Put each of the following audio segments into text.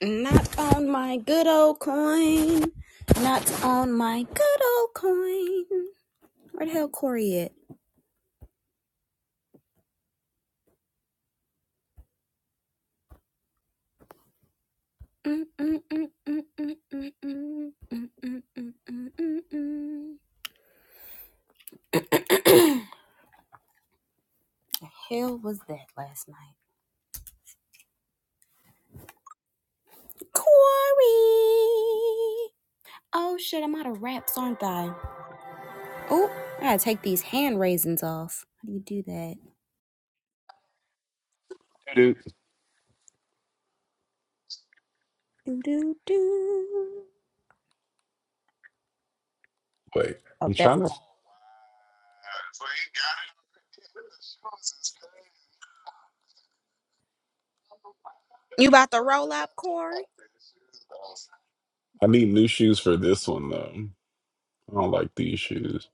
Not on my good old coin. Not on my good old coin. Where the hell Corey at? Mm, mm, mm, mm, mm, mm, mm, mm, mm, mm, mm, mm, mm. The hell was that last night? Corey! Oh shit, I'm out of wraps, aren't I? Oh, I gotta take these hand raisins off. How do you do that? Dude, Do, do, do. wait. Oh, I'm there trying we to. go. You about to roll up, Corey? I need new shoes for this one though. I don't like these shoes.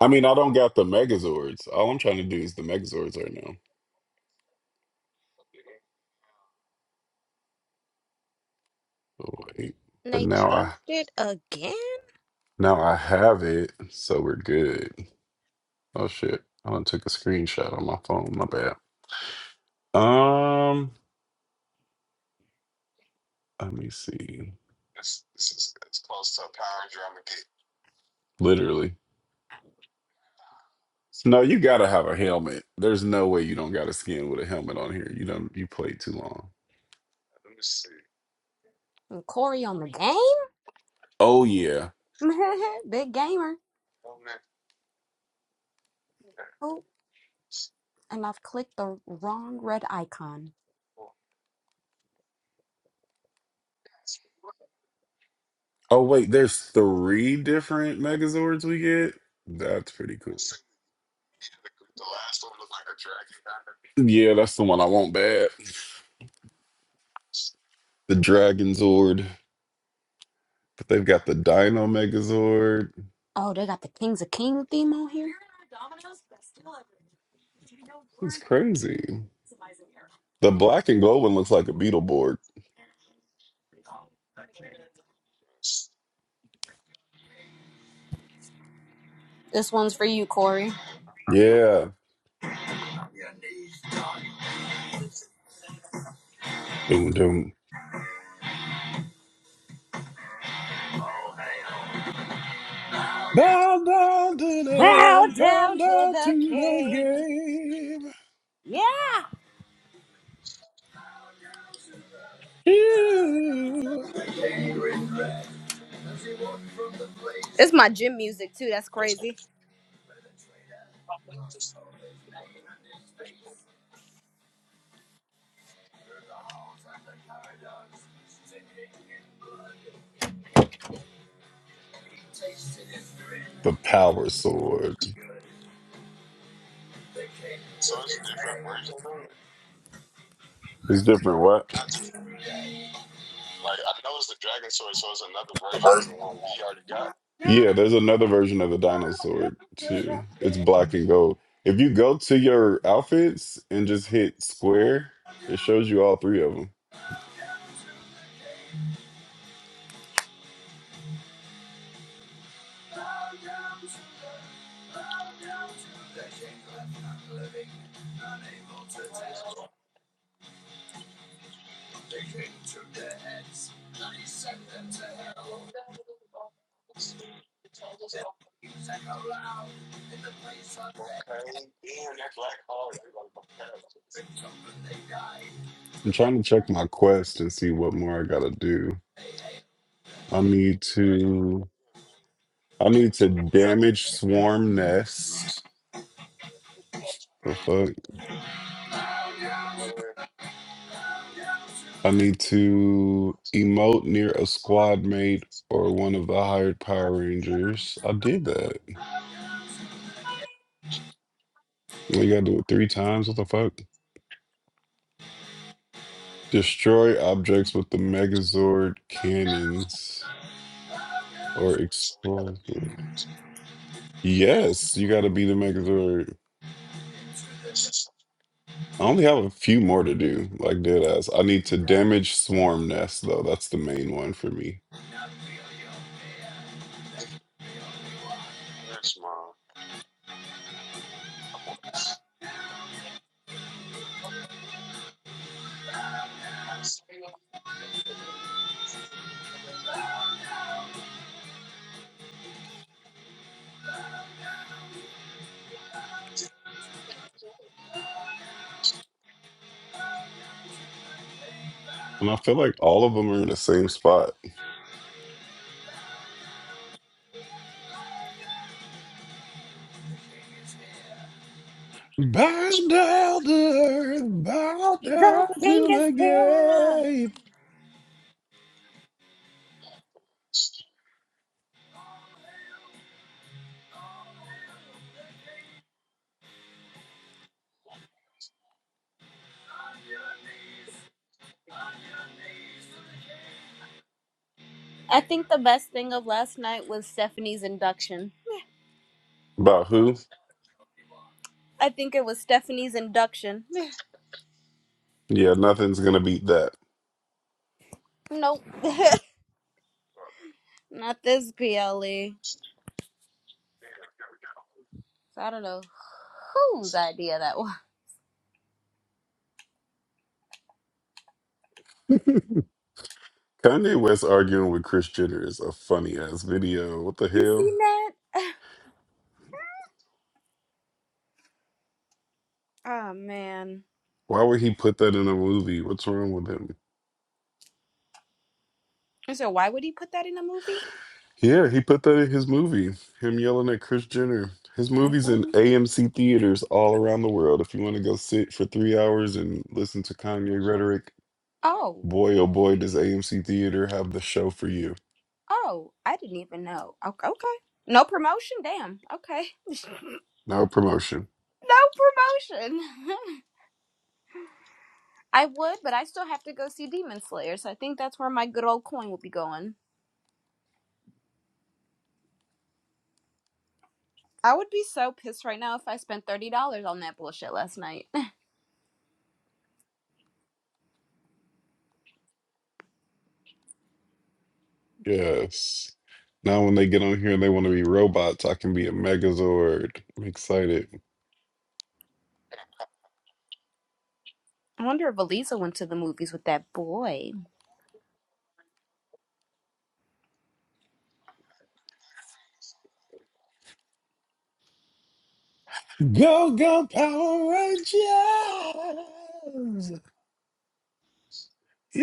I mean, I don't got the Megazords. All I'm trying to do is the Megazords right now. Oh, wait. And But they now I changed it again? now I have it, so we're good. Oh shit! I done took a screenshot on my phone. My bad. Um, let me see. Literally. So, No, you gotta have a helmet. There's no way you don't got a skin with a helmet on here. You don't. You played too long. And Corey on the game? Oh yeah. Big gamer. Oh, and I've clicked the wrong red icon. Oh wait, there's three different Megazords we get. That's pretty cool. Yeah, that's the one I want bad. The Dragon Zord, but they've got the Dino Megazord. Oh, they got the Kings of King theme on here? It's crazy. The black and gold one looks like a Beetleborg. This one's for you, Corey. Yeah. Doom doom. Bow down to Bow the, bow down to down the to the king. game. Yeah! You. It's my gym music too. That's crazy. The Power Sword. It's different. What? Yeah, there's another version of the dinosaur too. It's black and gold. If you go to your outfits and just hit square, it shows you all three of them. I'm trying to check my quest and see what more I gotta do. I need to I need to damage swarm nest. The fuck? I need to emote near a squad mate or one of the hired Power Rangers. I did that. You gotta do it three times. What the fuck? Destroy objects with the Megazord cannons or explode. Yes, you got to be the Megazord. I only have a few more to do, like dead ass. I need to damage swarm nests though. That's the main one for me, and I feel like all of them are in the same spot. Bow down to earth, bow down to the game. I think the best thing of last night was Stephanie's induction. About who? I think it was Stephanie's induction. Yeah, nothing's gonna beat that. nope. Not this PLE. So I don't know whose idea that was. Kanye West arguing with Chris Jenner is a funny ass video. What the You hell? seen that? Oh man. Why would he put that in a movie? What's wrong with him? And So why would he put that in a movie? Yeah, he put that in his movie. Him yelling at Chris Jenner. His I movies in mean, AMC theaters all around the world. If you want to go sit for three hours and listen to Kanye rhetoric, Oh. boy oh boy, does AMC theater have the show for you. Oh, I didn't even know. Okay. okay. No promotion? Damn. Okay. No promotion. No promotion. I would, but I still have to go see Demon Slayer, so I think that's where my good old coin will be going. I would be so pissed right now if I spent $30 on that bullshit last night. Yes. Now when they get on here and they want to be robots, I can be a Megazord. I'm excited. I wonder if Aliza went to the movies with that boy. Go go Power Rangers! All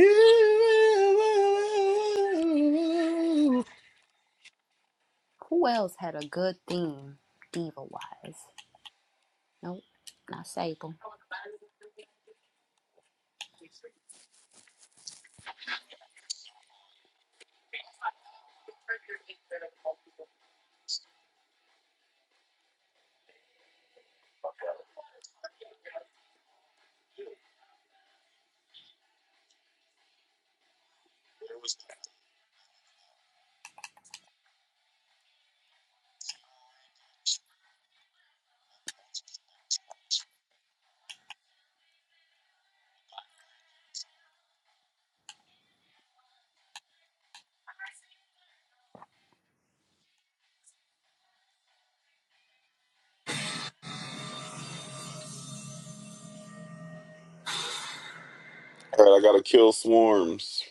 Who else had a good theme, diva wise? Nope, not Sable. right, I gotta kill swarms.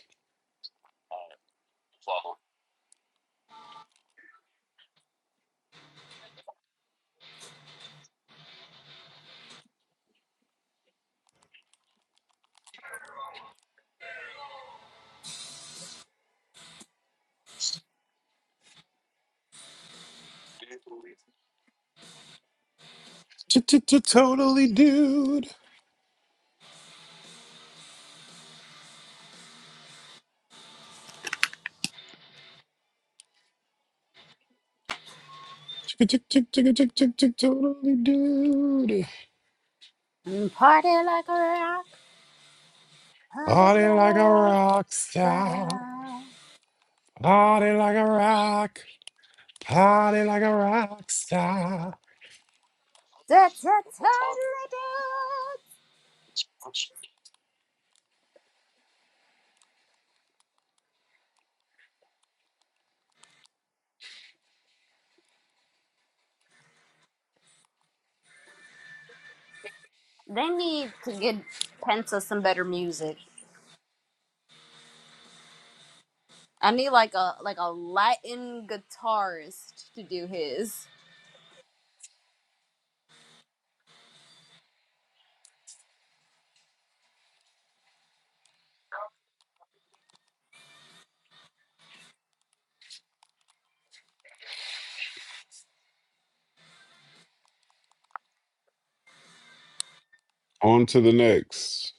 Totally dude. Totally dude. Mm, Party like a rock, party Oh, like a star. rockstar. Party like a rock. Party like a rock star. Da, da, da, da, da. They need to get Penta some better music. I need like a like a Latin guitarist to do his. On to the next.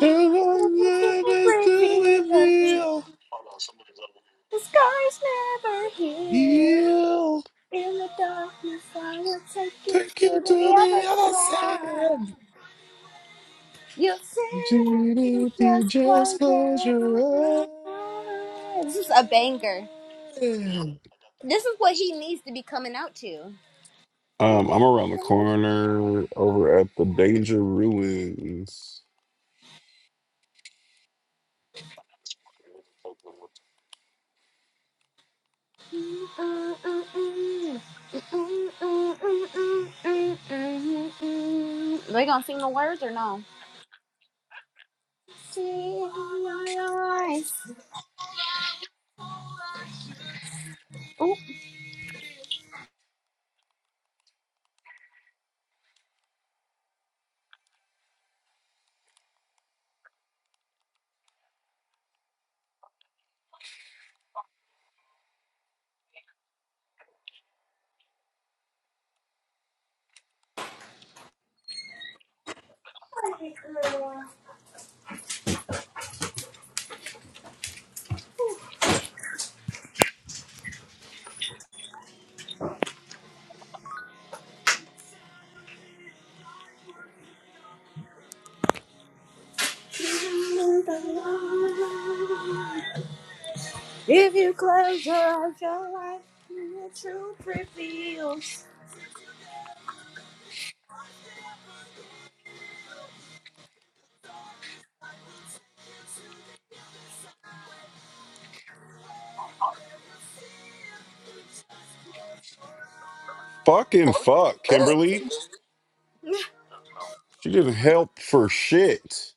If i never do reveal, Yield. Take you to the other side. You see, Judy, you just just close close your your eyes. eyes. This is a banger. This is what he needs to be coming out to. Um, I'm around the corner over at the Danger Ruins. They gonna sing the words or no? Sing your eyes. Ooh. If you close your eyes, your life the truth reveals. Fucking fuck, Kimberly. She didn't help for shit.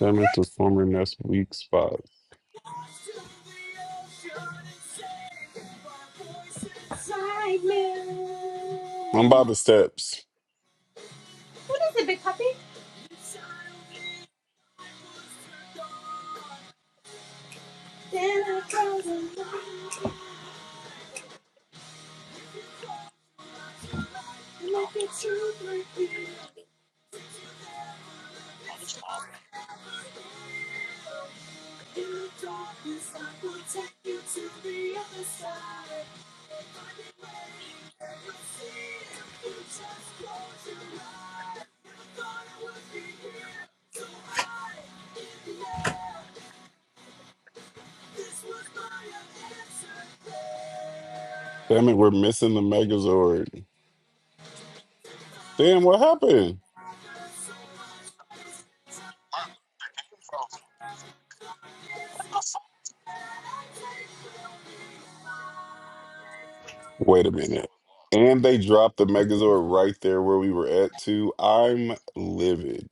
Damn it, the former nest weak spot. I'm by the steps. What is it, Big Puppy? Damn it, we're missing the Megazord. Damn, what happened? Wait a minute. And they dropped the Megazord right there where we were at too. I'm livid.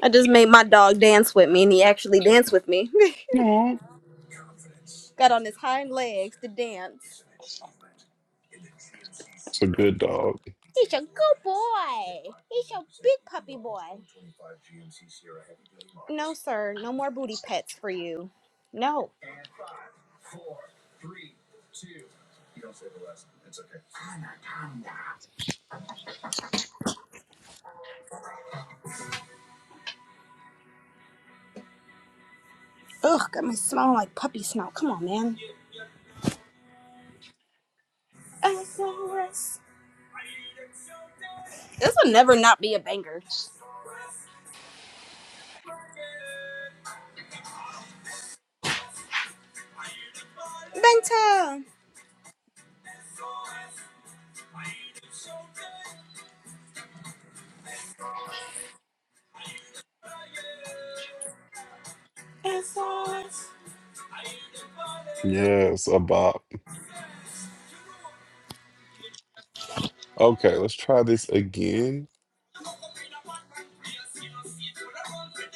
I just made my dog dance with me, and he actually danced with me. Got on his hind legs to dance. It's a good dog. He's a good boy. He's a big puppy boy. No, sir. No more booty pets for you. No. Ugh, got me smelling like puppy smell. Come on, man. This will never not be a banger. Bangtan. Yes, a bop. Okay, let's try this again.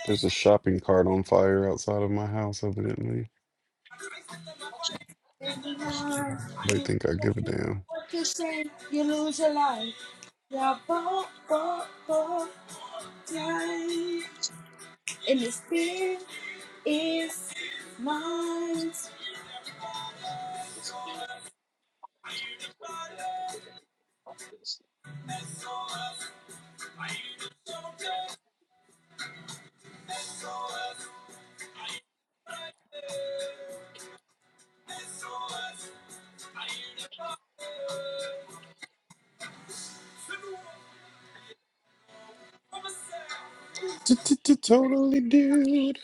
There's a shopping cart on fire outside of my house, evidently. I don't know why They think I give a damn. Totally, dude.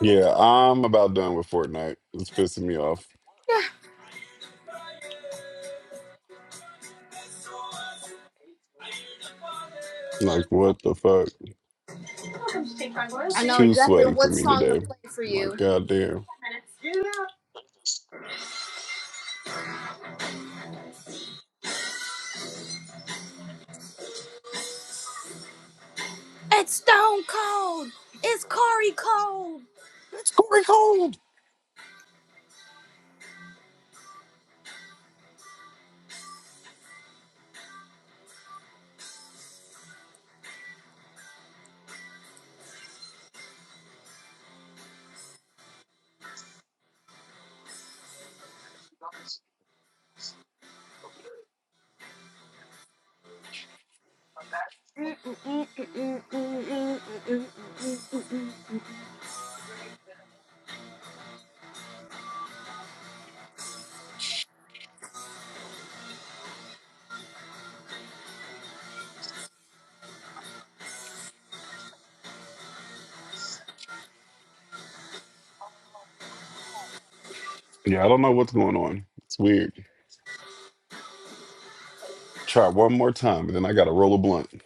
Yeah, I'm about done with Fortnite. It's pissing me off. Like, what the fuck? I It's know too exactly sweaty for what me song to today. play for you. Like, goddamn. It's Stone Cold. It's Corey Cold. Yeah, I don't know what's going on. It's weird. Try one more time, and then I gotta roll a blunt.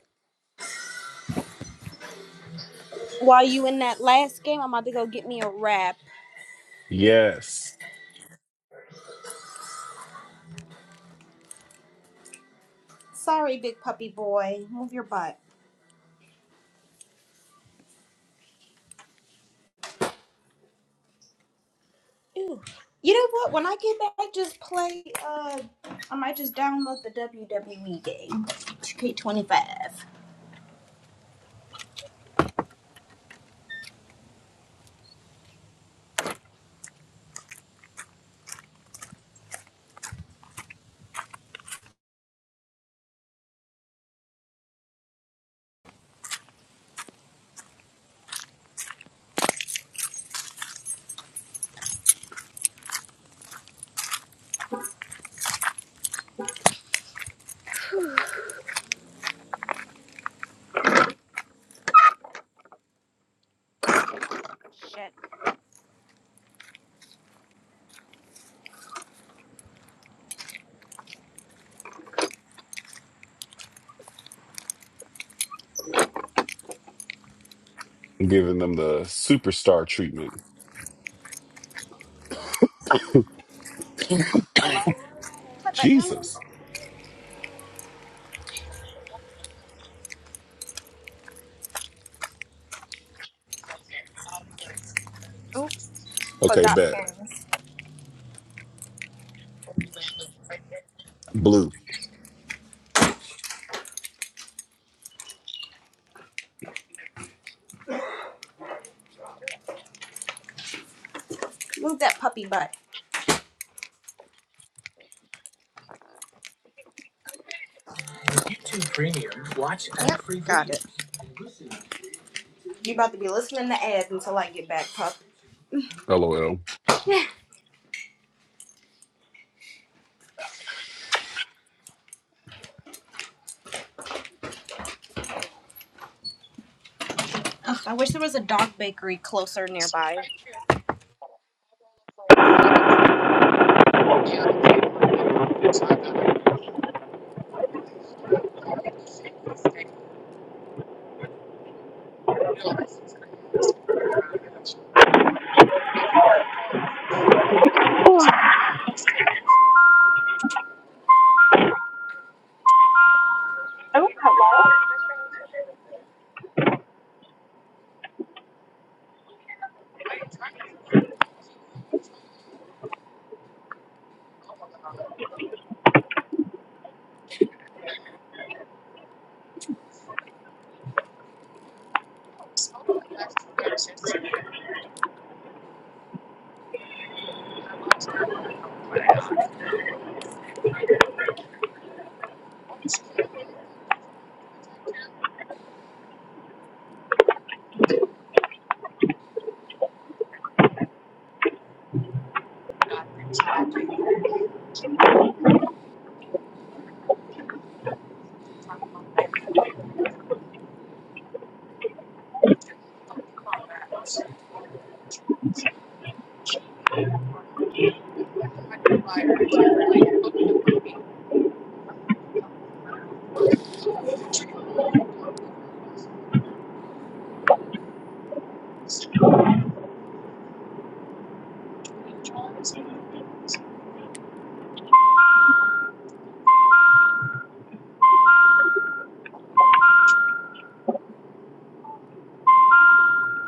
While you in that last game, I'm about to go get me a wrap. Yeah, Sorry, big puppy boy. Move your butt. You know what? When I get back, just play. Uh, I might just download the WWE game. 2K25. Shit. I'm giving them the superstar treatment. Jesus. Oh, Okay, forgot bet. Blue. Move that puppy butt. Yep, got it. You about to be listening to ads until I get back, pup. LOL. Yeah. I wish there was a dog bakery closer nearby.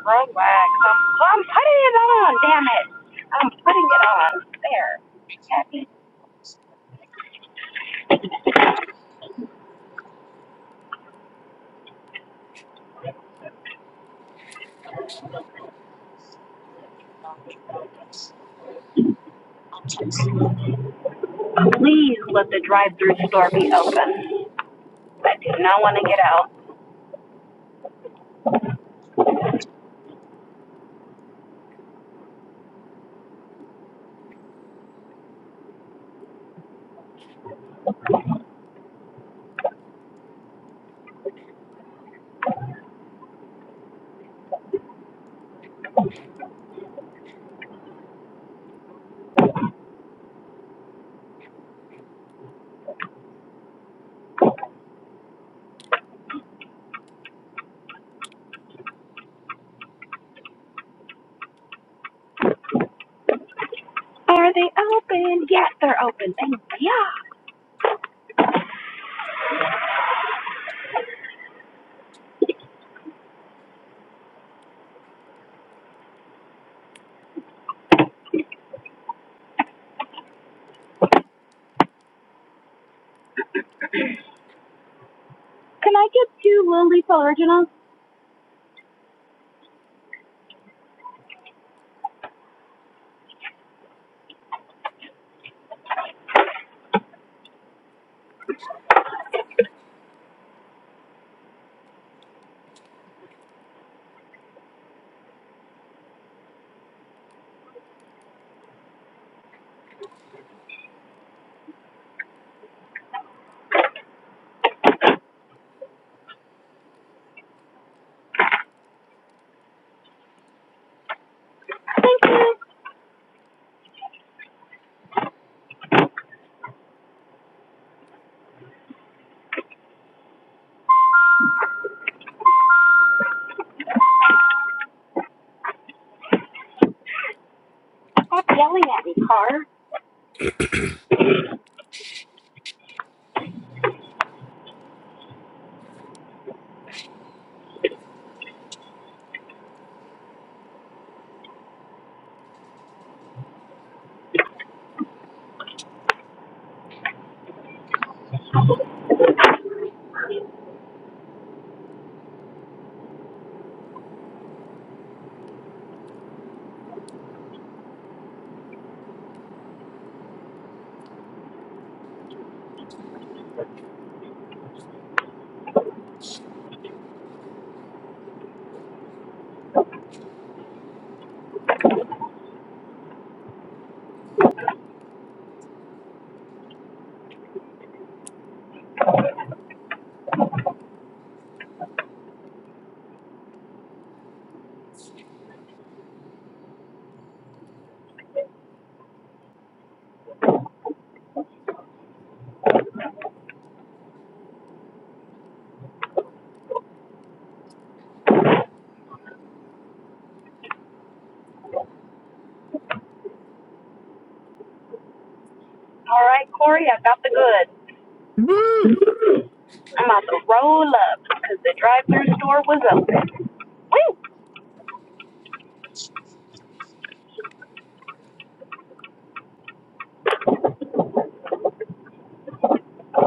Road wax. I'm, well, I'm putting it on. Damn it. I'm putting it on. There. Happy to let the drive-through store be open. Do not want to get out. Are they open? Yes, they're open. Thank you. yeah. Only for original. yelling at me, car.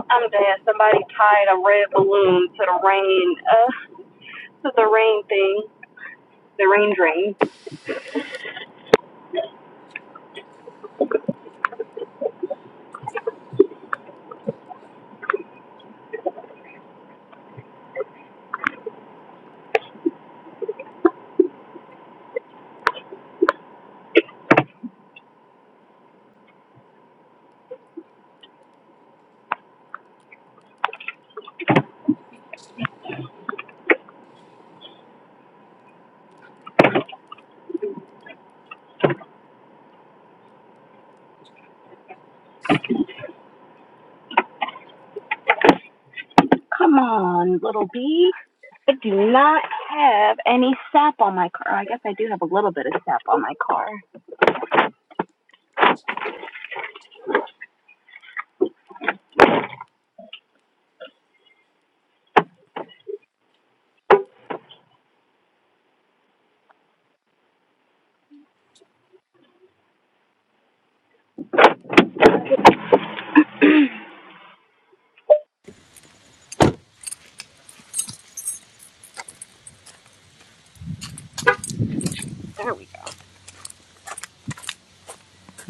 I'm dead. Somebody tied a red balloon to the rain, uh, to the rain thing, the rain drain. Come on, little bee. I do not have any sap on my car. I guess I do have a little bit of sap on my car. There we go.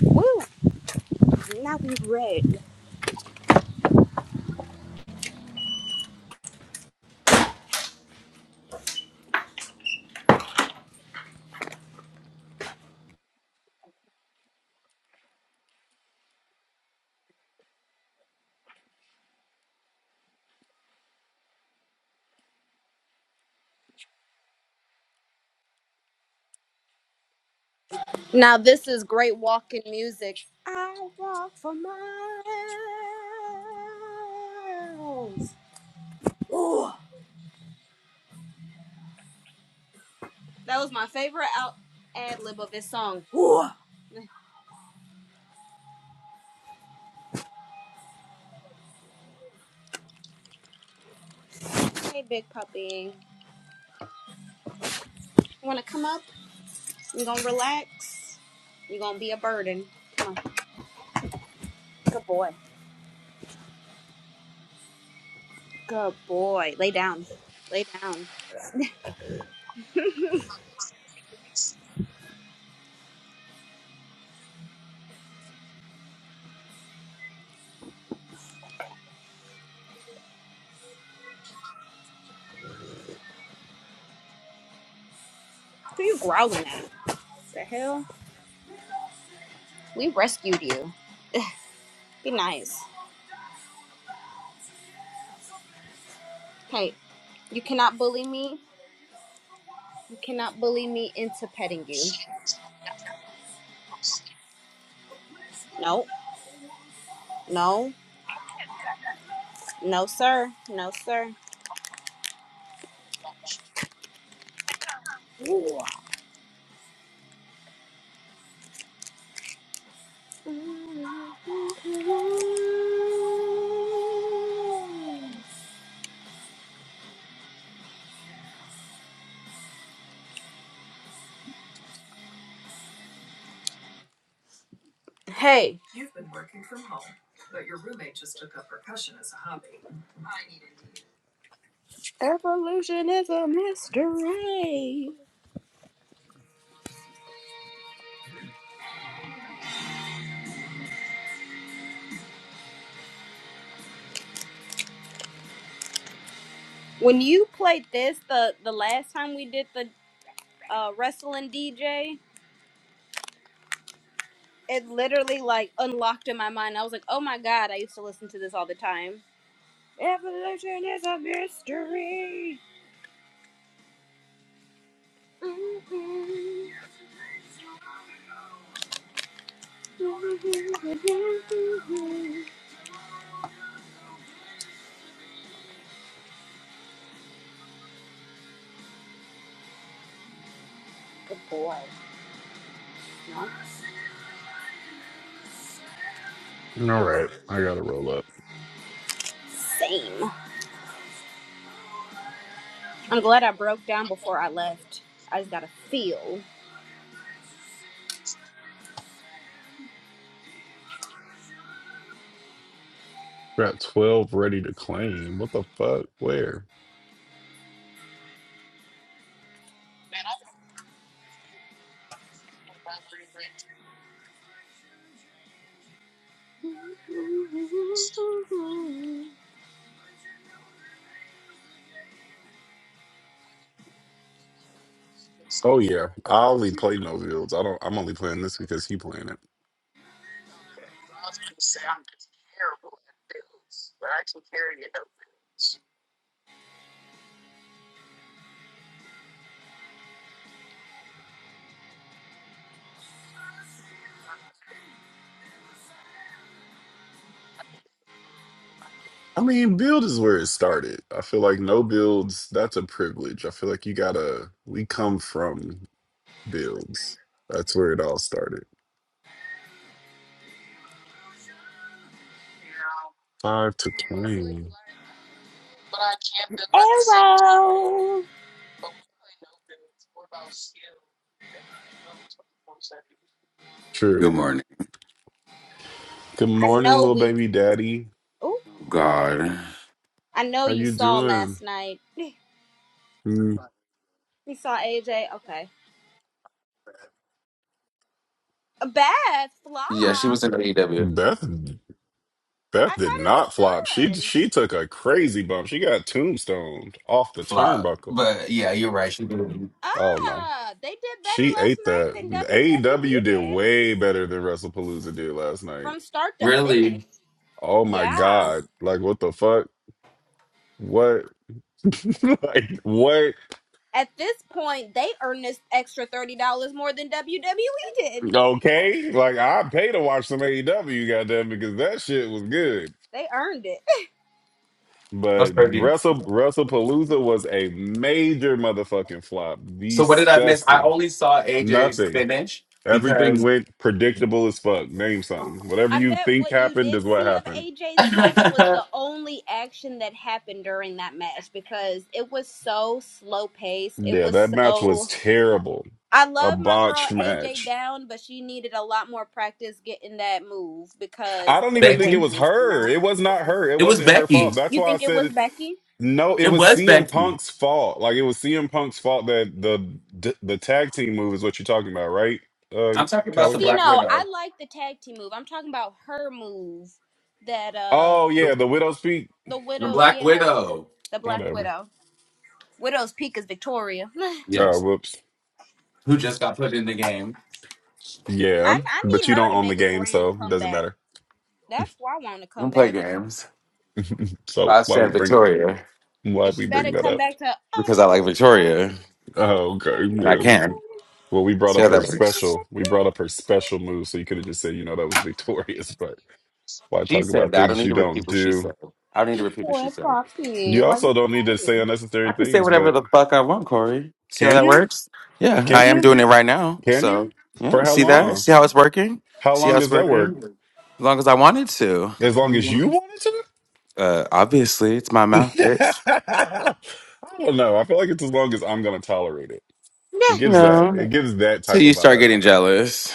Woo! Now we red. Now this is great walking music. I walk for miles. Ooh, that was my favorite out ad lib of this song. Ooh. Hey, big puppy. You want to come up? You're going to relax. You're going to be a burden. Come on. Good boy. Good boy. Lay down. Lay down. Who are you growling at? What The hell? We rescued you. Be nice. Hey, you cannot bully me. You cannot bully me into petting you. No, no, no, sir. No, sir. Ooh. Hey, Evolution is a mystery. When you played this the the last time we did the uh, wrestling DJ, it literally like unlocked in my mind. I was like, oh my god, I used to listen to this all the time. Evolution is a mystery. Mm-mm. Good boy. No. Same. I'm glad I broke down before I left. I just gotta feel. Got 12 ready to claim. What the fuck? Where? Oh yeah. I only play no builds. I don't I'm only playing this because he playing it. I mean, build is where it started. I feel like no builds, that's a privilege. I feel like you gotta we come from builds. That's where it all started. Five to claim. Arrow. True. Good morning, Good I morning, know little we. baby daddy. Oh, God. I know How you you saw doing? last night. Mm, We saw AJ. Okay. A Bad Yeah, she flop. was in AEW. Beth I Beth did thought it not flop. She was good. she took a crazy bump. She got tombstoned off the Flop. turnbuckle. But yeah, you're right. She did. Oh no. Ah, they did better She last ate night that. than WWE AEW did did way better than WrestlePalooza did last night. from start to finish. Really? Oh my Yeah. God. Like what the fuck? What? like what? At this point, they earned this extra thirty dollars more than WWE did. Okay. Like I pay to watch some AEW, goddamn, because that shit was good. They earned it. That's But crazy. Wrestle WrestlePalooza was a major motherfucking flop. So what did I miss? I Disgusting. only saw AJ's Nothing. finish Everything because went predictable as fuck. Name something. Whatever I you bet think what you happened did is what see of happened. AJ's match was the only action that happened during that match because it was so slow paced. It Yeah, was that match was so. terrible. I A love my girl botched AJ match. down, but she needed a lot more practice getting that move I because don't it even think it was Becky. was her. not. It was not her. It It was wasn't her Becky. fault. That's You why I think it said was it. Becky? No, it It was was CM Becky. Punk's fault. Like it was CM Punk's fault that the the, the tag team move is what you're talking about, right? Uh, I'm talking about the See, Calico. Black no, I Widow. like the tag team move. I'm talking about her move that, uh, Oh The yeah, the widow's peak. the the Widow, Black yeah, Widow. the Black Whatever. Widow. Widow's Peak is Victoria. I, Oh, Yes. whoops. Who just got put in the game. I Yeah, but need you her don't to own the make a game, so grand it doesn't comeback. matter. That's why I want to I don't come play back. games. But So I why we said bring? Victoria I'm And glad she we better bring that come up. back to all because I like the Victoria things Oh, okay, and I yeah. can. Well, we brought See up how her that works. that special. We brought up her special move, so you could have just said, you know, that was victorious. But why She talk said about that. I don't things need you to repeat don't what she do? said. I don't need to say repeat what Four she said. o'clock here. You Why also you don't need to say crying? unnecessary I can say things. whatever But the fuck I want, Corey. See how can that you? works? Yeah, I Can am you? doing it right now. Can So, you? yeah, For you how see that? long? See how it's working? How See long how it's does that work? working? As long as I wanted to. As long as you Mhm. want it to. Uh, obviously, it's my mouth, bitch. I don't know. I feel like it's as long as I'm going to tolerate it. It Nah. gives that. It No. gives that So type you of start vibe. getting jealous.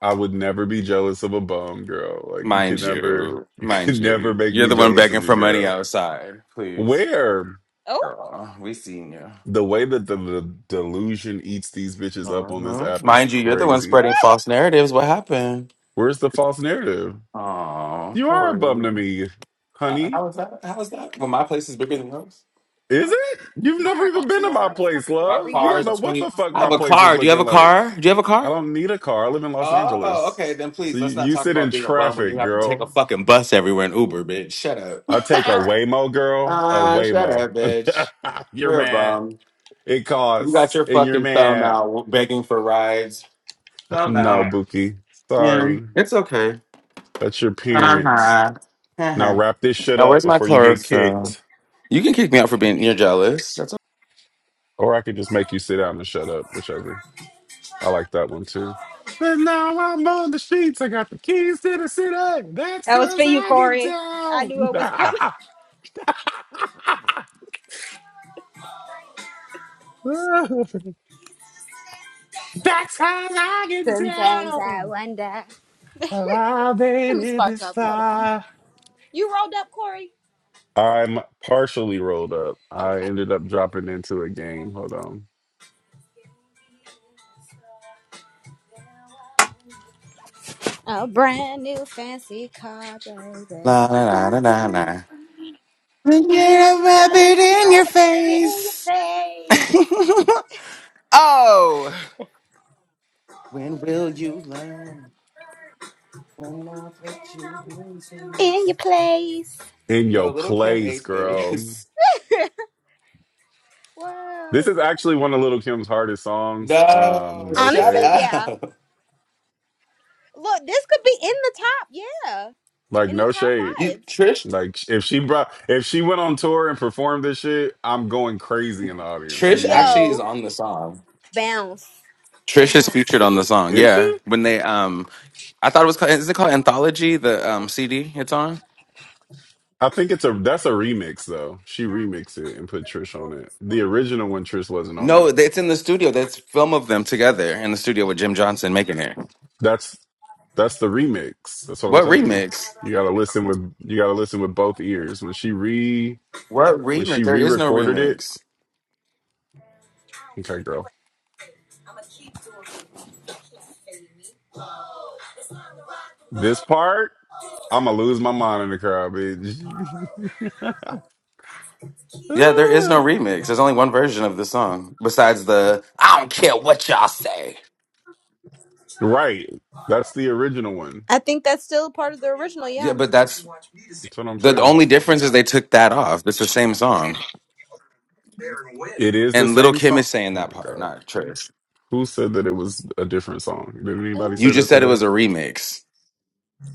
I would never be jealous of a bum, girl. Like you Mind could never, you, you mind could never you, make you're me the one jealous begging of you, for money girl. outside. Please, Where Oh, girl, we seen you. the way that the, the delusion eats these bitches up on this Uh-huh. app is Mind you, you're the one crazy. spreading false narratives. What happened? Where's the false narrative? Oh, You are a bum Corey. to me, Uh, honey. How is that? How is that? Well, my place is bigger than yours. Is Uh, it? You've yeah, all never right. even been Let to me my play oxymoron. some place, My love. You car don't is a real know what 20. the fuck I talking my have a about. place is car. Do you have a looking like. car? Do you have a I car? don't need a car. I live in Los Oh, Angeles. okay. Then So please, you, let's not you talk sit in about being a bum when you traffic, have to take girl. a fucking bus everywhere in Uber, bitch. Shut up. I'll take a Waymo girl, a Ah, shut Waymo. up, bitch. you're You're a mad. bum. It You got costs, your and you're fucking thumb mad. out begging for rides. Thumb No, out. Buki. Yeah, Sorry. it's okay. That's your Uh parents. huh. Uh Now huh. wrap this shit Now, up where's my before you get chlorophyll? kicked. You can kick me out for being you're jealous. That's a Or I could just make you sit down and shut up, whichever. I like that one too. But now I'm on the streets. I got the keys to the city. That's That was for cause you, I get Corey. I down. knew it was coming. That's how I get Sometimes I down. wonder. Have i made Let me it spark this up. Hold on. far. You rolled up, Corey. I'm partially rolled up. I Okay. ended up dropping into a game. Hold on. A brand new fancy car, baby. la la la la la. Somehow, la. are a mm, rabbit gonna in your rub it in your face. oh, when will you learn? When I let you do face. In this. your place. In No, your little Kim place, ate girl. this. This Whoa. is actually one of Little Kim's hardest songs. No, Um, no shut Honestly, shade. yeah. up. Look, this could be in the top. Yeah. Like In the no top shade. You, five. Trish, Like if she brought if she went on tour and performed this shit, I'm going crazy in the audience. What do Trish you mean? actually is Yo. on the song. Bounce. Trish is Bounce. featured on the song. Is Yeah, she? when they um, I thought it was called. Is it called Anthology? The um CD it's on. I think it's a that's a remix though. She remixed it and put Trish on it. The original one Trish wasn't on it. No, it's in the studio. That's film of them together in the studio with Jim Johnson making it. That's that's the remix. That's what I'm What telling you. remix? You gotta listen with you gotta listen with both ears. When she re What when remix? she There is no re-recorded it, remix. okay, girl. This part, I'ma lose my mind in the crowd, bitch. Yeah, there is Ah. no remix. There's only one version of the song besides the I don't care what y'all say. right. That's the original one. I think that's still part of the original, yeah. Yeah, but that's That's what I'm the saying. only difference is they took that off. It's the same song. It is the And Little same Kim song. is saying Oh that my part, god. not Trish. Who said that it was a different song? Did anybody Oh. You say just that said it today? was a remix.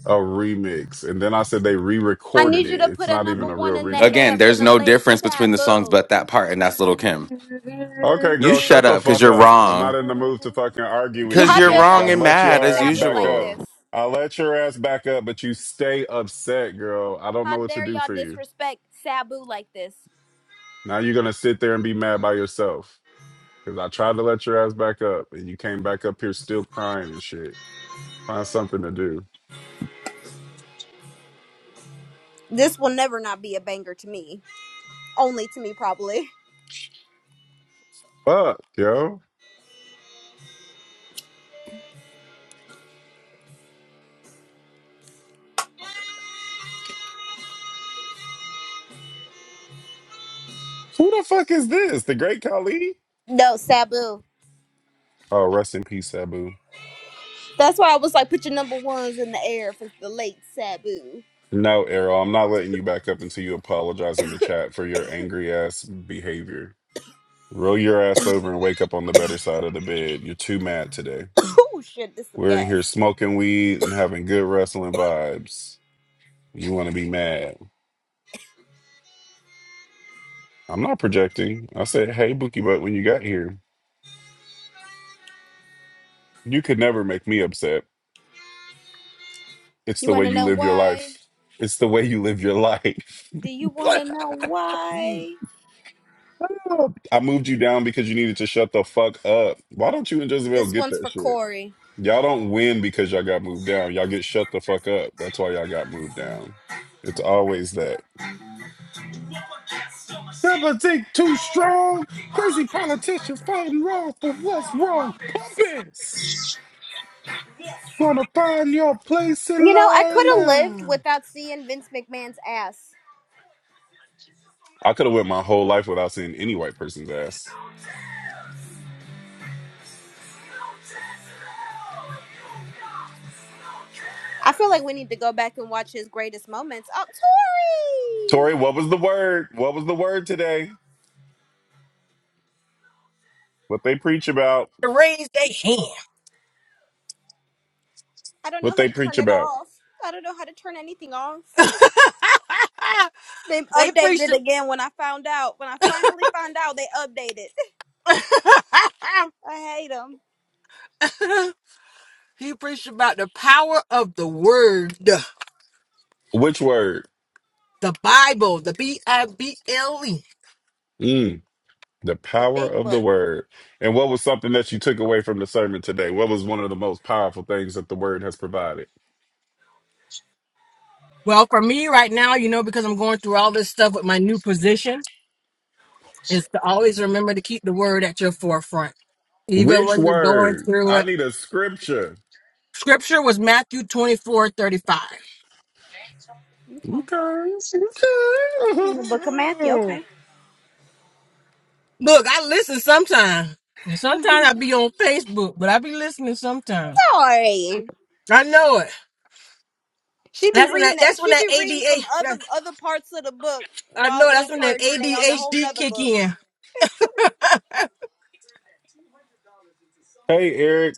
A remix. And then I said they I re-recorded need you it. to It's put a not number even a one real in the remix. Again, air for there's the no late difference between the songs Sabu. but that part, and that's Little Kim. Okay, You girl, shut shut the up because fuck you're up. I'm not wrong. in the mood to fucking argue Yeah, with Because you, how you're dare bitch. y'all wrong I'll and let mad your disrespect as ass Sabu back like up. usual. this? I'll let your ass back up, but you stay upset, girl. I don't How know what to dare do y'all for you. disrespect Sabu like this? Now you're gonna sit there and be mad by yourself. Cause I tried to let your ass back up and you came back up here still crying and shit. Find something to do. This will never not be a banger to me. Only to me, probably. Fuck, yo. Who the fuck is this? The great Khali? No, Sabu. Oh, rest in peace, Abu. That's why I was like, put your number ones in the air if it's the late Sabu. No, Errol, I'm not letting you back up until you apologize in the chat for your angry ass behavior. Roll your ass over and wake up on the better side of the bed. You're too mad today. Oh shit, this some We're in here gas. smoking weed and having good wrestling vibes. You want to be mad. I'm not projecting. I said, hey, Bookie Butt, when you got here, you could never make me upset. It's You the way wanna you know live your why? life. It's the way you live your life. Do you wanna know why? I moved you down because you needed to shut the fuck up. Why don't you and Jezebel This get one's that for shit? Corey. Y'all don't win because y'all got moved down. Y'all get shut the fuck up. That's why y'all got moved down. It's always that. Never think too strong. Crazy politicians fighting wrong for what's wrong. Puppets gonna find your place in You know, I could line have lived now. without seeing Vince McMahon's ass. I could have went my whole life without seeing any white person's ass. I feel like we need to go back and watch his greatest moments. Oh, Tori, what Tori! was the word? What was the word today? What they preach about? to raise their hand. I don't What know how they to preach turn it about? off. I don't know how to turn anything off. They they updated preach. it again when I found out. When I finally found out, they updated. I hate them. a- he preached about the power of the word, the Which word? Bible, the B I B L E. Mm, the The power big of the book. word. And what was something that you took away from the sermon today? What was one of the most powerful things that the word has provided? Well, for me right now, you know, because I'm going through all this stuff with my new position, is to always remember to keep the word at your forefront, even Which when you're going word? through I it. need a scripture. Scripture was Matthew 24:35. Okay. Okay. In the book of Matthew. okay. Okay. Look, I listen sometimes. Sometimes I be on Facebook, but I be listening sometimes. Sorry. I know it. She be That's when that. reading it. That's when She be that reading ADA. from other that- other parts of the book I know. while in That's when that church, and they on a whole ADHD nother kick book. in. hey, Eric.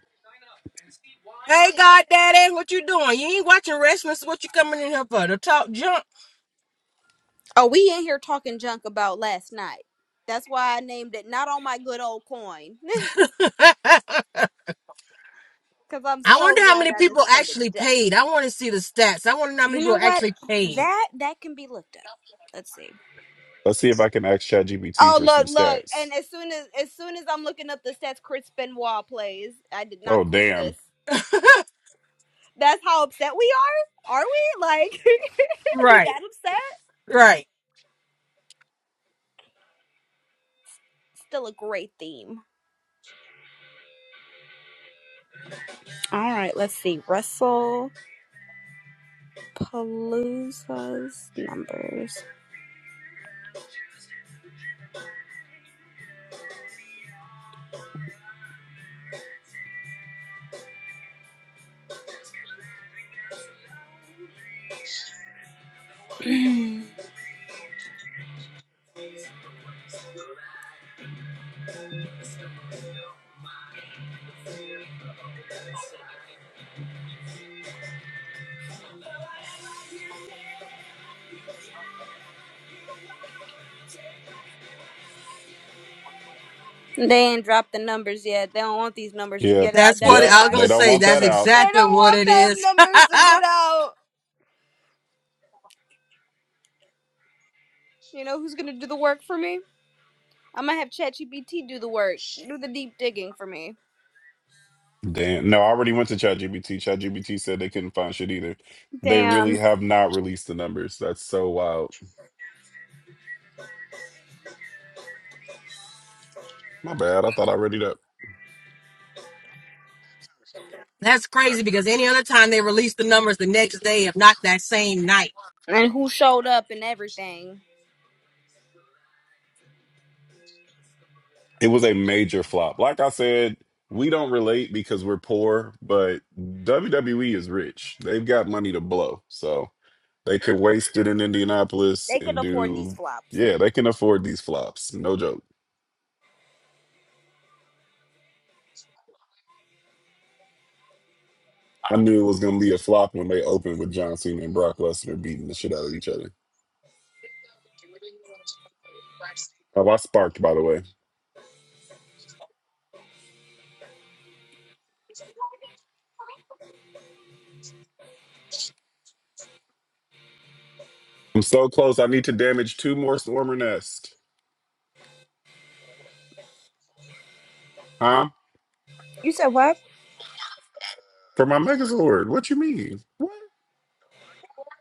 Hey, God, Daddy, what you doing? You ain't watching wrestling. So what you coming in here for? To talk junk? Oh, we in here talking junk about last night. That's why I named it not on my good old coin. I Cause I'm so wonder how glad many I didn't people spend a actually dime. paid. I want to see the stats. I want to know how many You people know what? actually paid. That that can be looked up. Let's see. Let's see if I can ask ChatGPT Oh for some look, look. stats. And as soon as as soon as I'm looking up the stats Chris Benoit plays, I did Oh, not click damn. this. That's how upset we are? Are we? Like are we right, that upset? right. Still a great theme. Alright, let's see. Russell Palooza's numbers. They ain't dropped the numbers yet. They don't want these numbers to Yep. get out, That's what that's I Yep. was why. They gonna don't say. want That's that out. They don't exactly what want it them is. numbers to get out. You know who's gonna do the work for me? I'm gonna have ChatGPT do the work, do the deep digging for me. Damn. No, I already went to ChatGPT. ChatGPT said they couldn't find shit either. They really Damn. have not released the numbers. That's so wild. My bad. I thought I read it up. That's crazy because any other time they release the numbers the next day, if not that same night. And who showed up and everything. It was a major flop. Like I said, we don't relate because we're poor, but WWE is rich. They've got money to blow. So they could waste it in Indianapolis They could and afford these do, flops. yeah, they can afford these flops. No joke. I knew it was going to be a flop when they opened with John Cena and Brock Lesnar beating the shit out of each other. Oh, I sparked, by the way. I'm so close. I need to damage two more Swarmer Nest. Huh? You said what? For my Megazord. What you mean? What?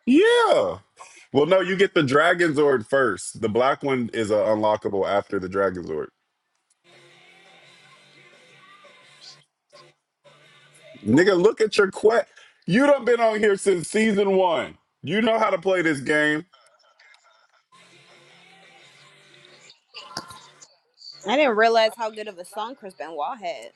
Yeah. Well, no, you get the Dragon Zord first. The black one is uh, unlockable after the Dragon Zord. Nigga, look at your quest. You done been on here since season one. You know how to play this game. I didn't realize how good of a song Chris Benoit had.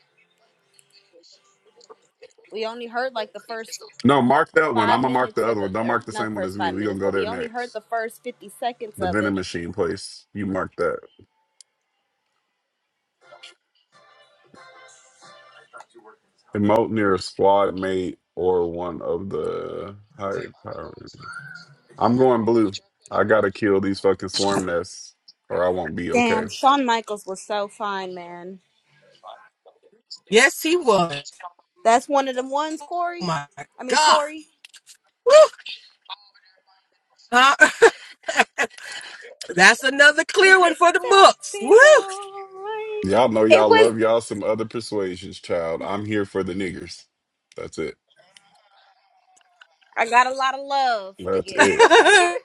We only heard like the first No, mark that one. five I'm gonna mark the minutes of other the, one. Don't or mark the same not one as first me. five We gonna minutes, go but there we only heard next. the first 50 seconds The of vending it. machine place. You mark that. Emote near a squad mate or one of the higher powers. I'm going blue. I gotta kill these fucking swarm nests, or I won't be okay. Damn, Shawn Michaels was so fine, man. Yes, he was. That's one of them ones, Oh Corey. my I mean, God. Tori. Woo! Uh, that's another clear one Taxi for the books. Woo! boy. Y'all know It y'all was love y'all some other persuasions, child. I'm here for the niggers. That's it. I got a lot of love to That's give. it.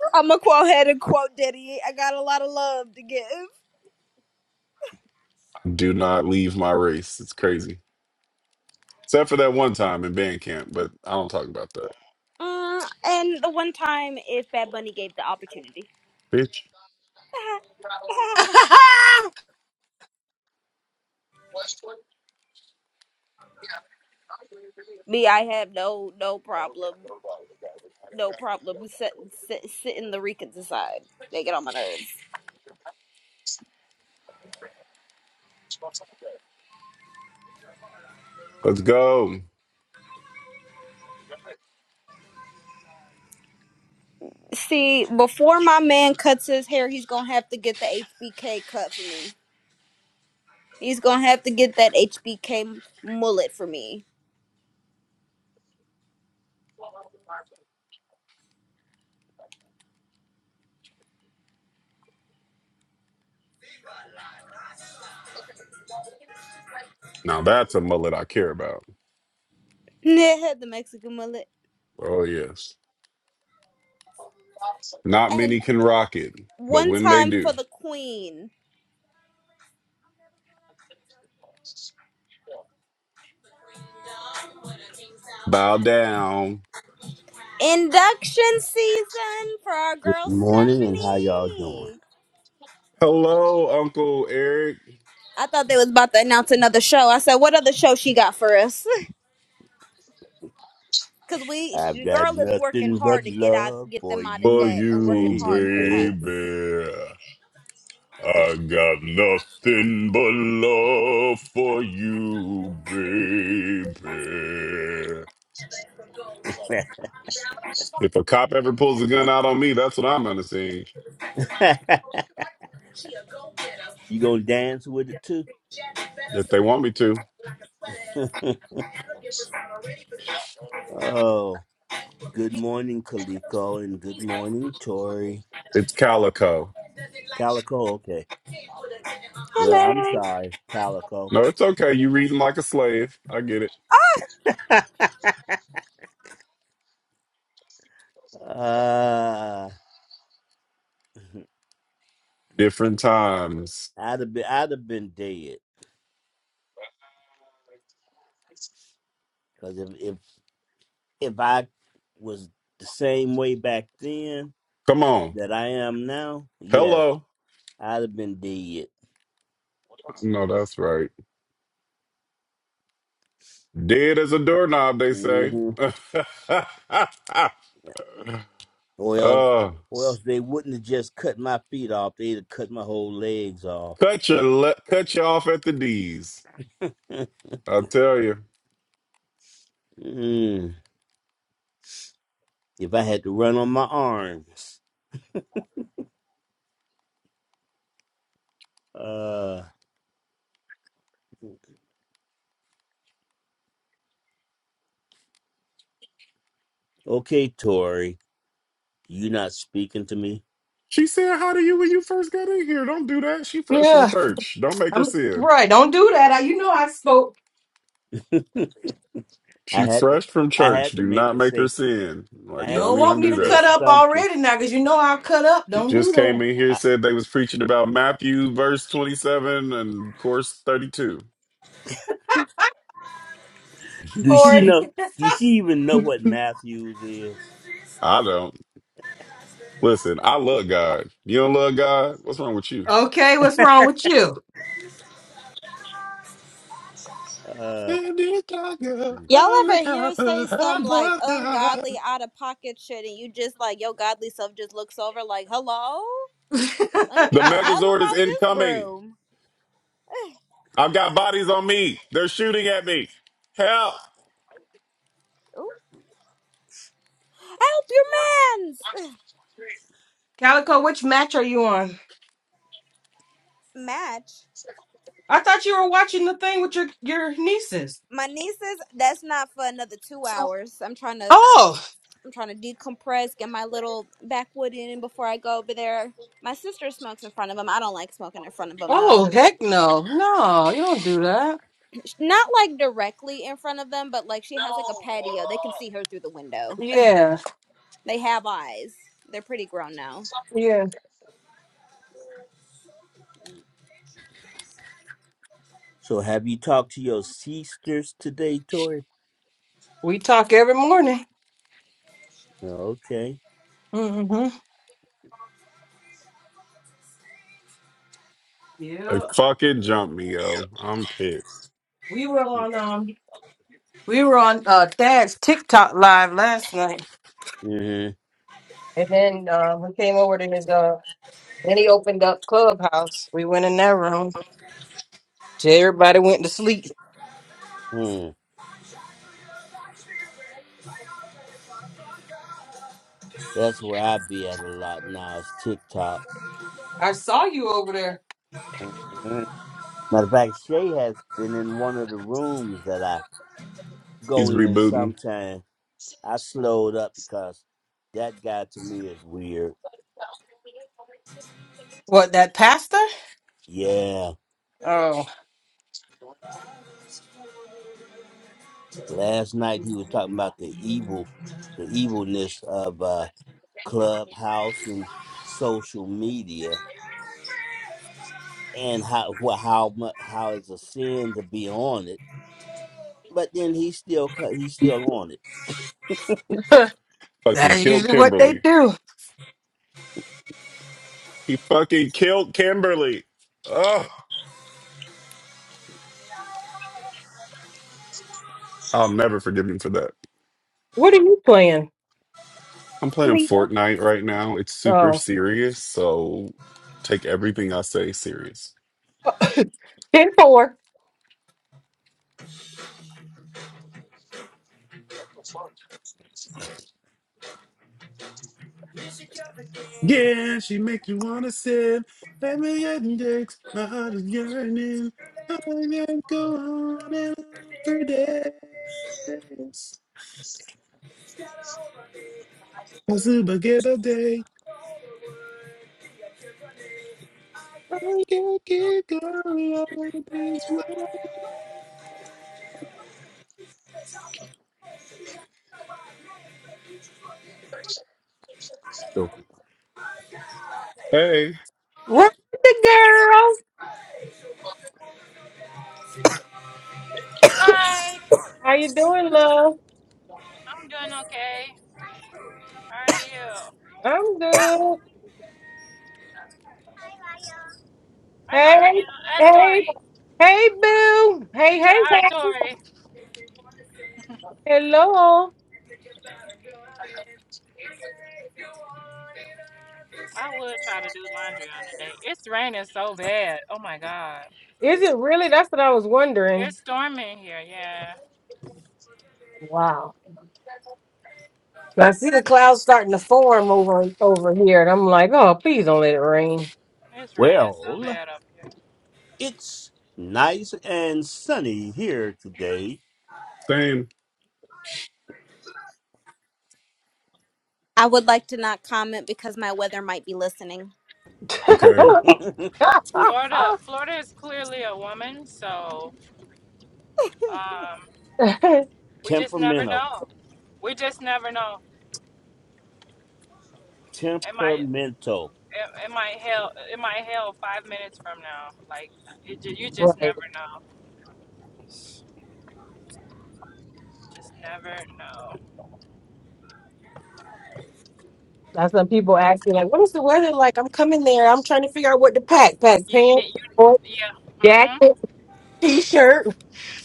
I'm gonna quote ahead and quote Diddy. I got a lot of love to give. Do not leave my race. It's crazy. Except for that one time in band camp, but I don't talk about that. Mm, and the one time if Bad Bunny gave the opportunity. Bitch, Me, I have no no problem, no problem set, set, sitting the Ricans aside. They get on my nerves. let's go. See, before my man cuts his hair, he's gonna have to get the HBK cut for me. He's gonna have to get that HBK mullet for me. Now that's a mullet I care about. the Mexican mullet. Oh, yes. Not and. many can rock it, but one when they time for do, the queen bow down. induction season for our Good girl morning, and how y'all doing? Stephanie. Hello, Uncle Eric. I thought they was about to announce another show. I said, "What other show she got for us?" Because we, I've the got girl is working nothing hard but to get out, love get for them out of For you, debt, and working you, hard for baby. us. baby, I got nothing but love for you, baby. If a cop ever pulls a gun out on me, that's what I'm gonna see. you gonna dance with it too? If they want me to, oh, good morning, Kaliko, and good morning, Tori. it's calico. Calico, okay. Well, I'm sorry, Calico. No, it's okay. You reading like a slave. I get it. uh, Different times. I'd have been, I'd have been dead because if if if I was the same way back then Come on. that I am now, yes. Hello. I'd have been dead. No, that's right. Dead as a doorknob, they say. hmm uh, Or else, or else they wouldn't have just cut my feet off. They'd have cut my whole legs off. cut your le- cut you off at the D's. I'll tell you. mm. If I had to run on my arms. Uh, okay, Tori, you not speaking to me. She said hi to you when you first got in here. Don't do that. She fresh from yeah, church. Don't make her I'm sin. right. Don't do that. I, you know I spoke. I She had to, fresh from I church. had to Do make not her make her say, sin. I Like, You had to don't don't want make even her me do to say that. cut up something. already now because you know I'll cut up. She Don't do just came that. in here, I, said they was preaching about Matthew verse 27 and course 32. do Or she know? Do she even know what Matthews is? I don't. Listen, I love God. You don't love God? What's wrong with you? okay, what's wrong with you? Uh, The Y'all ever hear her say some like ungodly, out of pocket shit, and you just like your godly self just looks over like, "Hello, let me get the hell up Megazord is out this incoming. room." I've got bodies on me. They're shooting at me. Help! Oop. Help your man's Calico, which match are you on? match. I thought you were watching the thing with your your nieces. my nieces that's not for another two hours i'm trying to Oh, i'm trying to decompress get my little backwood in before i go over there my sister smokes in front of them i don't like smoking in front of them oh, though heck no, no, you don't do that. Sh- not like directly in front of them but like she has like a patio they can see her through the window Yeah, they have eyes they're pretty grown now yeah. so have you talked to your sisters today, We talk every morning. Okay. mm hmm They Yeah. fucking jumped me, yo. I'm pissed. We were on um we were on uh Dad's TikTok live last night. Hmm. And then uh, we came over to his uh then he opened up Clubhouse. We went in that room. Everybody went to sleep. hmm That's where I be at a lot now is TikTok. I saw you over there. hmm Matter of fact, Shay has been in one of the rooms that I go He's in rebooting. sometimes. I slowed up because that guy to me is weird. What that pasta? Yeah. Oh Last night he was talking about the evil the evilness of uh clubhouse and social media and how wha- how mu- how it's a sin to be on it but then he's still cut. He's still on it. Fucking that's killed usually what they Kimberly. do. He fucking killed Kimberly. Oh, I'll never forgive him for that. What are you playing? I'm playing Fortnite right now. It's super Oh. serious, so take everything I say serious. Ten four. Yeah, she make you wanna sin. Let me get in dicks. My heart is yearning. I can go on and on for days. I super get a day. I can keep going on things. well. So, Hey, Run the girl. Hi, How you doing, love? I'm doing okay. How are you? I'm good. I'm not Hey, right. That's hey, Tori. hey, boo. Hey, She said, hey, Hi, hey. Tori. Hello. I would try to do laundry on the day. It's raining so bad. Oh my God. Is it really? That's what I was It's wondering. storming here. Yeah. Wow. I see the clouds starting to form over over here, and I'm like, oh, please don't let it rain. It's raining so well, bad up here. it's nice and sunny here today. same. i would like to not comment because my weather might be listening Okay. Florida, Florida is clearly a woman, so um, we just never temperamental, know. We just never know. It might, temperamental. it, it might hail, it might hail five minutes from now. Like, it, ju- you just right. never know. Just never know. That's when people ask me, like, what is the weather like? I'm coming there. I'm trying to figure out what to pack. Pack You pants, need you shorts, yeah. Mhm. jacket, t-shirt,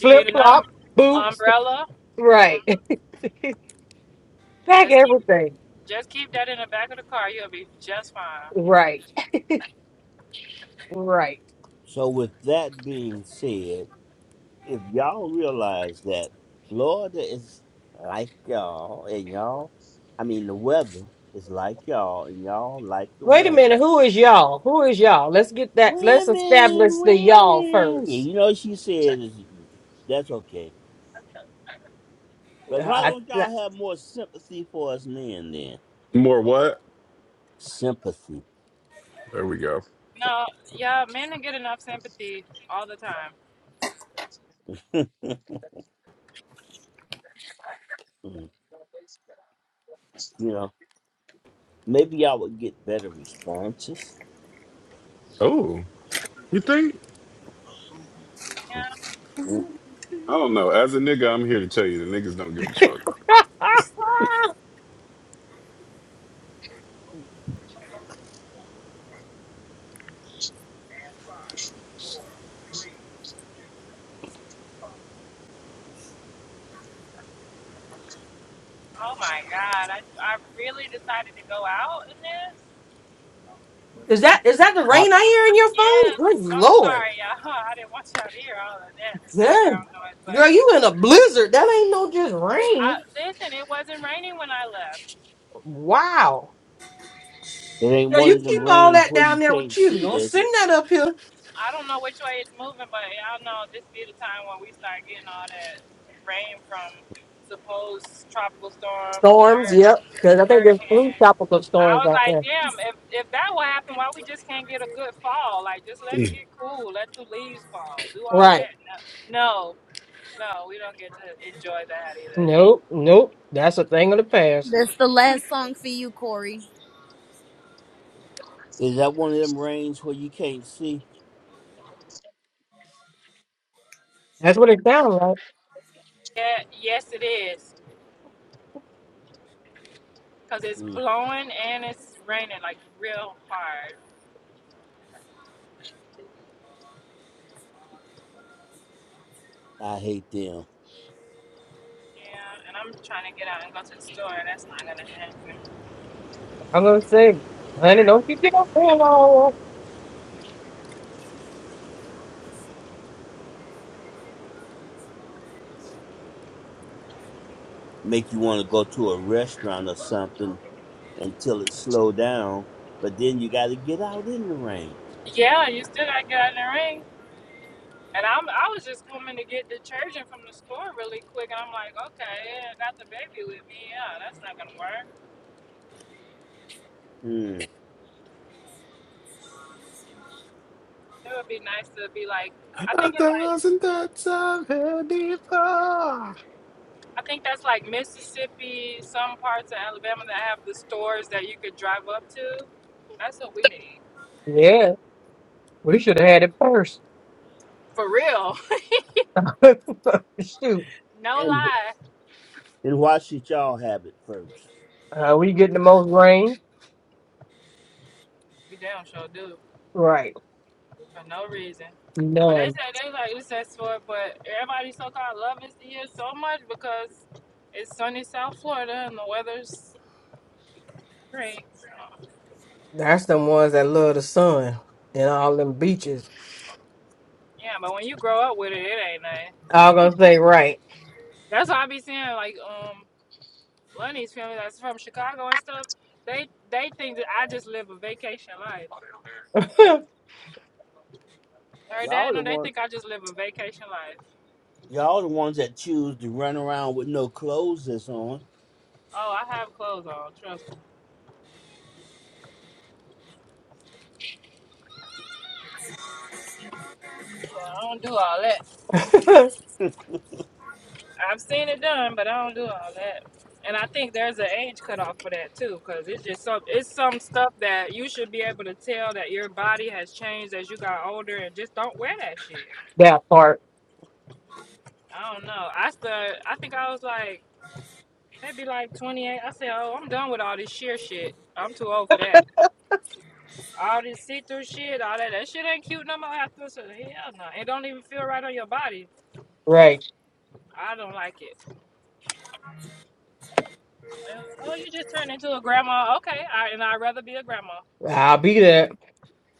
You need an um, flop, boots. umbrella. Right. Mhm. pack Just keep everything. just keep that in the back of the car. You'll be just fine. Right. Right. So, with that being said, if y'all realize that Florida is like y'all, and y'all, I mean, the weather is like y'all, and y'all like the Wait a minute. weather. Who is y'all? Who is y'all? Let's get that. Let's establish Women, the y'all women. first. You know, she said, it's- that's okay Uh, But why I, don't that- y'all have more sympathy for us men then? More what? Sympathy. There we go. No, yeah, men don't get enough sympathy all the time. Mm, You know, maybe y'all would get better responses. Oh, you think? Yeah. Mm, I don't know. As a nigga, I'm here to tell you the niggas don't give a fuck. Oh my God, I I really decided to go out in this. is that is that the rain I- I hear in your phone? Yes. Good I'm lord, sorry, y'all. I didn't want y'all to hear all of that damn background noise, but girl, you in a blizzard? That ain't no just I rain. listen. It wasn't raining when I left. Wow. It ain't It Yeah, one you of was them keep not. all rains that where you down there with can't you. see, Don't is send it? that up here. I don't know which way it's moving, but y'all know this be the time when we start getting all that rain from supposed tropical storms and Storms. hur- Yep. Because I think there's flu hurricanes. tropical I storms was out like, there. damn, if, if that will happen, why we just can't get a good fall? Like, just let it get cool, let the leaves fall, do all of Right. that. No, no, no we don't get to enjoy that either. Nope. Nope. That's a thing of the past. that's the last song for you corey Is that one of them rains where you can't see? That's what it sounds like. Yeah, yes, it is, because it's Mm, blowing and it's raining like real hard. I hate them. Yeah, and I'm trying to get out and go to the store, and that's not going to happen. I'm gonna say, honey, don't you think I'm saying all Make you want to go to a restaurant or something until it slow down, but then you got to get out in the rain. Yeah, you still gotta get out in the ring. And I'm I was just coming to get detergent from the store really quick and I'm like, okay, yeah, I got the baby with me. Yeah, that's not gonna work. Mm. It would be nice to be like I A think it's like thousand thoughts I've had before. I think that's like Mississippi, some parts of Alabama that have the stores that you could drive up to. That's what we need. that? Yeah, we should have had it first. For real. Shoot, no And lie. and why should y'all have it first? uh, we getting the most rain? We damn sure do. Right, for no reason. But they none. said they like recess for it, but everybody so called loves the year so much because it's sunny South Florida and the weather's great. So That's the ones that love the sun and all them beaches. yeah, but when you grow up with it, it ain't nothing. I'm gonna say, right. That's why I be seeing like um Lenny's family that's from Chicago and stuff. They they think that I just live a vacation life. that Heard Y'all that? the No, they one. think I just live a vacation life. Y'all the ones that choose to run around with no clothes that's on. Oh, I have clothes on. Trust me. Yeah, I don't do all that. I've seen it done, but I don't do all that. And I think there's an age cutoff for that too, because it's just some it's some stuff that you should be able to tell that your body has changed as you got older, and just don't wear that shit. part, I don't know. I still I think I was like maybe like 28. I said, oh, I'm done with all this sheer shit. I'm too old for that. All this see through shit, all that that shit ain't cute no more. After so hell no, it don't even feel right on your body. right. I don't like it. And, oh, you just turned into a grandma. Okay, I, and I'd rather be a grandma. I'll be there.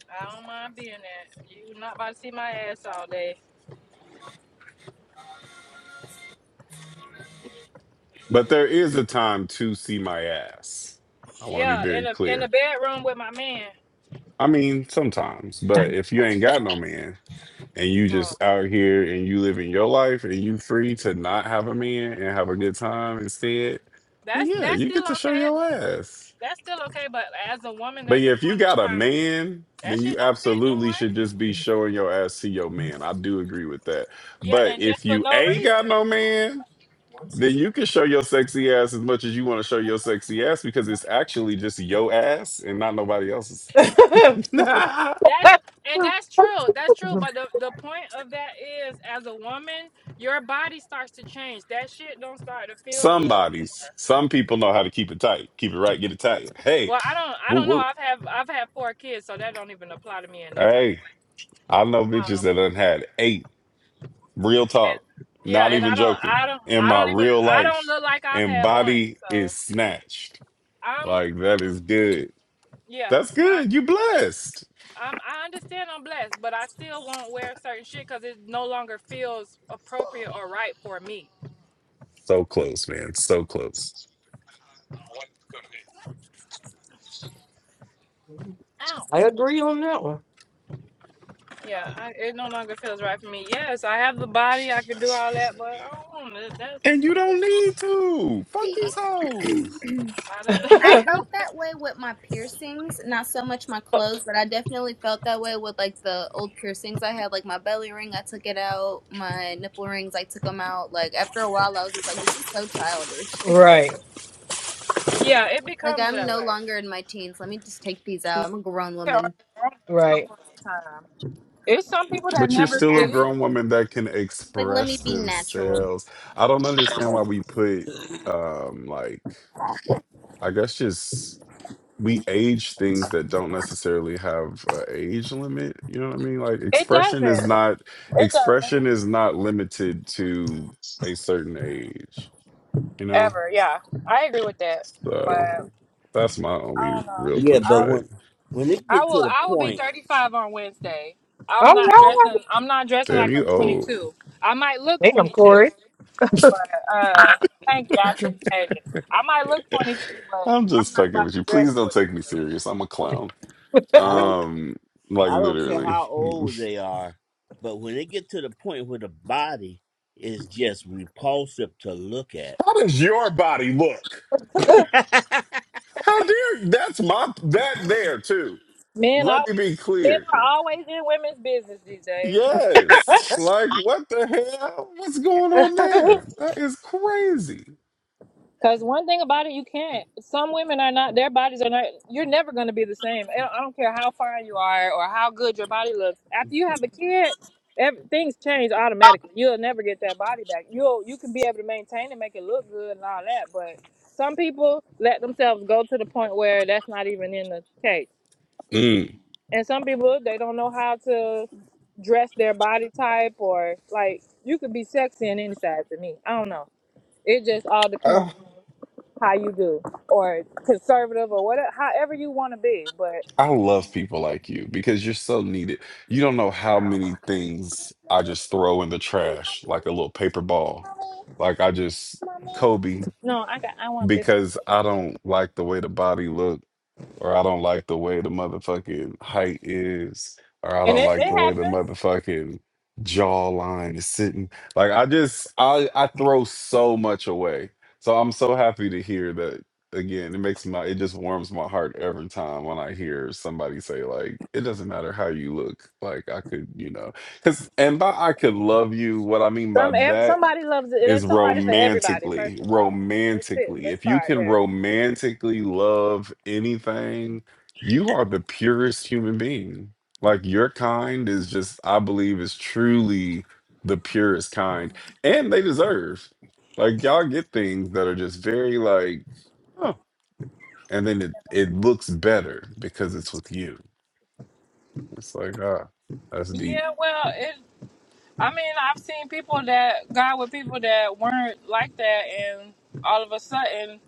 I don't mind being that. You're not about to see my ass all day. But there is a time to see my ass. I want to be Yeah, in very the in clear. the bedroom with my man. I mean, sometimes, but if you ain't got no man and you Uh, just out here and you living your life and you free to not have a man and have a good time instead, then that's yeah, that's you get still to show okay. your ass. That's still okay. But as a woman, But there's a yeah, if you point in got a time man, that then you shit don't fit no absolutely should more. just be showing your ass to your man. I do agree with that. Yeah, But and if just for you no ain't reason. got no man, Then you can show your sexy ass as much as you want to show your sexy ass because it's actually just your ass and not nobody else's. I That's and that's true. That's true. But the the point of that is, as a woman, your body starts to change. That shit don't start to feel good. Somebody's. Some people know how to keep it tight. Keep it right, get it tight. Hey, Well, I don't. I woo don't know. woo. I've have I've had four kids, so that don't even apply to me in no type of Hey, way. I know bitches that done had eight. Real talk. And Not yeah, and even I don't, joking. I don't, In I my don't even, real I don't life. look like I've And had one. body So is snatched. I'm, Like that is good. yeah, That's my, good. You blessed. I'm, I understand I'm blessed, but I still won't wear certain shit because it no longer feels appropriate or right for me. So close, man. So close. Ow. agree on that one. Yeah, I, it no longer feels right for me. Yes, I have the body, I can do all that, but I don't want to. That's, And you don't that's, need to. Fuck I'm, See. these hoes. I I am i felt that way with my piercings, not so much my do clothes, but I definitely felt that way with like the old piercings I had, like my belly ring, I took it out, my nipple rings, I took them out. Like after a while, I was just like, this is so childish. right, yeah, it like becomes I'm that no way. longer in my teens. Let me just take these out. I'm a grown Yeah, or woman, wrong at some right. point in time. It's some people that But you're never still a get it. grown natural. woman that can Like let me express be natural. themselves. I don't understand why we put um like I guess just we age things that don't necessarily have a age limit. You know what I mean? Like It expression is doesn't. not It doesn't. expression is not limited to a certain age, you know? ever. Yeah, I agree with that. So But that's my only I don't know. real Yeah, but i pushback. when when it I get will. to the I will be point, 35 on Wednesday. I'm All not right. dressing. I'm not dressing Damn, like you I'm old. 22. I might look Damn, 22, Corey. but uh, thank you. I appreciate it. I might look 22, but I'm I'm just not fucking about with to you. Please dress don't take me 22. serious. I'm a clown. I don't Um, like I don't care literally. how old they are, but when it get to the point where the body is just repulsive to look at. How does your body look? How dare you? That's my that there too. Men Let always. me be Men clear. are always in women's business these days. Yes. Like what the hell? What's going on there? That is crazy. Because one thing about it, you can't. Some women are not, their bodies are not, you're never going to be the same. I don't I don't care how fine you are or how good your body looks. After you have a kid, every, things change automatically. You'll never get that body back. You'll, you can be able to maintain and make it look good and all that. But some people let themselves go to the point where that's not even in the case. Mm. And some people, they don't know how to dress their body type or like, you could be sexy in any size to me. I don't know. It just all depends I, how you do or conservative or whatever however you want to be but I love people like you because you're so needed. You don't know how many things I just throw in the trash like a little paper ball. Like I just Kobe. no i got i want this one because I don't like the way the body look, or I don't like the way the motherfucking height is, or I and don't it, like it the way the happens motherfucking jawline is sitting. Like I just I I throw so much away. So I'm so happy to hear that again. It makes my it just warms my heart every time when I hear somebody say like it doesn't matter how you look. Like I could, you know, cuz and by I could love you, what I mean by some ev- that somebody loves it is there's somebody for everybody first romantically of all that's it romantically let's if you start can there romantically love anything you are the purest human being like your kind is just i believe is truly the purest kind and they deserve like y'all get things that are just very like oh and then it, it looks better because it's with you it's like ah that's deep yeah well it i mean i've seen people that got with people that weren't like that and all of a sudden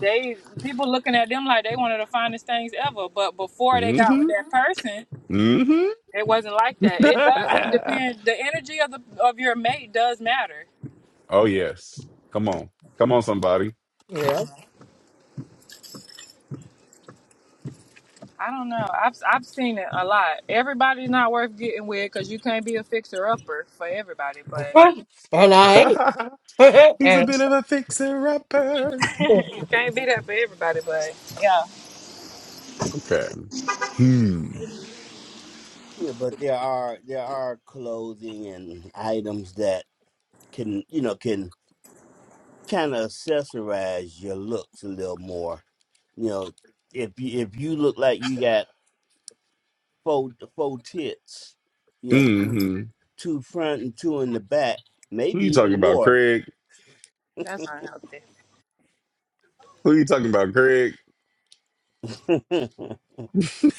they people looking at them like they one of the finest things ever but before they got with mm-hmm that person mm-hmm it wasn't like that it does depend the energy of the of your mate does matter oh yes come on come on somebody yeah. I don't know. I've I've seen it a lot. Everybody's not worth getting with because you can't be a fixer upper for everybody, but And I ate. He's a and bit of a fixer upper. you can't be that for everybody. But yeah, Okay. Hmm. yeah, but there are there are clothing and items that can you know can kind of accessorize your looks a little more. You know, if you if you look like you got four four tits, you know, two Mm-hmm. two front and two in the back, Who maybe you talking even about, more. Craig? that's unhealthy. Who you talking about, Craig?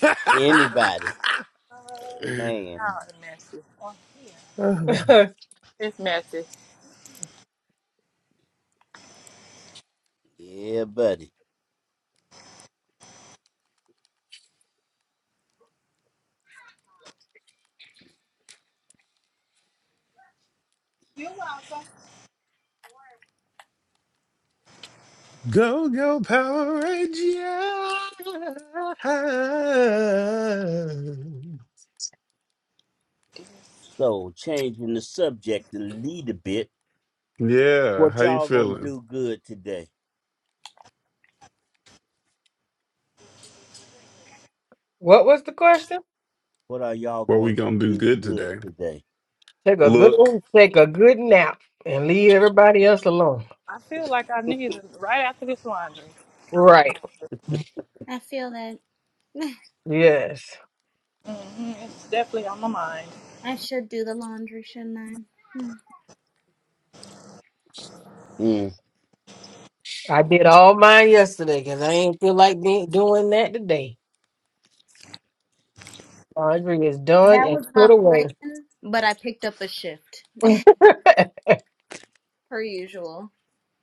Anybody, Oh, man, it's messy. Uh, It's messy. yeah, buddy. go, go, Power Ranger. So changing the subject a little bit, Yeah. what How you y'all gonna feeling? do good today? what was the question? What are y'all What we going to gonna do do good good today? today? Take a good Look. take a good nap and leave everybody else alone. I feel like I need it right after this laundry. Right. I feel that Yes. Mm-hmm. It's definitely on my mind. I should do the laundry, shouldn't I? Mm. I did all mine yesterday because I ain't feel like being, doing that today. Laundry is done That and was my put away. plan, but I picked up a shift per usual.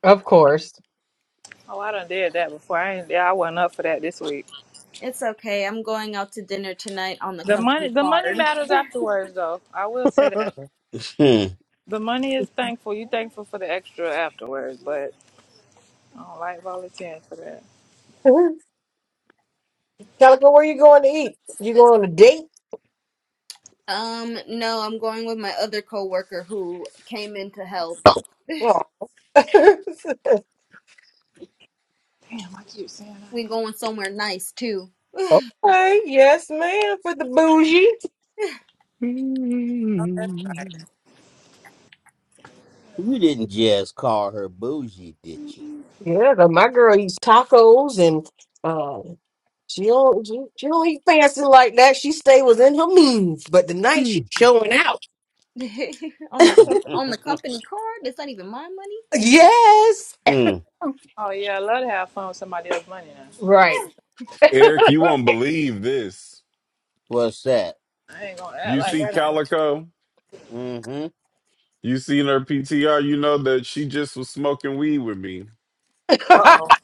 of course. Oh, I done did that before. I ain't. Yeah, I wasn't up for that this week. It's okay. I'm going out to dinner tonight on the The company money, the money card. matters afterwards, though. I will say that. you The money is thankful. You thankful for the extra afterwards, but I don't like volunteering for that. Calico, where you going to eat? You going on a date? Um, no, I'm going with my other coworker who came in to help. Oh. okay, Damn, I keep saying We I need. going somewhere nice too. yes, ma'am, for the bougie. Hmm. Oh, that's- didn't just call her bougie, did you? Yeah, but my girl eats tacos and uh, she don't she, she don't eat fancy like that. She stay within her means, but tonight she showing out. on the comp- on the company card. It's not even my money. Yes, mm. oh, yeah, I love to have fun with somebody else's money now. right, Eric, you won't believe this. What's that? I ain't gonna act You like see that. Calico? Mm-hmm. You seen her PTR, you know that she just was smoking weed with me. Uh oh.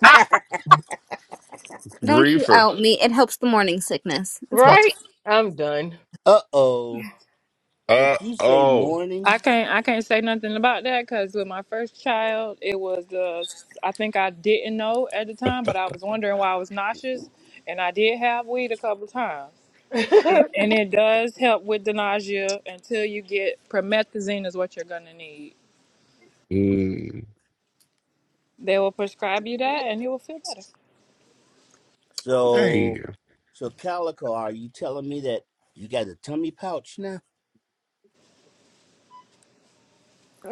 Don't you Reefer. out me. It helps the morning sickness. It's about right. I'm done. Uh oh. Uh Did you say oh. morning? I can't. I can't say nothing about that because with my first child, it was the. I think I didn't know at the time, but I was wondering why I was nauseous, and I did have weed a couple times. It, and it does help with the nausea until you get promethazine is what you're gonna need. Mm. They will prescribe you that and you will feel better. Hey. So, so Calico, are you telling me that you got a tummy pouch now?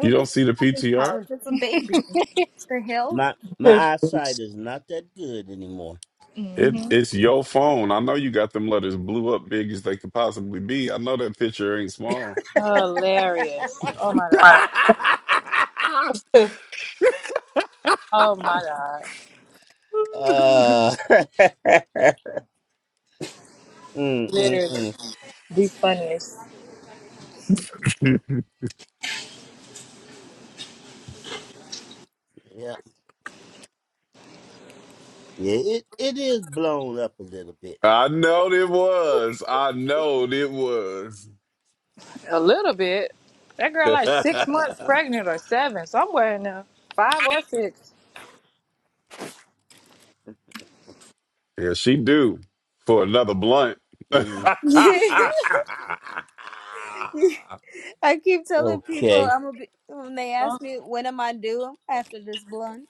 You this don't is see the a company couch. PTR? It's a baby. What the hell? My my eyesight is not that good anymore. It hmm it's your phone. I know you got them letters blew up big as they could possibly be. I know that picture ain't small. Hilarious. Oh my god. Oh my god. Uh, mm, mm, Literally. mm, The funniest. mm. yeah, yeah, it it is blown up a little bit. I know it was. I know it was. A little bit. That girl like yeah, six months pregnant or seven, somewhere in there. Five or six. she do for another blunt. Mm, I keep telling people okay, I'm gonna be when they Some, ask me when am I due after this blunt.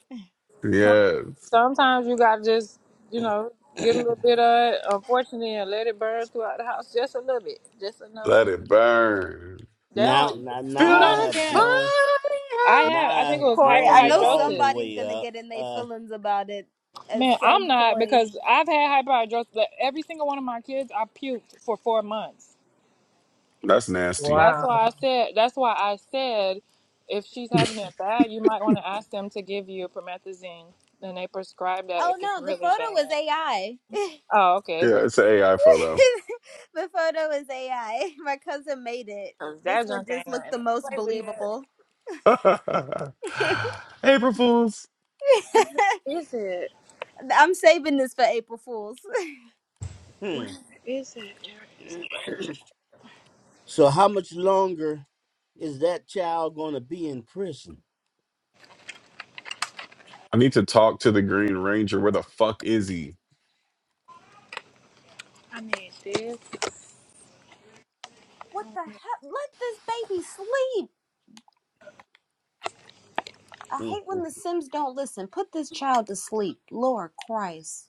some, Yes, sometimes you gotta just, you know, get a little bit of it, unfortunately, and let it burn throughout the house just a little bit. Just enough let to it burn. they now don't you, now now you Feel don't I that have fire. understand. blown I now had I I think it was have Corey, I blown it know all hyperhidrosis. the somebody's way gonna up. get in their Uh, feelings about it at Man, I'm some not point. because I've had hyperhidrosis. But every single one of my kids, I puked for four months. That's nasty. That's wow. why I said. That's why I said, if she's having it bad, you might want to ask them to give you promethazine, and they prescribe that if Oh it's no, the really photo bad. was AI. Oh, okay. Yeah, it's an AI photo. the photo was AI. My cousin made it. 'Cause This that one junk ain't just looked nothing the to most play with. believable. April Fools. Is it? I'm saving this for April Fools. Where hmm. is it? So how much longer is that child gonna be in prison? I need to talk to the Green Ranger. Where the fuck is he? I need this. What the hell? Let this baby sleep. I hate Mm. when the Sims don't listen. Put this child to sleep. Lord Christ.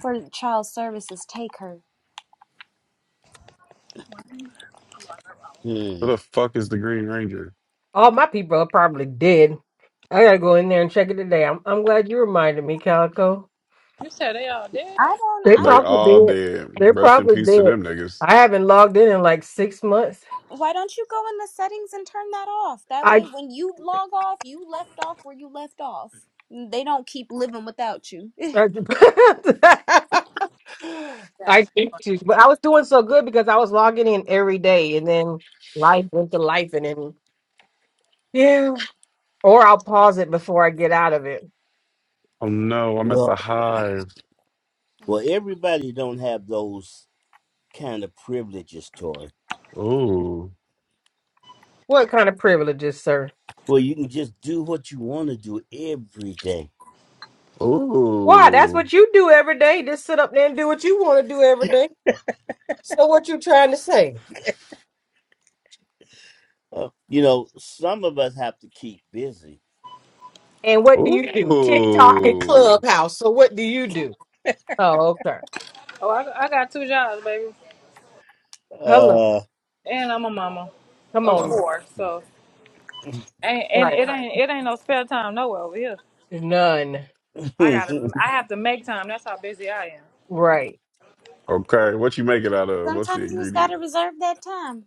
For child services, take her. Where Hmm. the fuck is the Green Ranger? All my people are probably dead. I gotta go in there and check it today. I'm I'm glad you reminded me, Calico. You said they all dead. I don't. They I They don't probably know. all dead. dead. They're Rest in probably peace to dead. them niggas. I haven't logged in in like six months. Why don't you go in the settings and turn that off? That I way, when you log off, you left off where you left off. Mm, They don't keep living without you. I, I Yes. think you, but I was doing so good because I was logging in every day, and then life went to life, and then yeah. Or I'll pause it before I get out of it. Oh no, I'm at the Well, hive. well, everybody don't have those kind of privileges, Tori. Ooh. What kind of privileges, sir? Well, you can just do what you want to do every day. Why? That's Ooh. what you do every day. Just sit up there and do what you want to do every day. So what you trying to say? Uh, you know, some of us have to keep busy. And what do you do? TikTok and Ooh. Clubhouse. So what do you do? Oh, okay. Oh, I, I got two jobs, baby, Hello. Uh, and I'm a mama Come of on. Fuck. four. So. And, and Right. it ain't it ain't no spare time nowhere over here. None. I gotta I have to make time. That's how busy I am. Right. Okay, what you make it out of? What's the Sometimes you just ingredient? gotta reserve that time.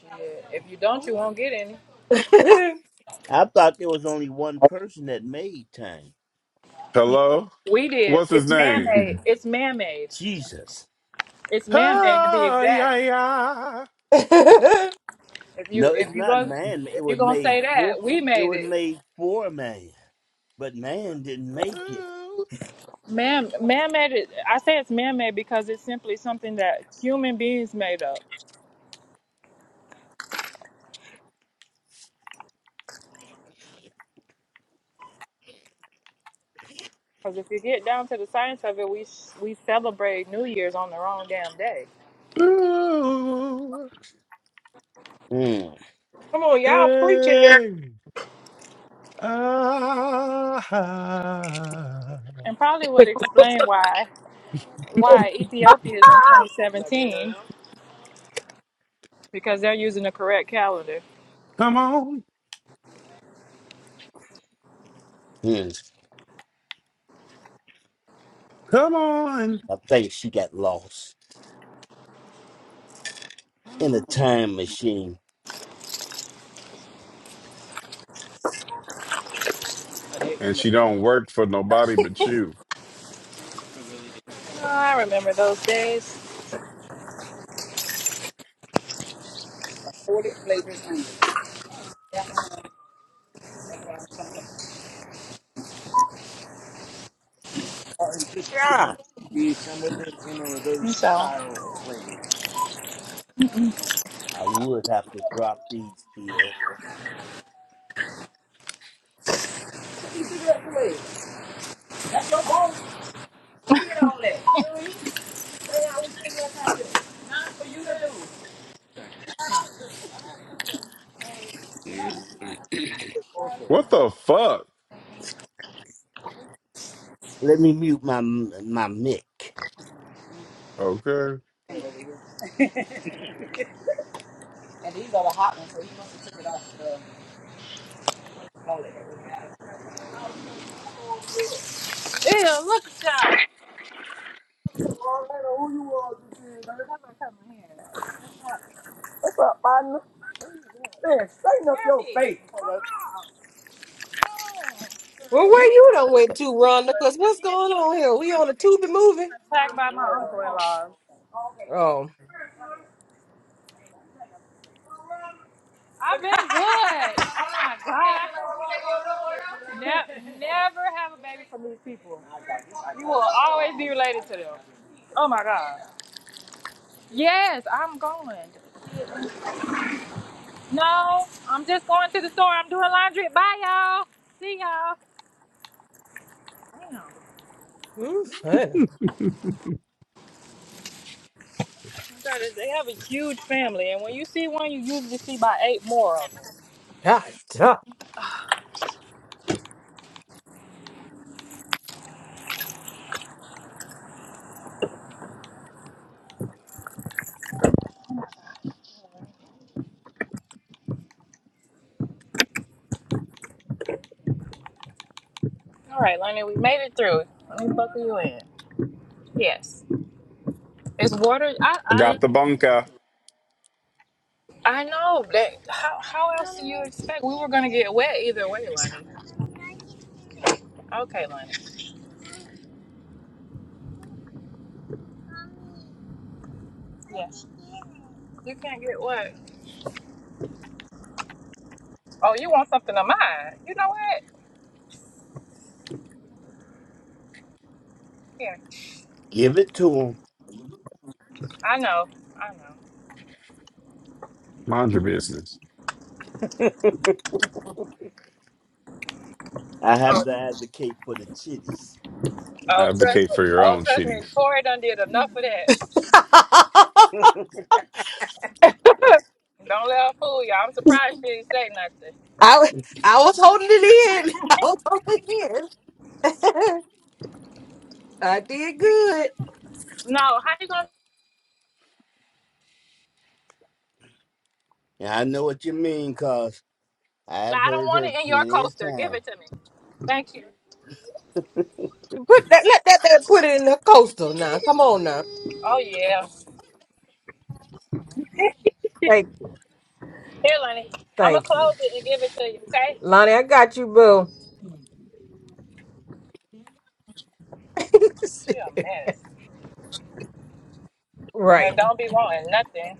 Shit. If you don't, you Oh. won't get any. Come I thought there was only one person that made time. Hello? We did. What's his It's man name? made. It's man made. Jesus, It's man made to be Ah, yeah, exact. yeah. If you no, it's if you not go man. It if you was gonna made say for. that, we It made was it. made for man, but man didn't make it. Man man made it. I say it's man made because it's simply something that human beings made up. Because if you get down to the science of it, we sh- we celebrate New Year's on the wrong damn day, Ooh, ooh, Hmm. on, y'all preaching. hey, ah. and probably would well, explain why. why Ethiopia is in 2017 because they're using the correct calendar. Come on, Hmm. come on. I think she got lost in a time machine. And she don't work for nobody but you. Oh, I remember those days. So. Yeah. I would have to drop these pills. Mm. What the fuck? Let me mute my my mic. Okay. And these are the hot ones, so you must have took it off. Ew, look at y'all. Clean up your face. where you done went to, Rhonda? Because what's Being going on here? We on a tube and moving. attacked by my uncle-in-laws. Oh, I've been good. Oh my God. Ne- never have a baby from these people. You will always be related to them. Oh my God. Yes, I'm going. No, I'm just going to the store. I'm doing laundry. Bye, y'all. See y'all. Damn. ooh, honey. That is- They have a huge family, and when you see one, you usually see about eight more of them. God, duh. All right, Lenny, we made it through. Let me buckle you in. Yes, it's water. I I I, got the bunker. I know that. How, how else do you expect we were gonna get wet either way, Lenny? Okay, Lenny. Yes, you can't get wet. Oh, you want something of mine? You know what? Yeah, Give it to him. I know. I know. Mind your business. I have to advocate for the chitties. Oh, trust Advocate me. for your Oh, own trust me. shitties. Tori done did enough of that. I, Don't let her fool you. I'm surprised she didn't say nothing. was- I was holding it in. I was holding it in. I did good. No, how you gonna? And I know what you mean, cause like, I've I don't heard want her it in your plenty of coaster. Give times. it to me. Thank you. Put that, let that, that put it in the coaster now. Come on now. Oh yeah. Thank you. Here, Lenny. I'm gonna Thank you. close it and give it to you. Okay? Lonnie, I got you, boo. She a mess. And Right. don't be wanting nothing.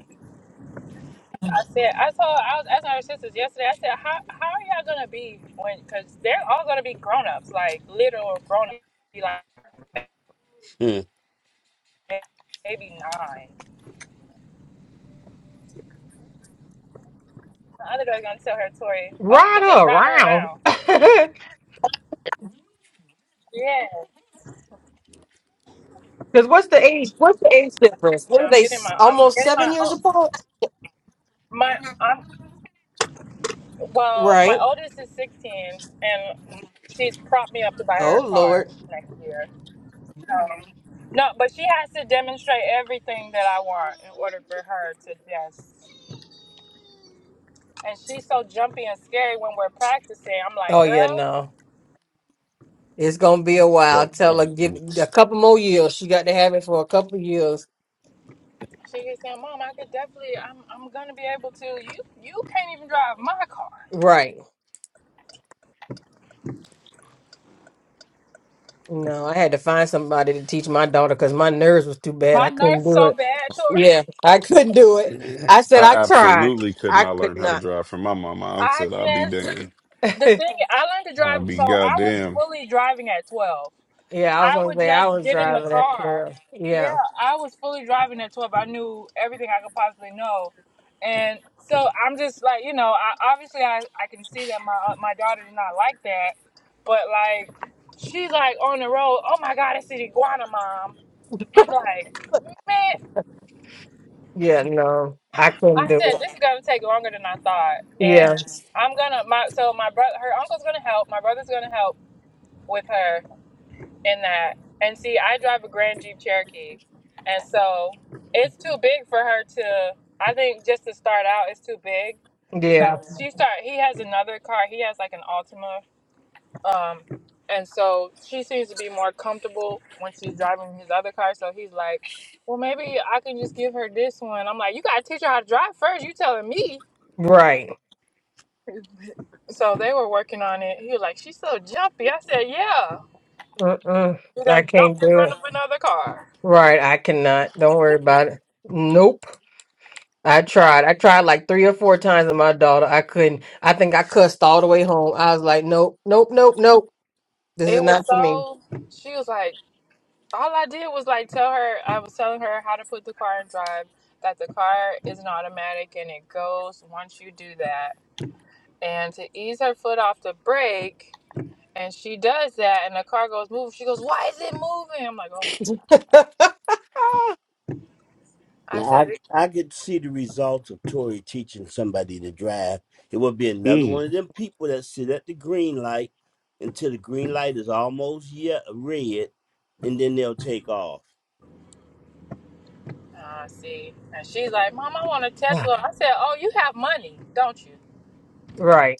I said. I told. I was asking her sisters yesterday. I said, how how are y'all gonna be when? Cause they're all gonna be grown ups, like literal grown ups, Be like Hmm. maybe nine. The other girl's gonna tell her Tori. Or we Ride could just her ride her around. around. Yeah. Because what's the age? What's the age difference? what are Now I'm they? getting s- my I'm Almost getting seven my years o- apart. my I'm well, Right. my oldest is sixteen and she's propped me up to buy her Oh a car Lord, next year. So no, but she has to demonstrate everything that I want in order for her to yes. And she's so jumpy and scary when we're practicing. I'm like, Oh, yeah, girl, no. it's gonna be a while. What Tell her give it a evidence? couple more years. She got to have it for a couple of years. she keeps saying, Mom, I could definitely I'm I'm gonna be able to you you can't even drive my car. Right. No, I had to find somebody to teach my daughter because my nerves was too bad. My I couldn't nerves do it. so bad, Tori. Yeah, I couldn't do it. I I said I tried. absolutely could I not could learn how to not. drive from my mama. I I said, I'll be just damned. the thing I learned to I'll drive so be I was goddamn. fully driving at twelve. yeah, I was I gonna would say I just was get in the driving at car. twelve. Yeah, Yeah, I was fully driving at twelve. I knew everything I could possibly know. And so I'm just like, you know, I obviously I, I can see that my uh, my daughter did not like that, but like she's like on the road, oh my god, it's an iguana mom. I'm like, man, yeah, no, I couldn't I do it. said this is gonna take longer than I thought. Yeah, And I'm gonna my so my brother her uncle's gonna help, my brother's gonna help with her in that. And see, I drive a Grand Jeep Cherokee, and so it's too big for her to. I think just to start out, it's too big. yeah, So she start. He has another car. He has like an Altima, um, and so she seems to be more comfortable when she's driving his other car. So he's like, "Well, maybe I can just give her this one." I'm like, "You gotta teach her how to drive first. You telling me?" right. So they were working on it. He was like, "She's so jumpy." I said, "Yeah." Mm-mm, He I done can't jumped in do front it. of another car. Right, I cannot. Don't worry about it. Nope. I tried. I tried like three or four times with my daughter. I couldn't. I think I cussed all the way home. I was like, nope, nope, nope, nope. This is It was not for me. so. She was like, all I did was like tell her. I was telling her how to put the car in drive. That the car is an automatic and it goes once you do that. And to ease her foot off the brake, and she does that, and the car goes moving. She goes, why is it moving? I'm like, oh my god. I Now, said, I I could see the results of Tory teaching somebody to drive. It would be another one of them people that sit at the green light until the green light is almost yet red, and then they'll take off. I see. And she's like, Mom, I want a Tesla. I said, Oh, you have money, don't you? right,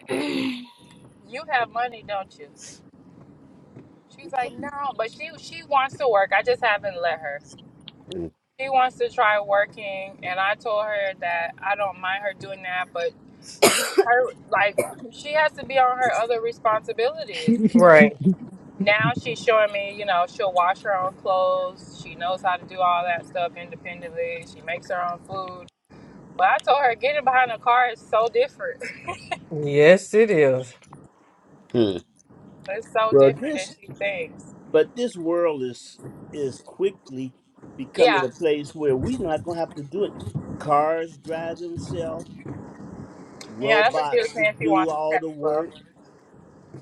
they You have money, don't you? She's like, No, but she she wants to work. I just haven't let her. She wants to try working, and I told her that I don't mind her doing that, but her like she has to be on her other responsibilities. Yeah. right. Now she's showing me, you know, she'll wash her own clothes. She knows how to do all that stuff independently. She makes her own food. But I told her getting behind a car is so different. Yes, it is. Hmm. It's so Well, different than this she thinks. But this world is is quickly becoming Yeah, a place where we're not gonna have to do it. Cars drive themselves, yeah, that's what she was robots to saying. She do wants a all the Tesla. work.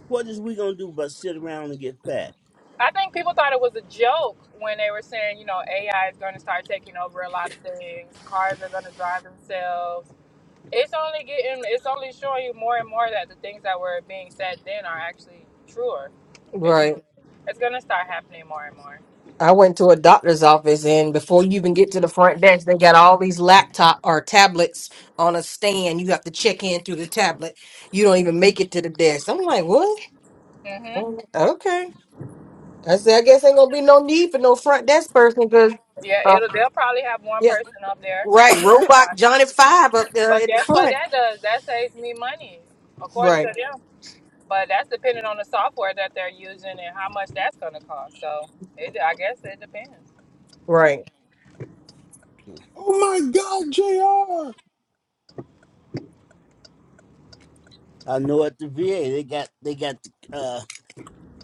What is we gonna do but sit around and get fat? I think people thought it was a joke when they were saying, you know, AI is going to start taking over a lot of things. Cars are going to drive themselves. It's only getting, it's only showing you more and more that the things that were being said then are actually truer. It's Right. it's going to start happening more and more. I went to a doctor's office, and before you even get to the front desk, they got all these laptop or tablets on a stand. You have to check in through the tablet. You don't even make it to the desk. I'm like, what? hmm Oh, Okay. I said, I guess ain't gonna be no need for no front desk person because, Yeah, uh, it'll they'll probably have one yes, person up there. right. That's Robot probably it. Johnny Five up there But at the guess what front. that does? That saves me money, according to Right. them. But that's depending on the software that they're using and how much that's going to cost. So it, I guess it depends. Right. Oh my God, I know at the VA they got they got uh,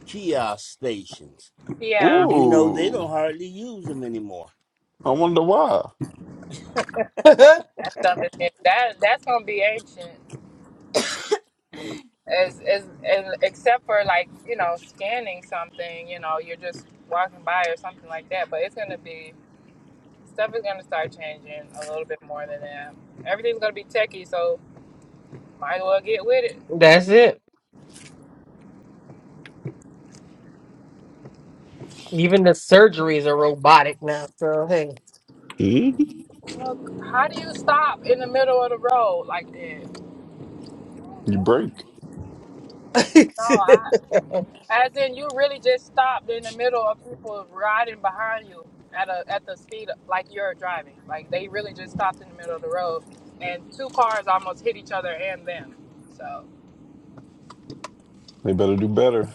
kiosk stations, Jr. Yeah, and you know they Ooh, don't hardly use them anymore. I wonder why. That's that stuff is that that's going to be ancient. As, as, as except for like you know scanning something, you know you're just walking by or something like that. But it's going to be stuff is going to start changing a little bit more than that. Everything's going to be techie, so might as well get with it. it. Even the surgeries are robotic now. So Mhm. Look, how do you stop in the middle of the road like that? You break. hey. No, I. As in, you really just stopped in the middle of people riding behind you at a at the speed of, like you're driving. Like they really just stopped in the middle of the road, and two cars almost hit each other and them. So, They better do better.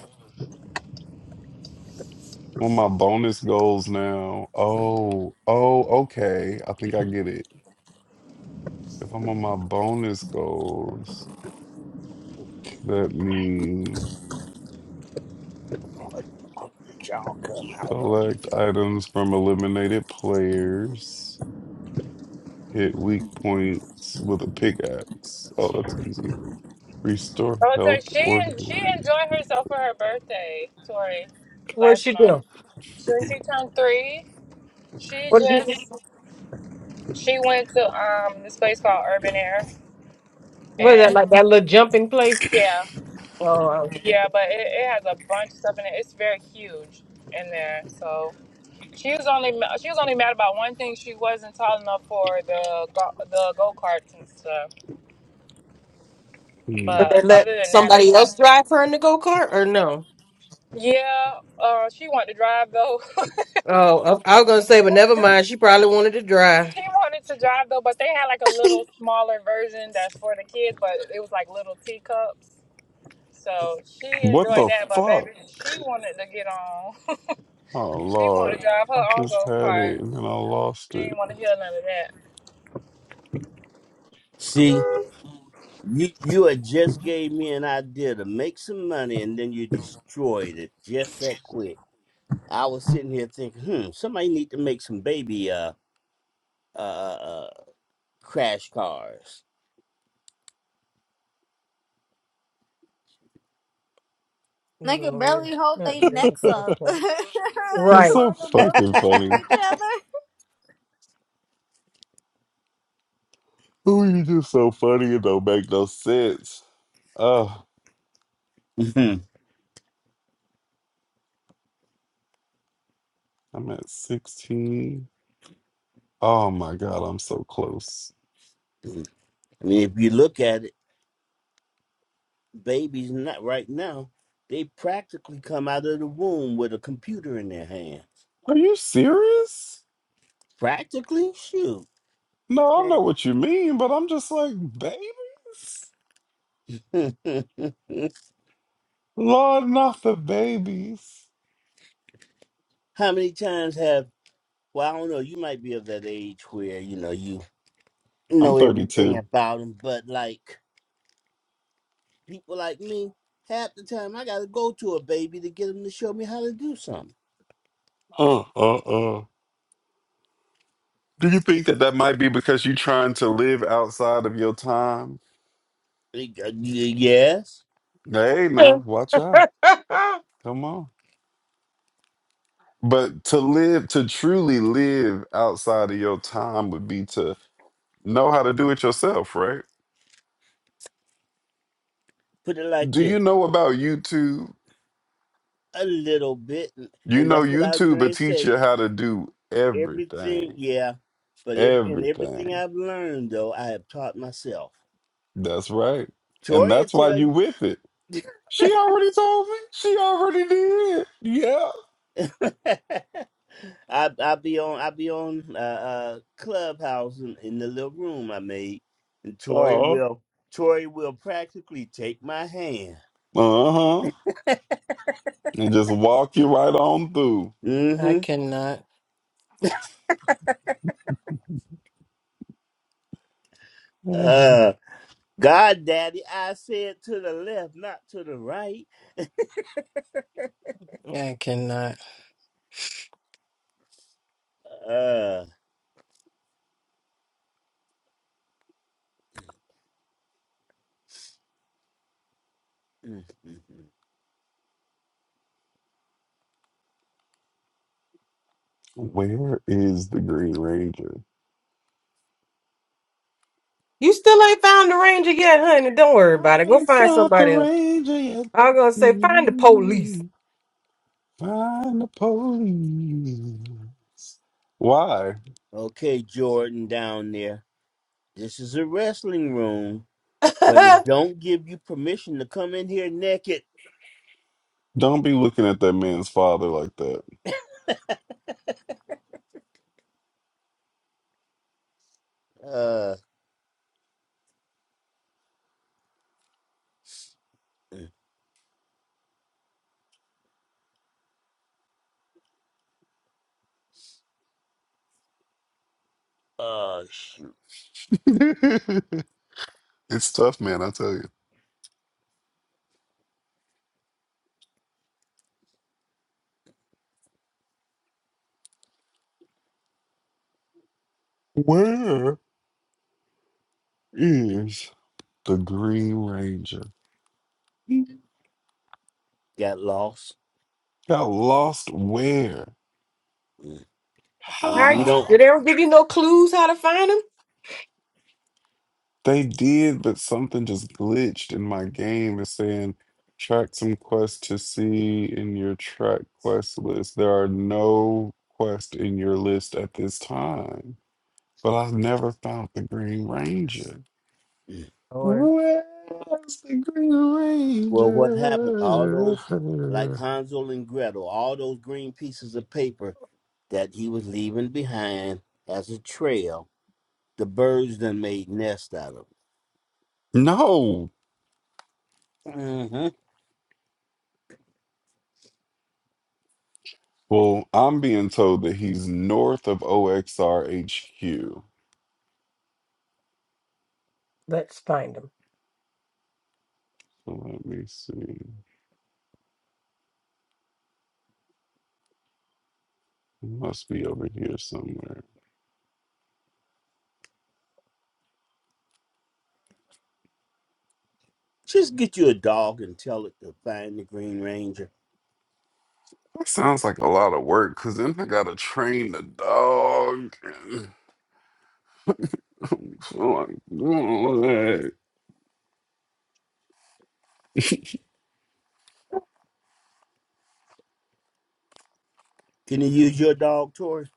Well, my bonus goals now. Oh, oh, okay. I think I get it. If I'm on my bonus goals, What that means did y'all come out of? collect items from eliminated players, hit weak points with a pickaxe. Oh, that's easy. Restore oh, so health she or she damage. enjoyed herself for her birthday, Tori, What last she month. do? When she turned three, she What did you just she went to um this place called Urban Air, was that and like that little jumping place? yeah, Oh, yeah, but it, it has a bunch of stuff in it. It's very huge in there, so. She was only ma- she was only mad about one thing. She wasn't tall enough for the go- the go karts and stuff. Hmm. but But they let other than that, they somebody else had drive her in the go kart, or no? yeah. Uh, she wanted to drive though. Oh, I, I was gonna say, but never mind. She probably wanted to drive. she wanted to drive though, but they had like a little smaller version that's for the kids, but it was like little teacups. So she What enjoyed the that, but fuck? baby, she wanted to get on. Oh she wanted Lord, to drive I her own just go had kart. it and then I lost She it. didn't want to hear none of that. See. You you had just gave me an idea to make some money and then you destroyed it just that quick. I was sitting here thinking, hmm, somebody need to make some baby uh uh, uh crash cars. can Lord, barely hold not their being necks prepared up. you for He's Right. so want them fucking bumping into funny. each other? Oh, you just so funny. It don't make no sense. Oh, I'm at 16. Oh my God, I'm so close. I mean, if you look at it, babies not right now, they practically come out of the womb with a computer in their hand. Are you serious? Practically, shoot, No, I know man. what you mean, but I'm just like, babies? Lord, not the babies. How many times have well, I don't know. You might be of that age where you know you I'm know everything 32. about him, but like people like me, half the time I gotta go to a baby to get him to show me how to do something. Uh, uh, uh. Do you think that that might be because you're trying to live outside of your time? Y- y- Yes, Hey, now, watch out. I Come on. But to live, to truly live outside of your time would be to know how to do it yourself, right? put it like Do you this, know about YouTube? a little bit, and You and know, that's what I was YouTube going will to teach say. you how to do Everything, everything. yeah, but ev- and everything Everything. I've learned though, I have taught myself. That's right. And Toria that's why tell you with it. She already told me. She already did. Yeah. you. I I be on I be on uh, uh clubhouse in, in the little room I made, and Tori Oh. will Tori will practically take my hand. Uh-huh. And just walk you right on through. Mm-hmm. cannot. Uh, God, Daddy, I said to the left, not to the right. I cannot. Uh, mm, mm, mm. Where is the Green Ranger? You still ain't found the ranger yet, honey. Don't worry about it. Go I'm find South somebody else. Arrangian. I was gonna say, find the police. Find the police. Why? okay, Jordan down there. This is a wrestling room, but How it don't give you permission to come in here naked. Don't be looking at that man's father like that. Uh, mm, uh, shoot, It's tough, man, I tell you. Where is the Green Ranger? got lost. Got lost where? Mm. We you? don't. How? Did they ever give you no clues how to find them? They did, but something just glitched in my game. It's saying track some quests to see in your track quest list. There are no quests in your list at this time. But I've never found the Green Ranger. Lord, Where's the Green Well, what happened? All Ranger? those, like Hansel and Gretel, all those green pieces of paper that he was leaving behind as a trail, the birds done made nest out of. No. Mm-hmm. Well, I'm being told that he's north of OXR HQ. let's find them. So let me see. He must be over here somewhere. Just get you a dog and tell it to find the Green Ranger. That sounds like a lot of work, cause then I gotta train the dog. And I'm like, "Ugh." Can you use your dog, Tori?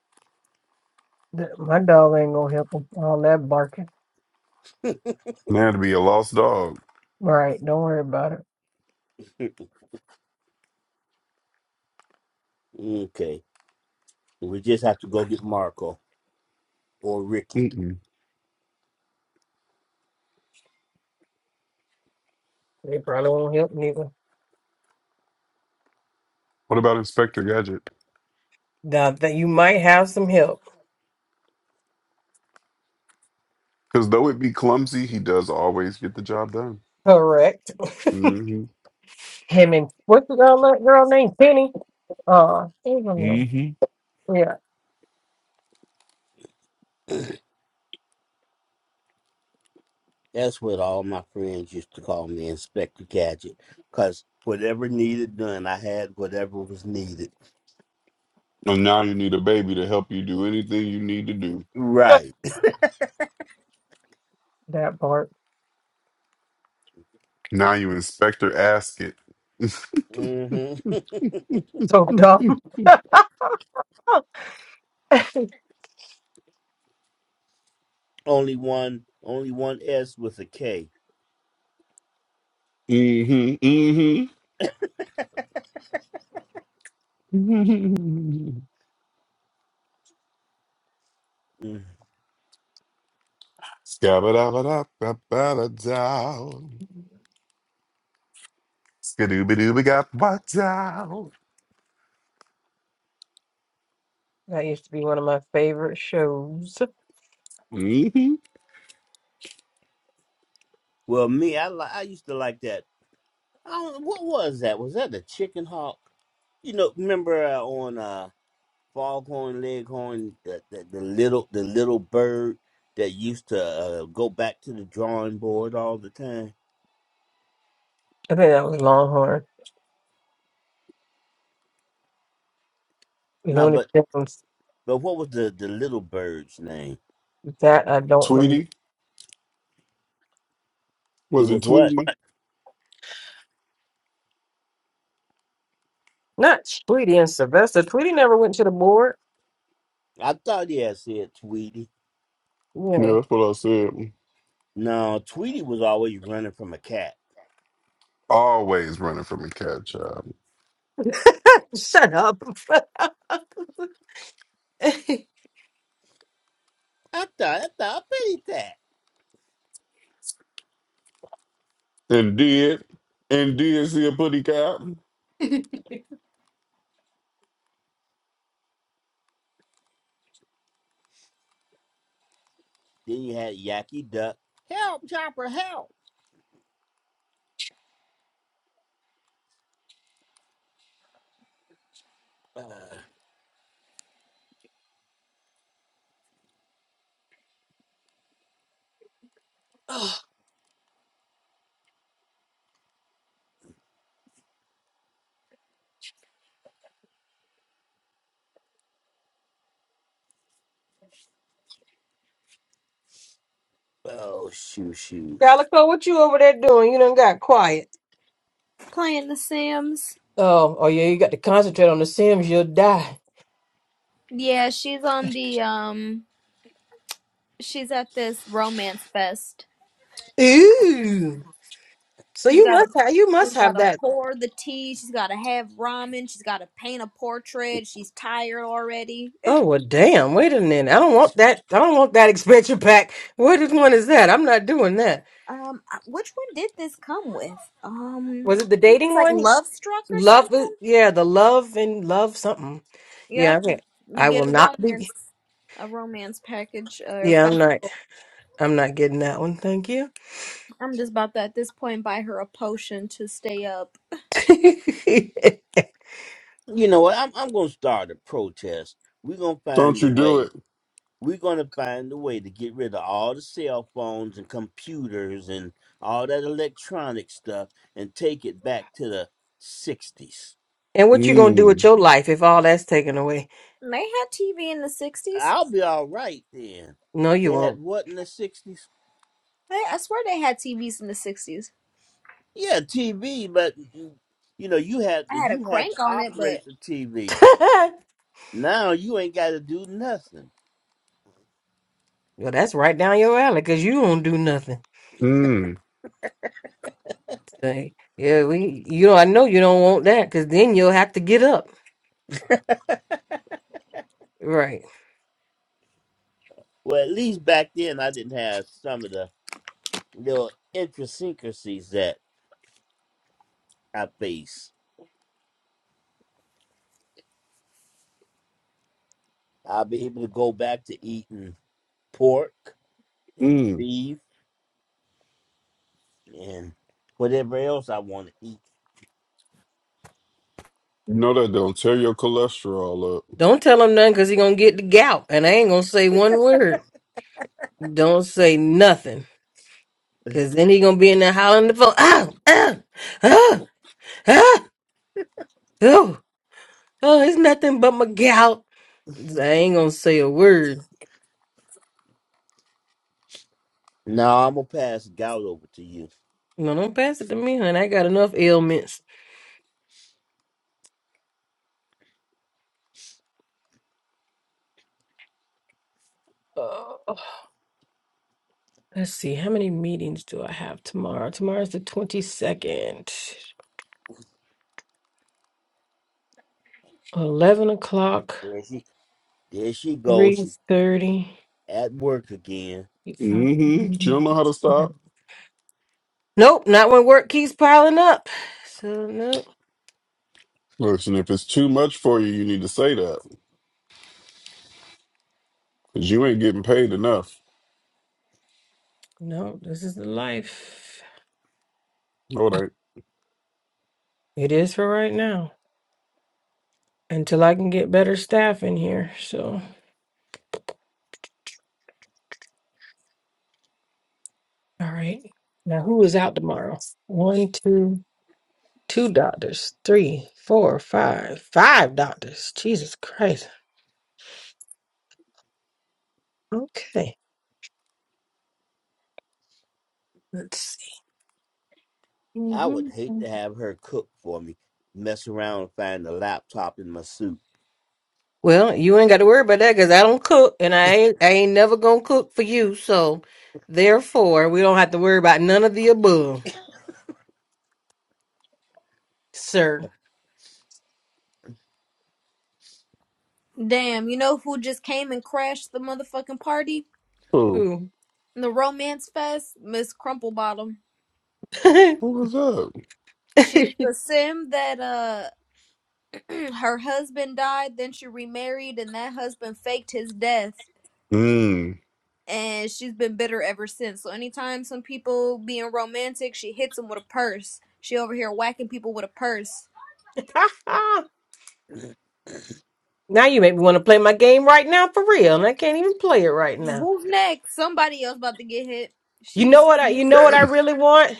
That- My dog ain't gonna help him. All that barking. Now to be a lost dog. Right, don't worry about it. okay, we just have to go get Marco or Ricky. Mm-mm. They probably won't help neither. What about Inspector Gadget? Now that you might have some help. Cause though it be clumsy, he does always get the job done. Correct. hmm Him and what's the girl, that girl named Penny? Uh, I hmm yeah, That's what all my friends used to call me, Inspector Gadget, because whatever needed done, I had whatever was needed. And now you need a baby to help you do anything you need to do. Right. that part. Now you Inspector Ask It. hmm So dumb. only one, only one S with a K. hmm hmm Mm. Scabba-dabba-dabba-ba-da-dow. Skadooba-dooba-gabba-dow. That used to be one of my favorite shows. I Well, me, I li- I used to like that. I don't, what was that? Was that the chicken hawk? You know, remember uh, on uh, Foghorn Leghorn, the, the the little the little bird that used to uh, go back to the drawing board all the time. think that was Longhorn. No, Looney but Tunes. but what was the the little bird's name? That I don't remember. Tweety? It Was was it what? Tweety? Not Tweety and Sylvester. Tweety never went to the board. I thought he had said Tweety. Yeah, Yeah. that's what I said. No, Tweety was always running from a cat. Always running from a cat child. Shut up. I thought I thought I bet he did. Indeed. Indeed, see a putty cat. Then you had Yaki Duck. Help, Chopper, help! Uh, Oh, oh, shoot, shoot. Calico, what you over there doing? You done got quiet. Playing The Sims. Oh, oh yeah, you got to concentrate on the Sims, you'll die. Yeah, she's on the um. She's at this romance fest. Ooh. So She's you got to must have you must she's got have to that. pour the tea. She's got to have ramen. She's got to paint a portrait. She's tired already. Oh well damn, wait a minute. I don't want that I don't want that expansion pack. What is one is that? I'm not doing that. Um, I- which one did this come with? Um, Was it I the think dating it's like one? Love Struck or Love is something. yeah, the love and love something. Yeah, Yep, I, can't. you I will get a not romance, be. a romance package. Or Yeah, I'm fact, not. I'm not getting that one. Thank you. I'm just about to at this point buy her a potion to stay up. You know what? I'm, I'm going to start a protest. We're going to Don't find a you do way. it. We're going to find a way to get rid of all the cell phones and computers and all that electronic stuff and take it back to the 60s. and what you gonna do with Mmm. your life if all that's taken away? And They had TV in the '60s. I'll be all right then. No, you They had won't. what in the 60s? I, I swear they had TVs in the '60s. Yeah, TV, but mm, you know, you had I had a you had to crank on it, but operate the TV. well, Now you ain't got to do nothing. that's right down your alley because you don't do nothing. Mmm. Say, yeah, we. You know, I know you don't want that because then you'll have to get up. Right. Well, at least back then I didn't have some of the little idiosyncrasies that I face. I'll be able to go back to eating pork and Mmm. beef and whatever else I want to eat. You know that don't tear your cholesterol up. Don't tell him nothing because he gonna get the gout, and I ain't gonna say one word. Don't say nothing. Cause then he gonna be in there hollering the phone. Ah, ah, ah, ah, oh, oh, it's nothing but my gout. I ain't gonna say a word. Now I'm gonna pass gout over to you. No, don't pass it to me, honey. I got enough ailments. Oh, let's see, how many meetings do I have tomorrow? Tomorrow's the twenty second. Eleven o'clock, There she, there she goes. three She thirty. at work again. five. Mm-hmm. You don't know how to stop. Nope, not when work keeps piling up. So nope, Listen, if it's too much for you, you need to say that. Because you ain't getting paid enough. no, this is the life. All right. It is for right now. until I can get better staff in here. So, all right. Now, who is out tomorrow? One, two, two doctors, three, four, five, five doctors. Jesus Christ. Okay. Let's see. I would Mhm. hate to have her cook for me. Mess around and find a laptop in my suit. Well, you ain't got to worry about that because I don't cook, and I ain't I ain't never gonna cook for you. So, therefore, we don't have to worry about none of the above, sir. Damn, you know who just came and crashed the motherfucking party? Oh, Ooh. The romance fest? Miss Crumplebottom. who was up? She's the sim that uh her husband died, then she remarried, and that husband faked his death, Mmm. and she's been bitter ever since. So anytime some people being romantic, she hits them with a purse. She over here whacking people with a purse. now you make me want to play my game right now for real, and I can't even play it right now. Who's next? Somebody else about to get hit. You know She's what I you know what mean. I really want?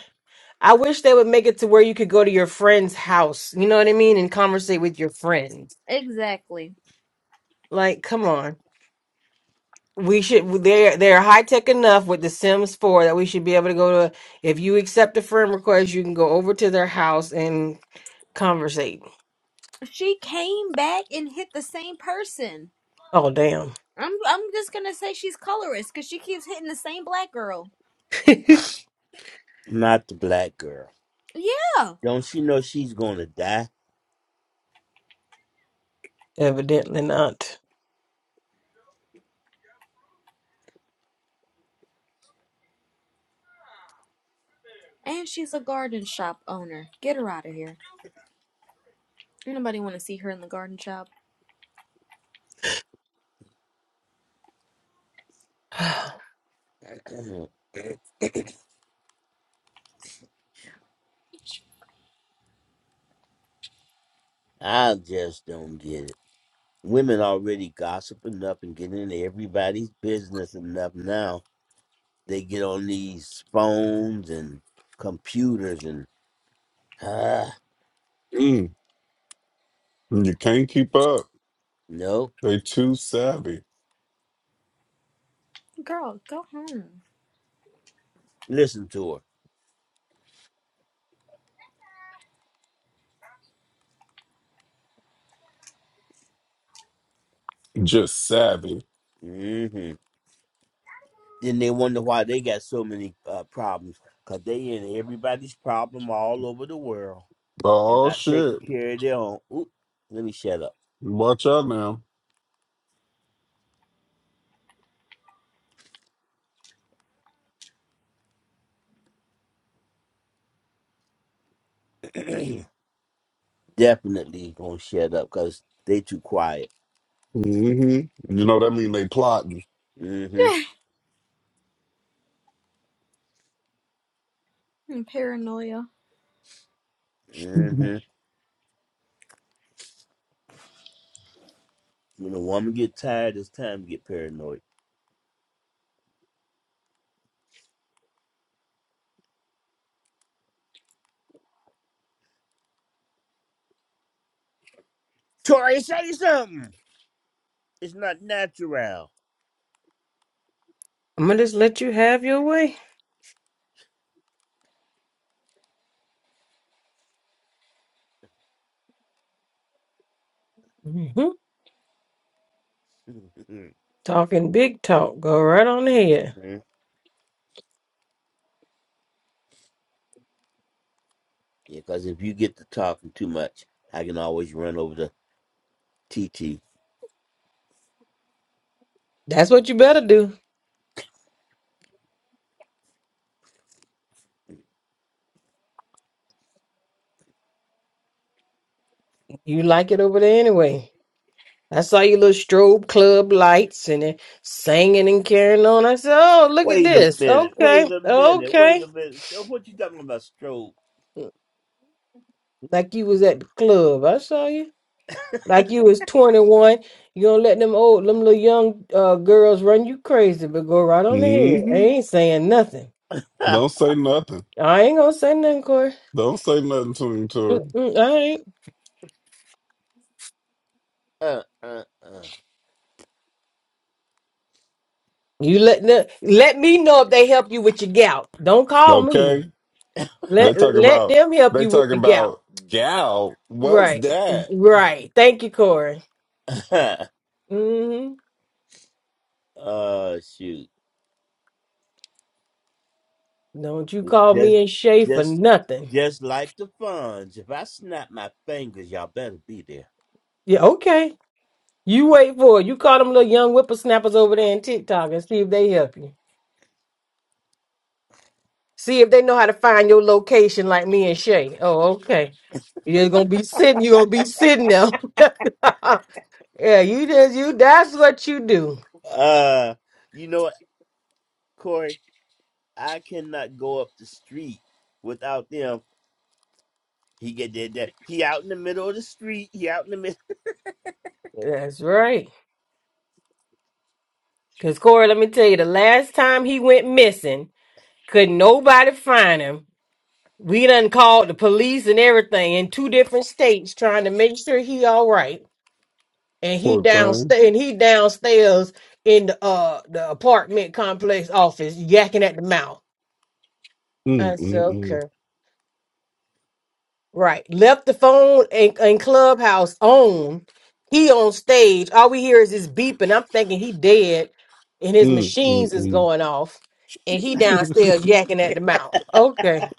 I wish they would make it to where you could go to your friend's house. You know what I mean? And conversate with your friends. Exactly. Like, come on. We should they're they're high tech enough with the Sims 4 that we should be able to go to if you accept a friend request, you can go over to their house and conversate. She came back and hit the same person. Oh damn. I'm I'm just gonna say she's colorist because she keeps hitting the same black girl. Not the black girl. Yeah. Don't she know she's gonna die? Evidently not. And she's a garden shop owner. Get her out of here. Ain't Nobody want to see her in the garden shop. I just don't get it. Women already gossiping enough and getting into everybody's business enough now. They get on these phones and computers and ah, Mmm. You can't keep up. no, They too savvy. Girl, go home. listen to her. Just savvy. hmm Then they wonder why they got so many uh, problems because they in everybody's problem all over the world. They're Oh not taking shit! care of their own. Oop, let me shut up. Watch out now. Definitely gonna shut up because they too quiet. hmm You know that mean they plotting. Mm-hmm. And Paranoia. hmm hmm When a woman get tired, it's time to get paranoid. Tori, say something. It's not natural. I'm gonna just let you have your way. hmm Talking big talk. Go right on ahead. Mhm. Yeah, because if you get to talking too much, I can always run over to TT. That's what you better do. You like it over there anyway. I saw your little strobe club lights and it singing and carrying on. I said, "Oh, look at Wait a this. minute. Wait Okay, a minute. Wait okay." a minute. Uh, What you talking about, stroke? Like you was at the club. I saw you. Like you was twenty one. You don't let them old, them little young uh, girls run you crazy, but go right on ahead. I ain't saying nothing. uh, Don't say nothing. I ain't gonna say nothing, Corey. Don't say nothing to him, Tori. Mm-mm, I ain't. uh, uh. You let the let me know if they help you with your gout. Don't call me. Okay? They Let talking let about. them help They you with talking the gout. about gal. What's Right, that? right. Thank you, Corey. hmm oh shoot! Don't you call Just, me and Shay for just, nothing. just like the funds. If I snap my fingers, y'all better be there. Yeah, okay. You wait for it. You call them little young whippersnappers over there in TikTok and see if they help you. See if they know how to find your location like me and Shay. Oh, okay. You're gonna be sitting, you're gonna be sitting there. yeah, you just you that's what you do. Uh, you know what, Corey? I cannot go up the street without them. He get that, that he out in the middle of the street. He out in the That's right. Cause Corey, let me tell you, the last time he went missing, couldn't nobody find him. We done called the police and everything in two different states trying to make sure he all right. And he Poor thing. downstairs and he downstairs in the uh the apartment complex office yakking at the mouth. Mm I said, mm okay. Right. Left the phone and, and clubhouse on. He on stage. All we hear is his beeping. I'm thinking he dead and mm his mm mm machines is mm. going off. And he downstairs yakking at the mouth. Okay.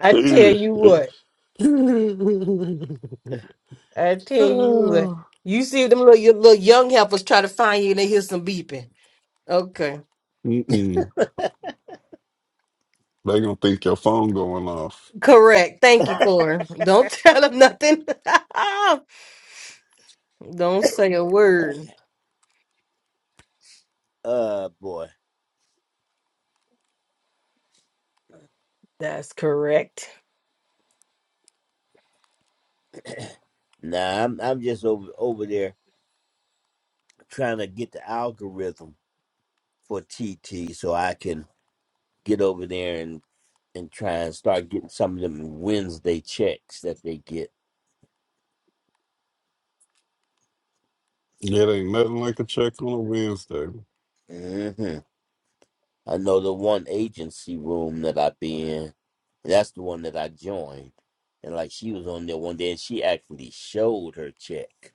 I tell Mm mm. you what. They middle. I tell you what, you see them little your little young helpers try to find you and they hear some beeping. Okay, gonna think your phone going off. correct. Thank you, Corey. Don't tell them nothing. Don't say a word. uh boy. That's correct. Nah, I'm I'm just over over there trying to get the algorithm for TT so I can get over there and and try and start getting some of them Wednesday checks that they get. It ain't nothing like a check on a Wednesday. hmm I know the one agency room that I be in, that's the one that I joined. And like she was on there one day and she actually showed her check.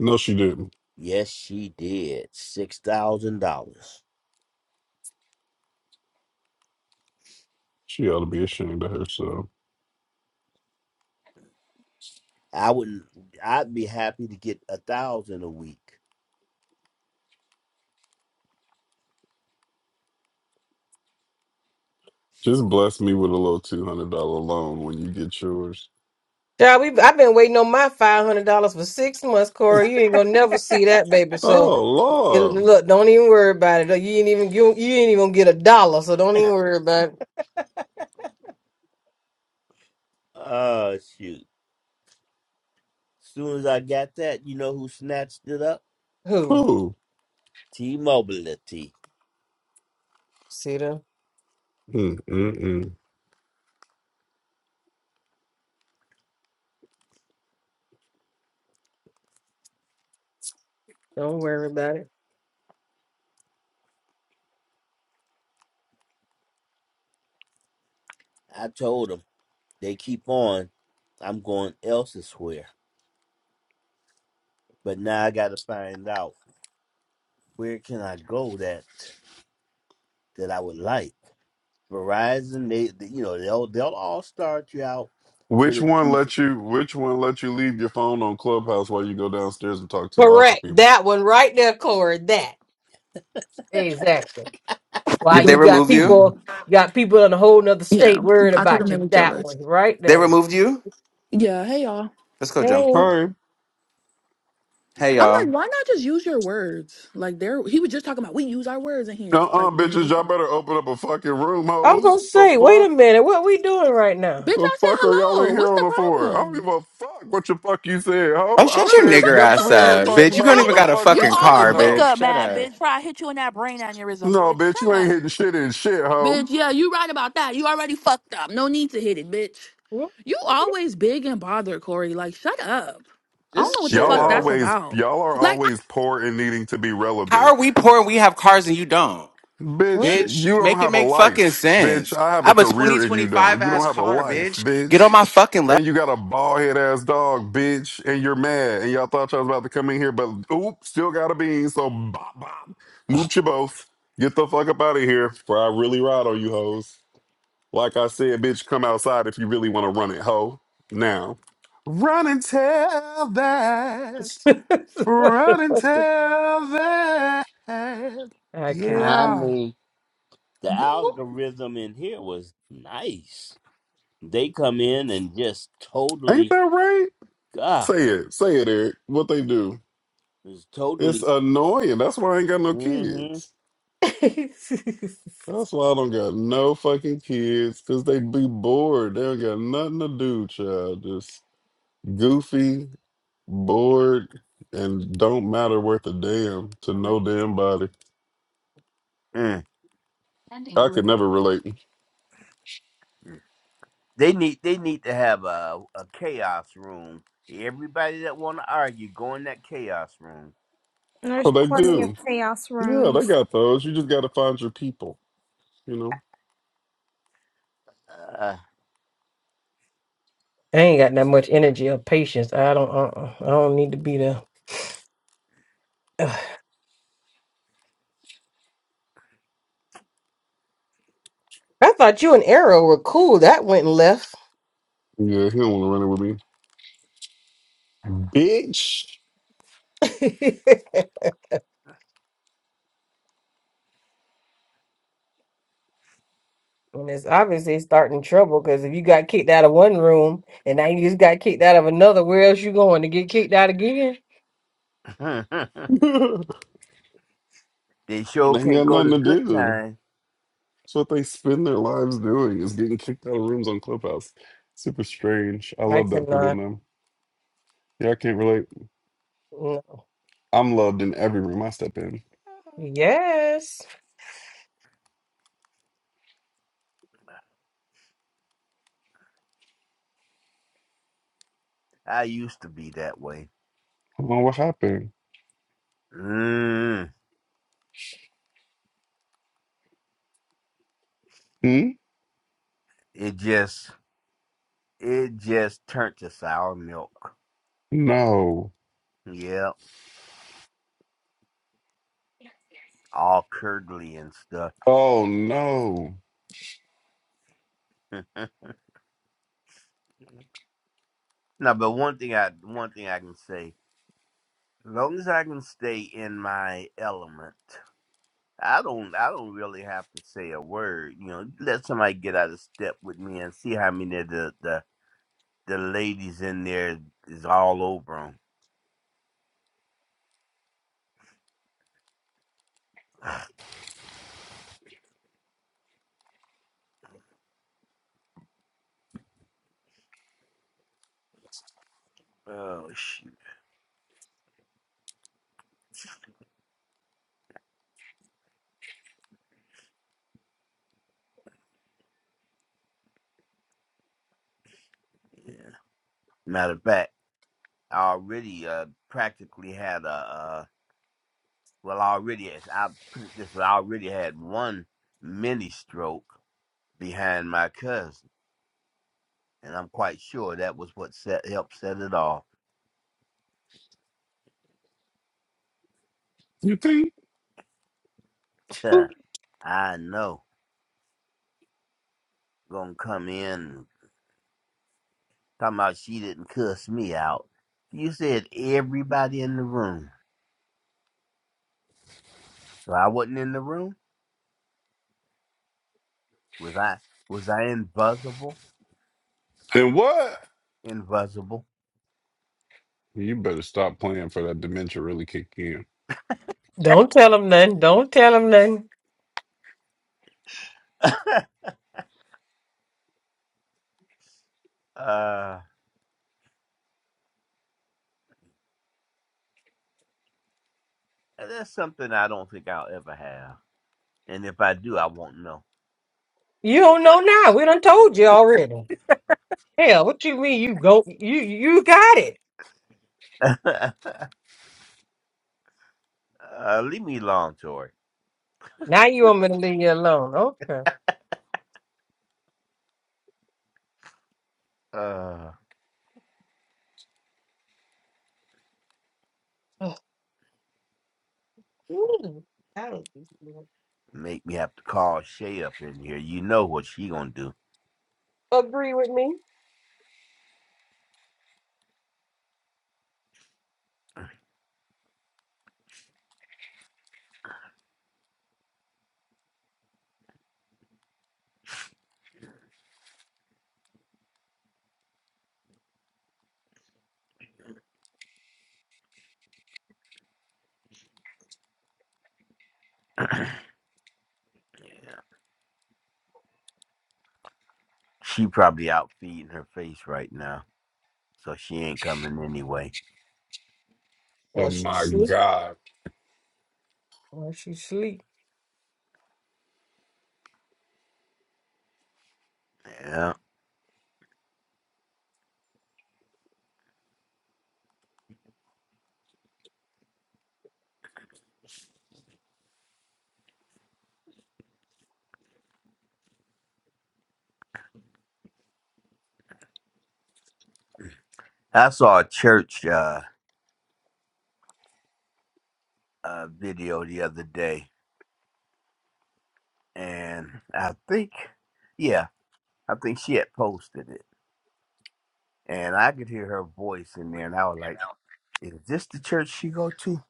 No, she didn't. Yes, she did. Six thousand dollars. She ought to be ashamed of herself. I wouldn't I'd be happy to get a thousand a week. Just bless me with a little two hundred dollar loan when you get yours. Child, we I've been waiting on my five hundred dollars for six months, Corey. You ain't gonna never see that, baby. So Oh it, Lord, look, don't even worry about it. Look, You ain't even you, you ain't even gonna get a dollar. So don't even worry about it. Oh shoot. Soon as I got that, you know who snatched it up? who. who? T Mobility. See them? Mm, mm, mm. Don't worry about it. I told them they keep on. I'm going elsewhere. But now I gotta find out where can I go that that I would like. Verizon, they, they- you know, they'll they'll all start you out with Which a one decent. let you? Which one let you leave your phone on Clubhouse while you go downstairs and talk to the office Correct. people? That one right there, Corey. That. Exactly. Why Did they Bro. you got remove you? people got people in a whole nother Yeah. state worried I told him about they you were that jealous. one right They now. removed you? Yeah, hey y'all. Let's go jump Hey. them. Hey, Hey I'm y'all. like, why not just use your words? Like there he was just talking about we use our words in uh, here. Like uh then bitches, y'all better open up a fucking room, I was gonna hoes. The say, wait a fuck? minute, what we doing right now? Bitch, The I said fuck are y'all hello. in here What's on the the floor? I don't problem? give a fuck what the fuck you said, Oh ho. I shut No, your but said, shut nigger the bitch, ass we in here fuck up, up, bitch. talking bitch. You You about don't what even the always got a fuck you we fucking talking always car, wake bitch. about. up Shut mad, up. bitch. Try to hit you in that brain aneurysm, No, bitch. bitch, you Shut ain't up. hitting shit in shit, Bitch, ho. yeah, you right about that. You already fucked up. No need to hit it, bitch. What? You always big and bothered, Corey. Like, shut up. I don't What? Just know what the Y'all fuck that's chill. always about. y'all are Like always poor and needing to be How relevant. are we poor and we have cars and you don't? Bitch, What? you Bitch, don't make it have a make fucking life. Bitch, sense. I have I a have a career and you 2025 don't. You don't ass have a car, life, bitch. Get on bitch. my fucking And you got a bald head ass dog, bitch, and you're mad. And y'all thought y'all was about to come in here, but oop, still got a bean. So bop bop. Moop you both. Get the fuck up out of here. For I really ride on you hoes. Like I said, bitch, come outside if you really want to run it, hoe. Now. Run and tell that. What the Run and fuck? tell that. I I cannot. Yeah. mean, the Boop. algorithm in here was nice. They come in and just Ain't that totally, right? God, Say it. Say it, Eric. What they do. it's It's totally. annoying. That's why I ain't got no hmm kids. I That's why I don't got no fucking kids, because they be bored. They don't got nothing to do, child. Just goofy, bored, and don't matter worth a damn to no damn body. Mm. I could never relate. They need they need to have a a chaos room. Everybody that want to argue, go in that chaos room. Oh, There's they plenty of do. chaos Yeah, they rooms. got those. You just got to find your people, you know? Uh, ain't got that much energy or patience. I don't. Uh, uh, I don't need to be there. I thought you and Arrow were cool. That went left. Yeah, he don't want to run it with me. Bitch, And it's obviously starting trouble because if you got kicked out of one room and now you just got kicked out of another, where else you going to get kicked out again? they sure they ain't can't got go to nothing to good do. time. That's what they spend their lives doing is getting kicked out of rooms on Clubhouse. Super strange. I I love that for them cannot. though. Yeah, I can't relate. No. I'm loved in every room I step in. Yes. I used to be that way. Hold on, what happened? Mm. Hmm? It just it just turned to sour milk. No. Yep, all curdly and stuff. Oh no. no, but one thing I one thing I can say, as long as I can stay in my element, I don't I don't really have to say a word. You know, let somebody get out of step with me and see how many of the the, the ladies in there is all over 'em. Oh shoot! Yeah. Matter of fact, I already uh practically had a. uh, well I already I put it this way, I already had one mini stroke behind my cousin. And I'm quite sure that was what set helped set it off. You think? Tch, I know. Gonna come in talking about she didn't cuss me out. You said everybody in the room. So I wasn't in the room? Was I was I invisible? Then what? Invisible. You better stop playing for that dementia really kick in. Don't tell them nothing. Don't tell them nothing. uh that's something I don't think I'll ever have. And if I do I won't know. You don't know now. We done told you already. Hell, what you mean? You go. You you got it. Uh, leave me alone, Tori. Now you want me to leave you alone? Okay. Uh, Ugh. Mm, I don't think you make me have to call Shay up in here. You know what she gonna do? agree with me. yeah, she probably out feeding her face right now, so she ain't coming anyway. Oh Well, she my sleep. god. Well, she sleep. Yeah, I saw a church uh, uh video the other day, and I think, yeah, I think she had posted it, and I could hear her voice in there, and I was like, "Is this the church she go to?"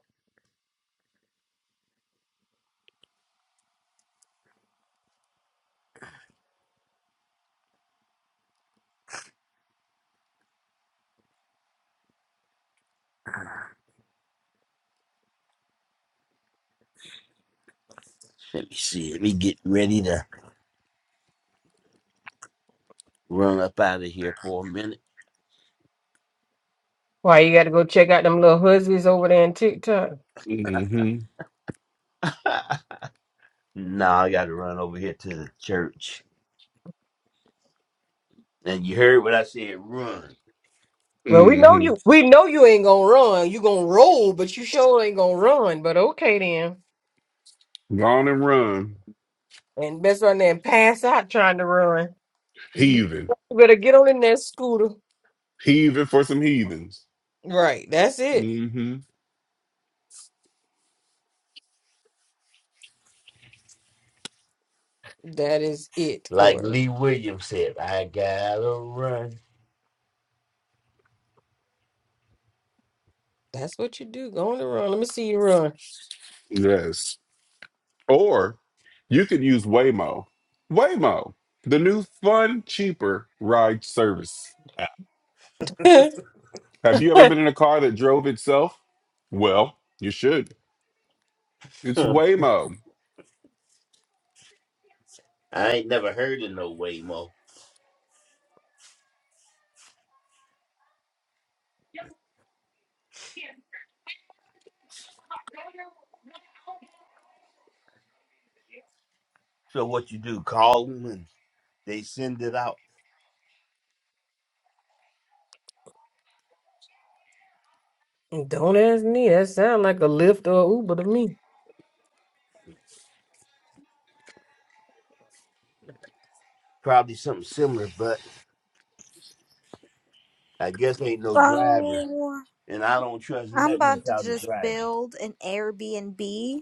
Let me see. Let me get ready to run up out of here for a minute. Why you got to go check out them little huskies over there in TikTok? Mm-hmm. Nah, I got to run over here to the church. And you heard what I said, run. Well, we know Mm-hmm. you. We know you ain't gonna run. You gonna roll, but you sure ain't gonna run. But okay then, Gone and run. and best run there and pass out trying to run. You Heathen. better get on in that scooter. Heathen for some heathens. Right, that's it. hmm That is it, Like Corey. Lee Williams said, I gotta run. That's what you do. Go on the run. Let me see you run. Yes. Or you can use Waymo. Waymo, the new fun, cheaper ride service. Have you ever been in a car that drove itself? Well, you should. It's Huh. Waymo. I ain't never heard of no Waymo. So what you do, call them and they send it out. Don't ask me. That sound like a Lyft or Uber to me. Probably something similar, but I guess ain't no driver. So And I don't trust I'm nothing about to without a just driver. build an Airbnb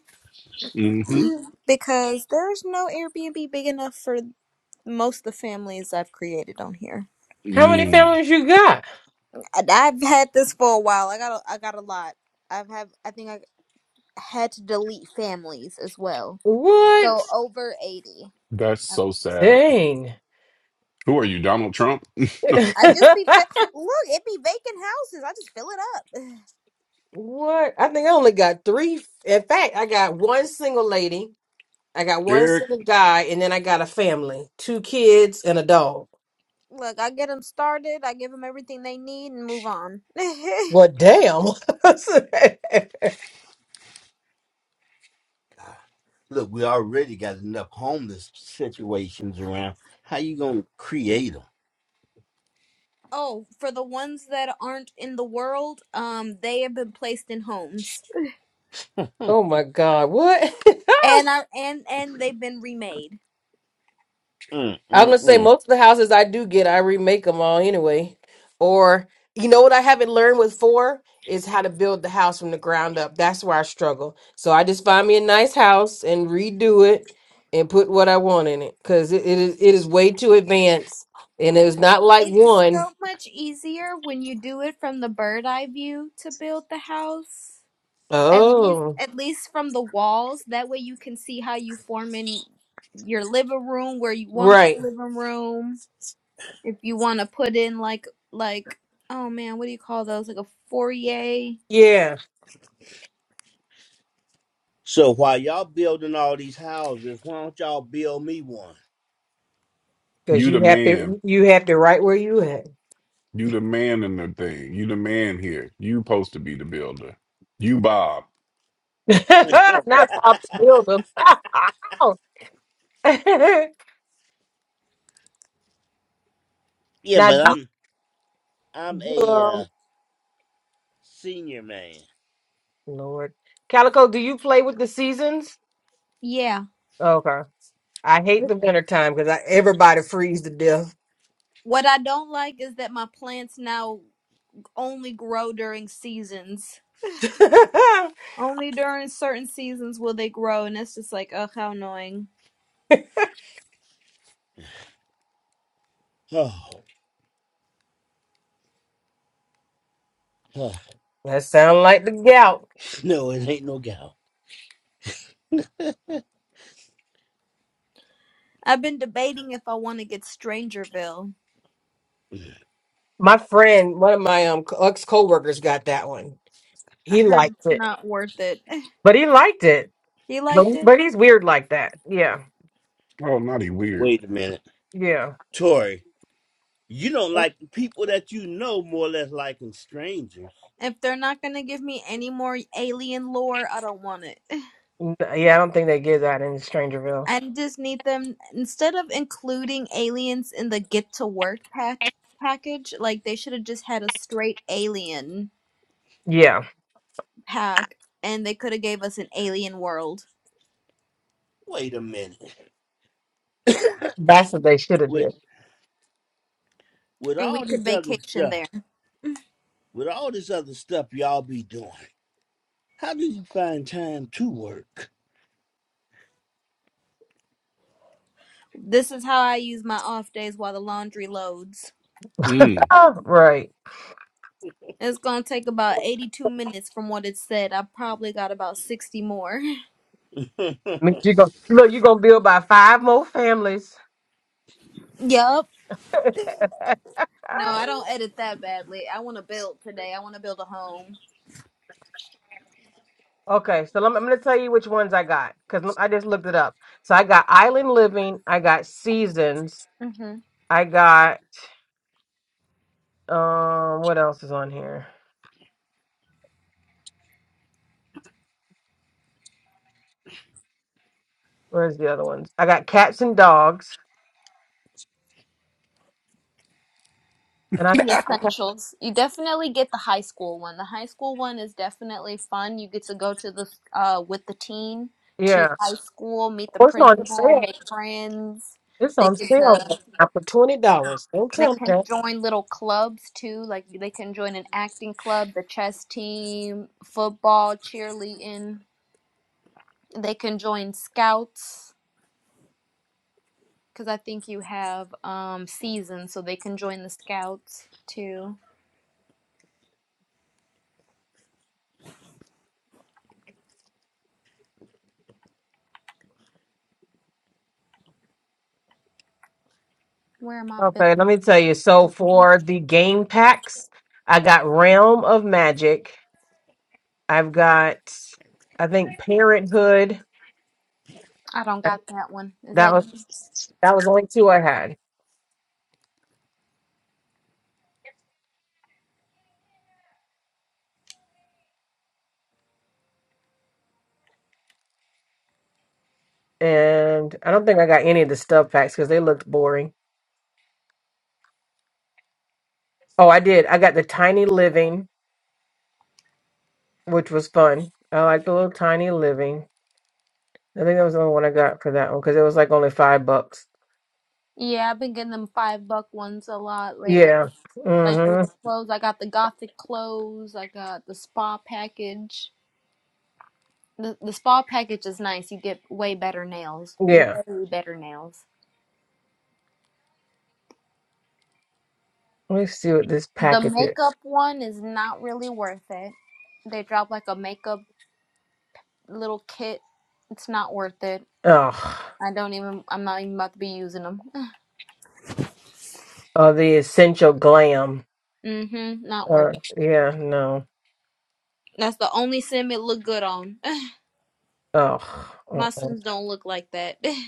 hmm because there's no Airbnb big enough for most of the families I've created on here. How many Mm. families you got? And I've had this for a while. I got a, I got a lot. I've have I think I had to delete families as well. What? So over eighty. That's so sad. Dang. Who are you, Donald Trump? I just be fi- look. It be vacant houses. I just fill it up. What? I think I only got three. In fact, I got one single lady, I got one Eric, single guy, and then I got a family, two kids and a dog. Look, I get them started. I give them everything they need and move on. Well, damn. God. Look, we already got enough homeless situations around. How you gonna create oh, for the ones that aren't in the world, um, they have been placed in homes oh my God. What? and are and and they've been remade. I'm gonna them? say most of the houses I do get, I remake them all anyway. Or you know what I haven't learned with four is how to build the house from the ground up. That's where I struggle. So I just find me a nice house and redo it and put what I want in it because it, it is it is way too advanced and it's not like It's one. so much easier when you do it from the bird eye view to build the house At least Oh, at least from the walls. That way you can see how you form in your living room where you want right, your living room. If you want to put in like like oh man, what do you call those? Like a foyer. yeah, So while y'all building all these houses, why don't y'all build me one? because you the you have man. to you have to right where you at. You the man in the thing. You the man here. You supposed to be the builder. You Bob. not how to build them. yeah, now, but I'm I'm do- a um, uh, senior man. Lord. Calico, do you play with the seasons? Yeah. Okay. I hate the winter time because I everybody freeze to death. What I don't like is that my plants now only grow during seasons. that Only during certain seasons will they grow, and it's just like, ugh, how annoying. Oh, oh, sound like the gout. no, it ain't no gal. I've been debating if I want to get Strangerville. My friend, one of my um ex coworkers, got that one. I He heard liked it's it, not worth it. but he liked it. You But liked it? but he's weird like that. Yeah, Oh, naughty weird. Wait a minute, yeah, Tori. You don't like the people that you know more or less liking strangers. If they're not gonna give me any more alien lore, I don't want it. N- yeah. I don't think they give that in Strangerville. I just need them instead of including aliens in the get to work pack package, like they should have just had a straight alien Yeah, pack and they could have gave us an alien world Wait a minute. that's what they should have With did. with and we all this could other vacation stuff, there. with all this other stuff y'all be doing, how do you find time to work? This is how I use my off days while the laundry loads. Mm. Oh, right. It's gonna take about 82 minutes from what it said. I probably got about 60 more. I mean, you go look. You gonna build by five more families. Yup. No, I don't edit that badly. I want to build today. I want to build a home. Okay, so lemme- I'm going to tell you which ones I got because I just looked it up. So I got Island Living, I got Seasons, Mm-hmm. I got um, what else is on here? Where's the other ones? I got Cats and Dogs, and I The essentials. You definitely get the high school one. The high school one is definitely fun. You get to go to the uh with the team to yeah, high school, meet the oh, it's on principal, sale. make friends. It's They on get sale right to now for twenty dollars. Don't they tell me can that. join little clubs too. Like they can join an acting club, the chess team, football, cheerleading. They can join scouts because I think you have um seasons, so they can join the scouts too. Where am I? Bill? Okay, let me tell you. So for the game packs, I got Realm of Magic. I've got, I think Parenthood. I don't got that one. Is That that was that was only two I had. and I don't think I got any of the stuff packs because they looked boring. Oh, I did. I got the Tiny Living, which was fun. I like the little Tiny Living. I think that was the only one I got for that one because it was like only five bucks. Yeah, I've been getting them five buck ones a lot lately. Yeah. Like the little Mm-hmm. clothes. I got the gothic clothes. I got the spa package. The the spa package is nice. You get way better nails. Yeah. Way better nails. Let me see what this The package is. makeup one is not really worth it. They drop like a makeup little kit. It's not worth it. Oh, I don't even. I'm not even about to be using them. oh, the Essential Glam. mm-hmm. Not Uh, worth it. yeah, no. That's the only sim it look good on. Oh, My uh-uh. sims don't look like that.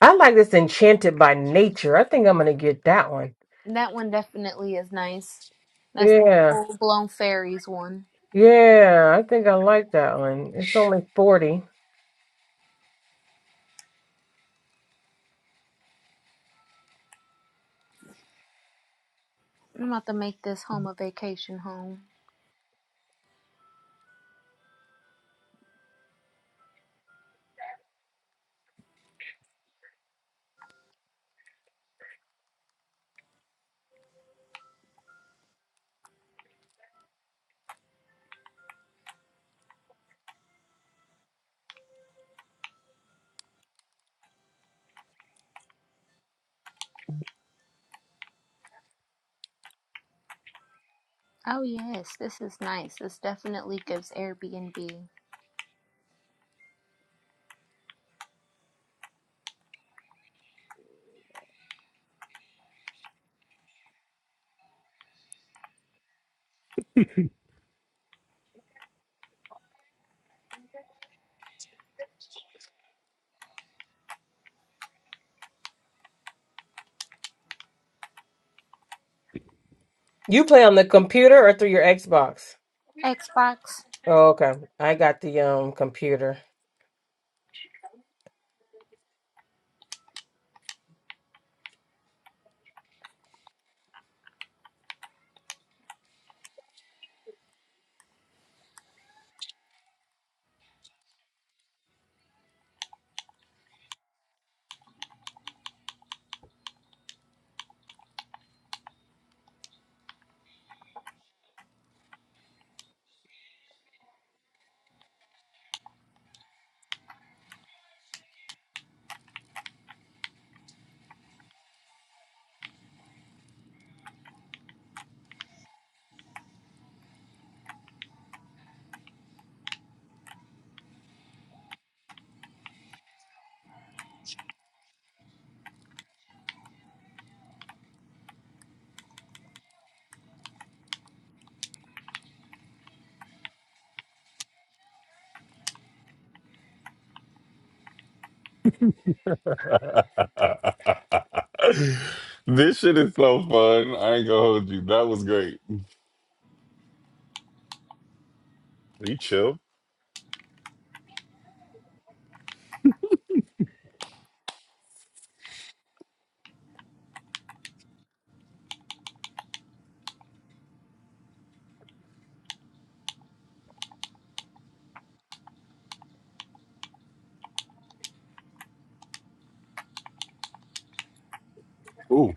I like this Enchanted by Nature. I think I'm gonna get that one. That one definitely is nice. That's the Yeah. full blown fairies one. Yeah, I think I like that one. It's only 40. I'm about to make this home a vacation home. Oh yes, this is nice. This definitely gives Airbnb. You play on the computer or through your Xbox? Xbox. Oh, okay. I got the um computer. this shit is so fun. I ain't gonna hold you. That was great. You chill. Ooh.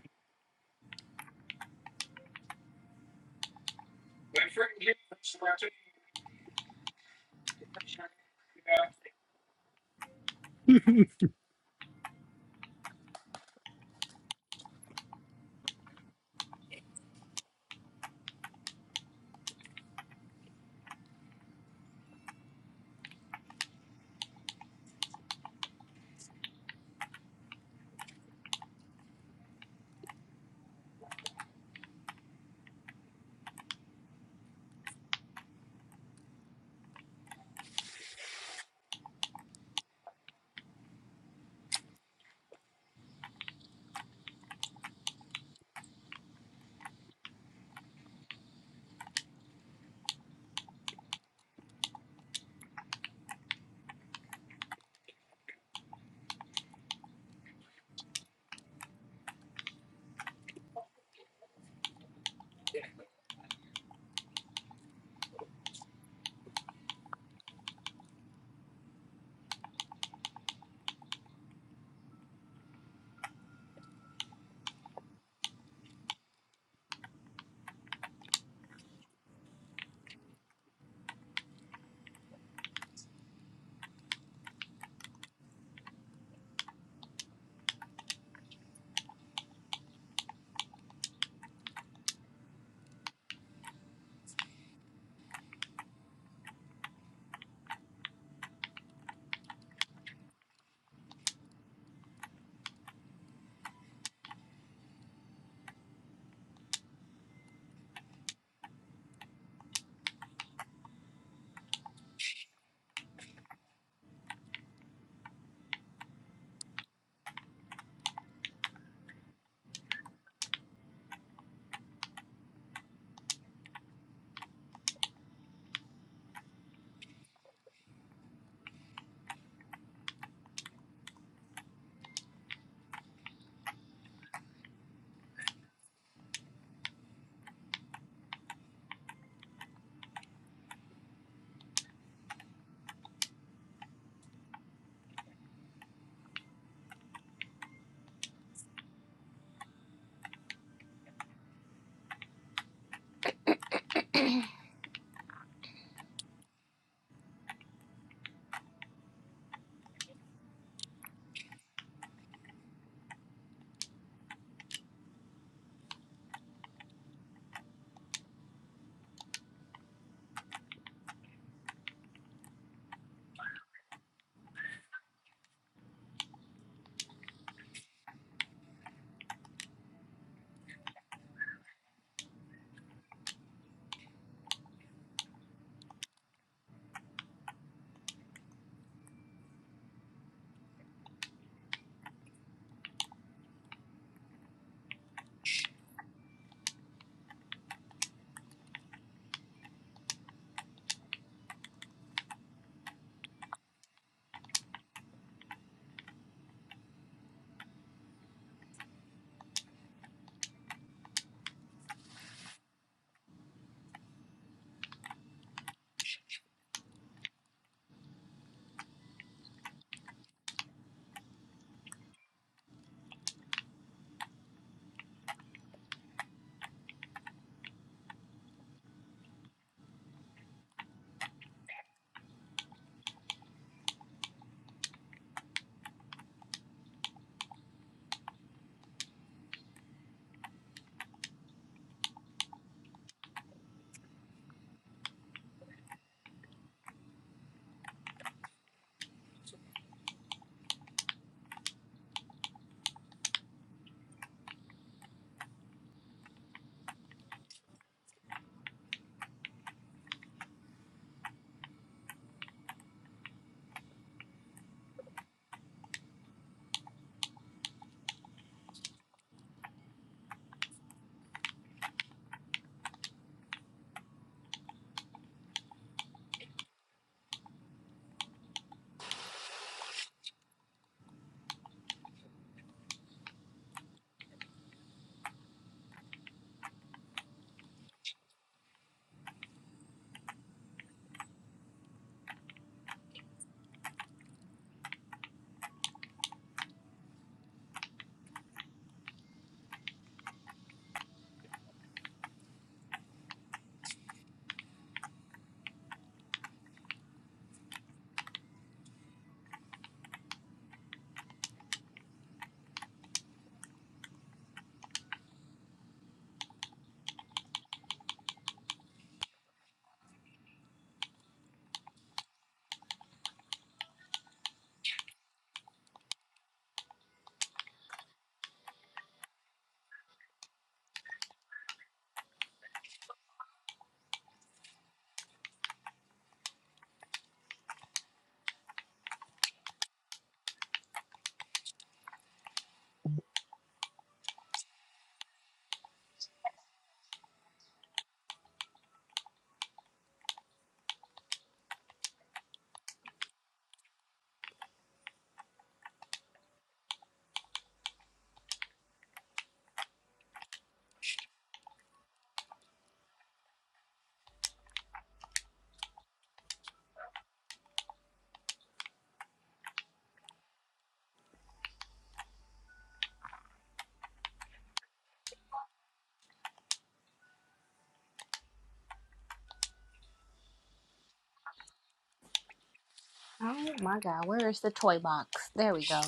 Oh my god, where is the toy box? There we go.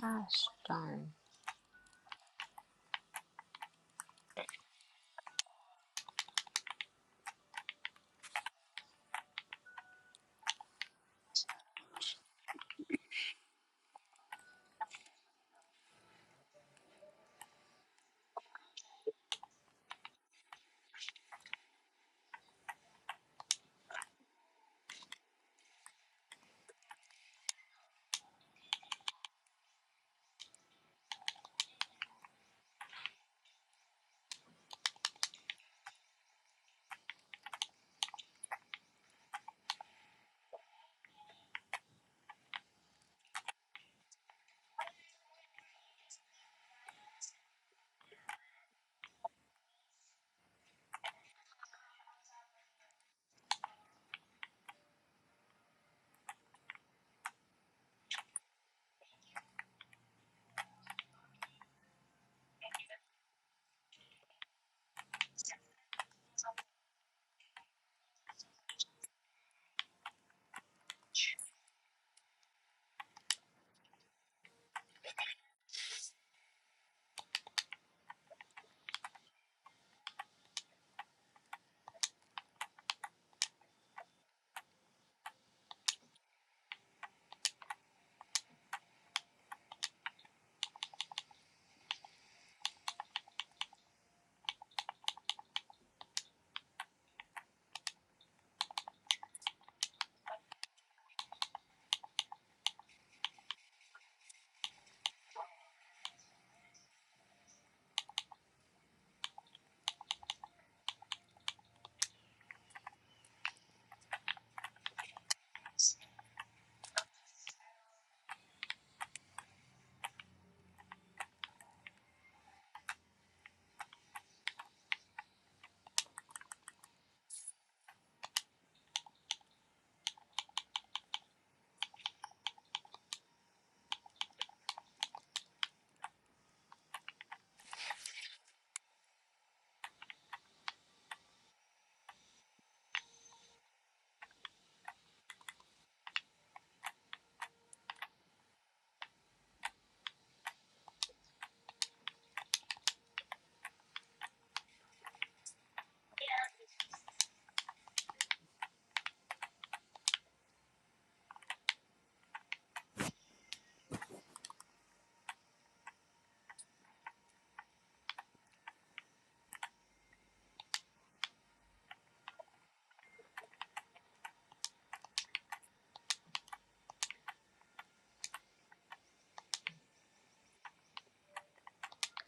Gosh darn.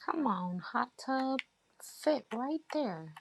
Come on, hot tub. Fit right there.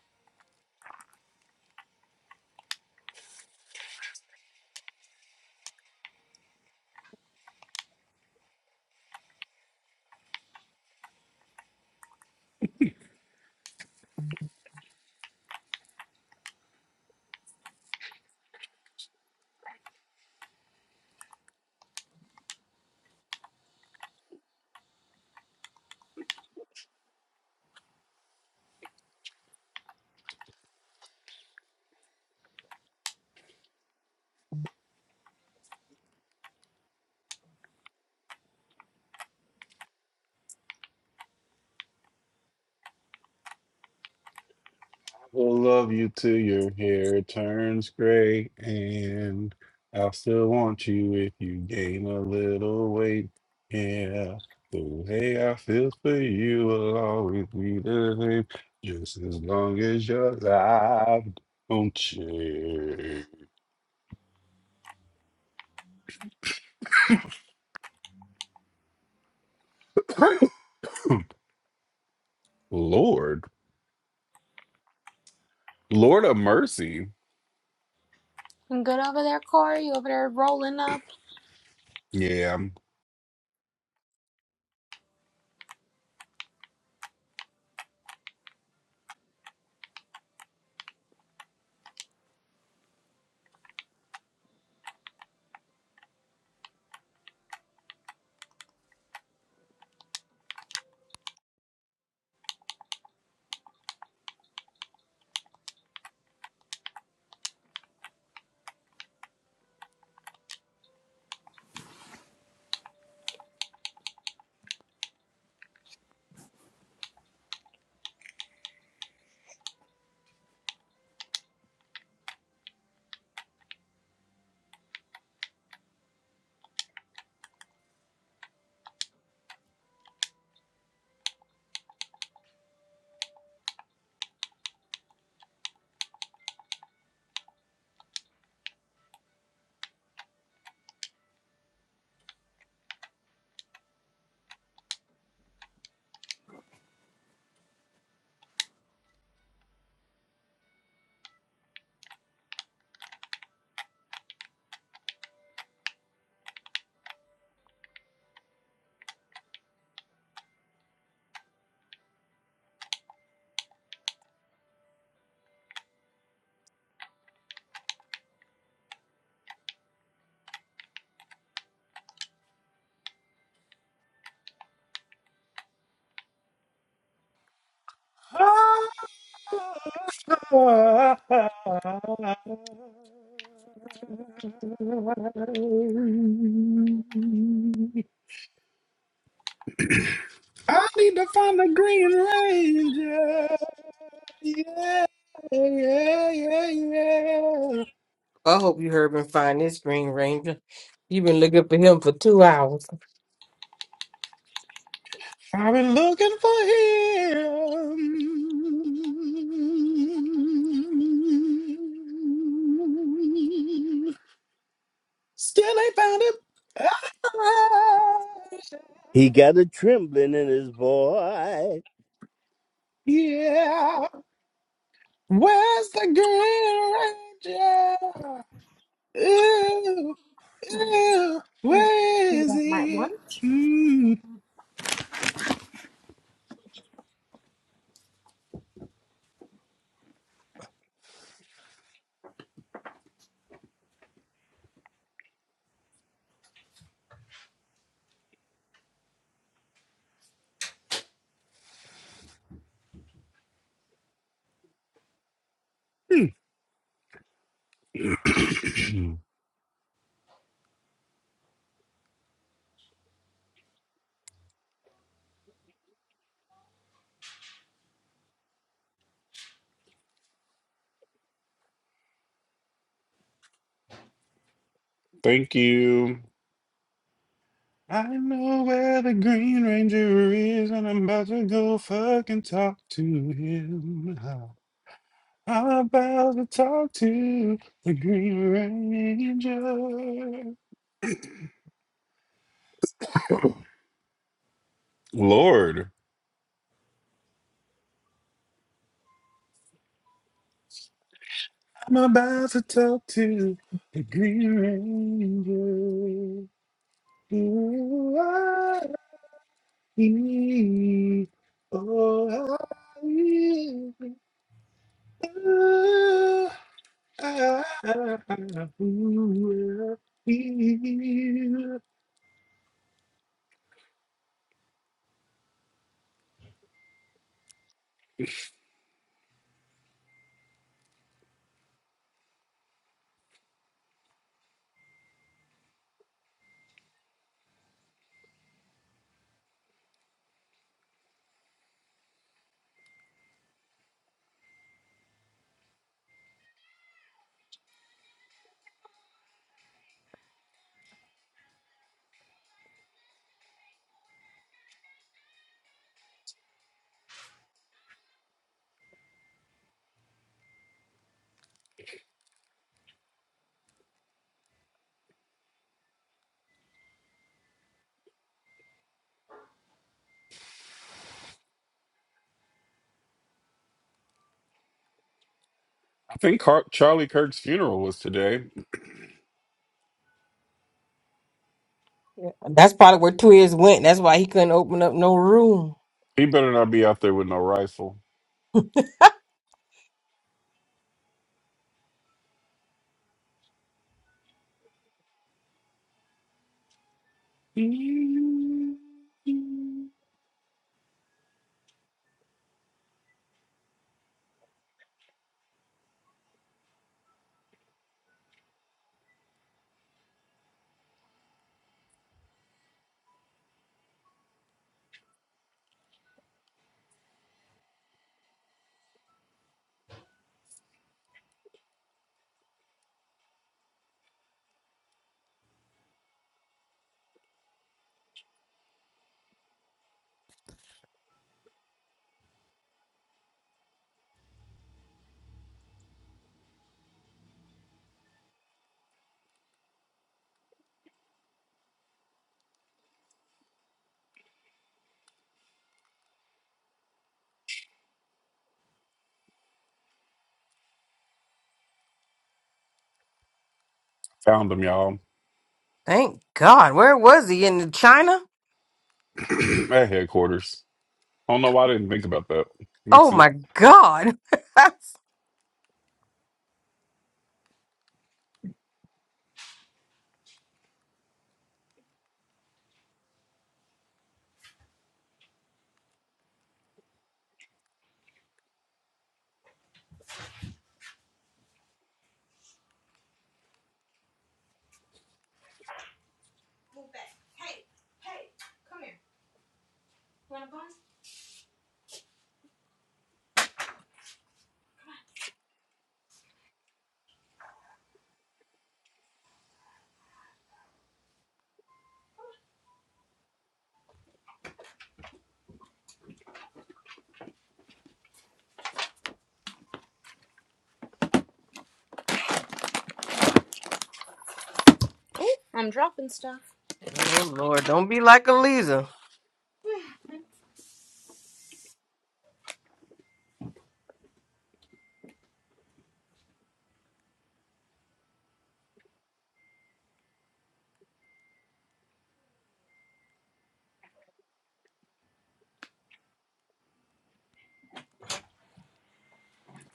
I Will love you till your hair turns gray, and I'll still want you if you gain a little weight. Yeah, the way I feel for you will always be the same, just as long as you're alive. Don't change. Lord, Lord of mercy. You good over there, Corey? You over there rolling up? Yeah, I need to find the Green Ranger. Yeah, yeah, yeah, yeah. I hope you heard me find this Green Ranger. You've been looking for him for two hours. I've been looking for him. Still ain't found him. Ah, He got a trembling in his voice. Yeah, where's the Green Ranger? Ooh, Alright. ooh, Let me where eat is up my he? lunch. Mm, mm. Thank you. I know where the Green Ranger is, and I'm about to go fucking talk to him. I'm about to talk to the Green Ranger. I'm about to talk to the Green Ranger. You are he. Oh, I will. Oh, I will be. I think Car- Charlie Kirk's funeral was today. Yeah. That's probably where Twiz went. That's why he couldn't open up no room. He better not be out there with no rifle. Found him, y'all, Thank God. Where was he? In China? at headquarters. I don't know why I didn't think about that. Makes Oh sense. my God. oh Oh, I'm dropping stuff. Lord, don't be like Eliza.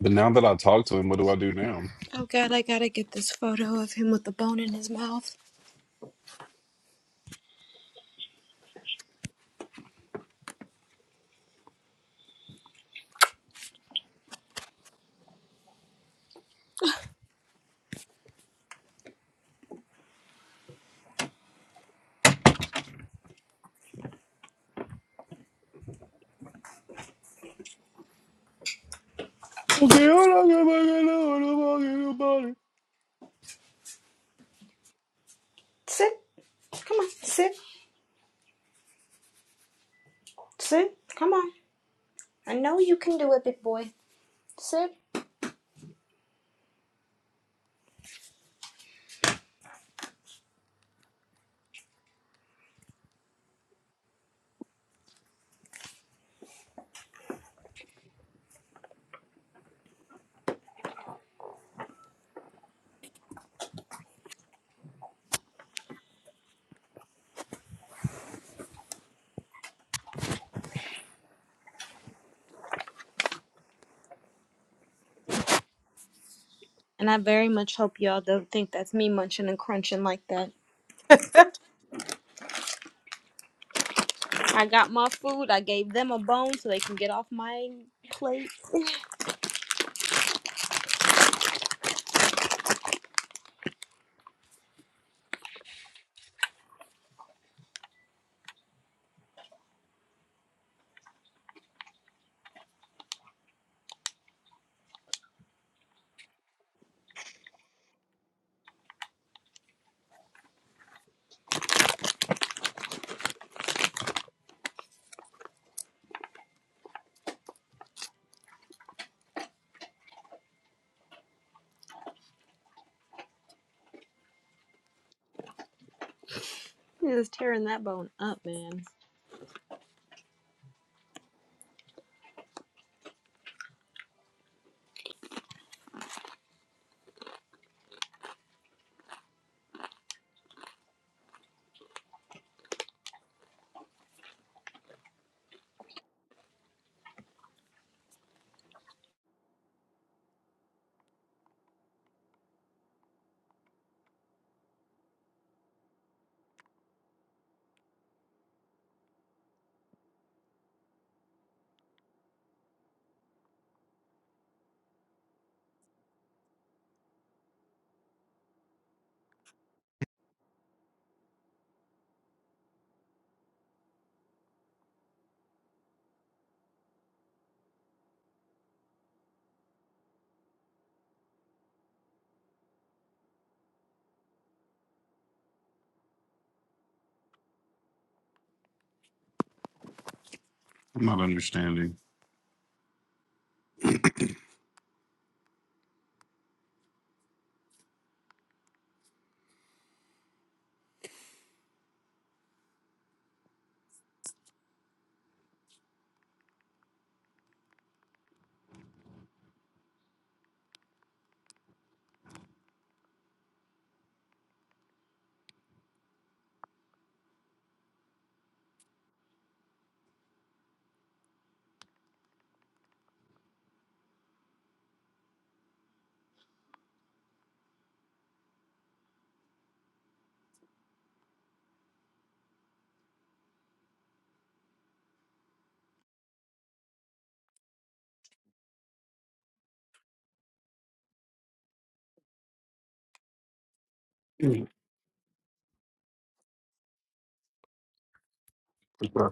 But now that I talked to him, what do I do now? Oh God, I gotta get this photo of him with the bone in his mouth. Okay, I'm not gonna fucking nobody. Sit. Come on. Sit. Sit. Come on. I know you can do it, big boy. Sit. And I very much hope y'all don't think that's me munching and crunching like that. I got my food. I gave them a bone so they can get off my plate. he was tearing that bone up, man. Uh,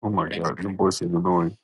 Oh my god, your voice is annoying.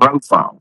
Profile.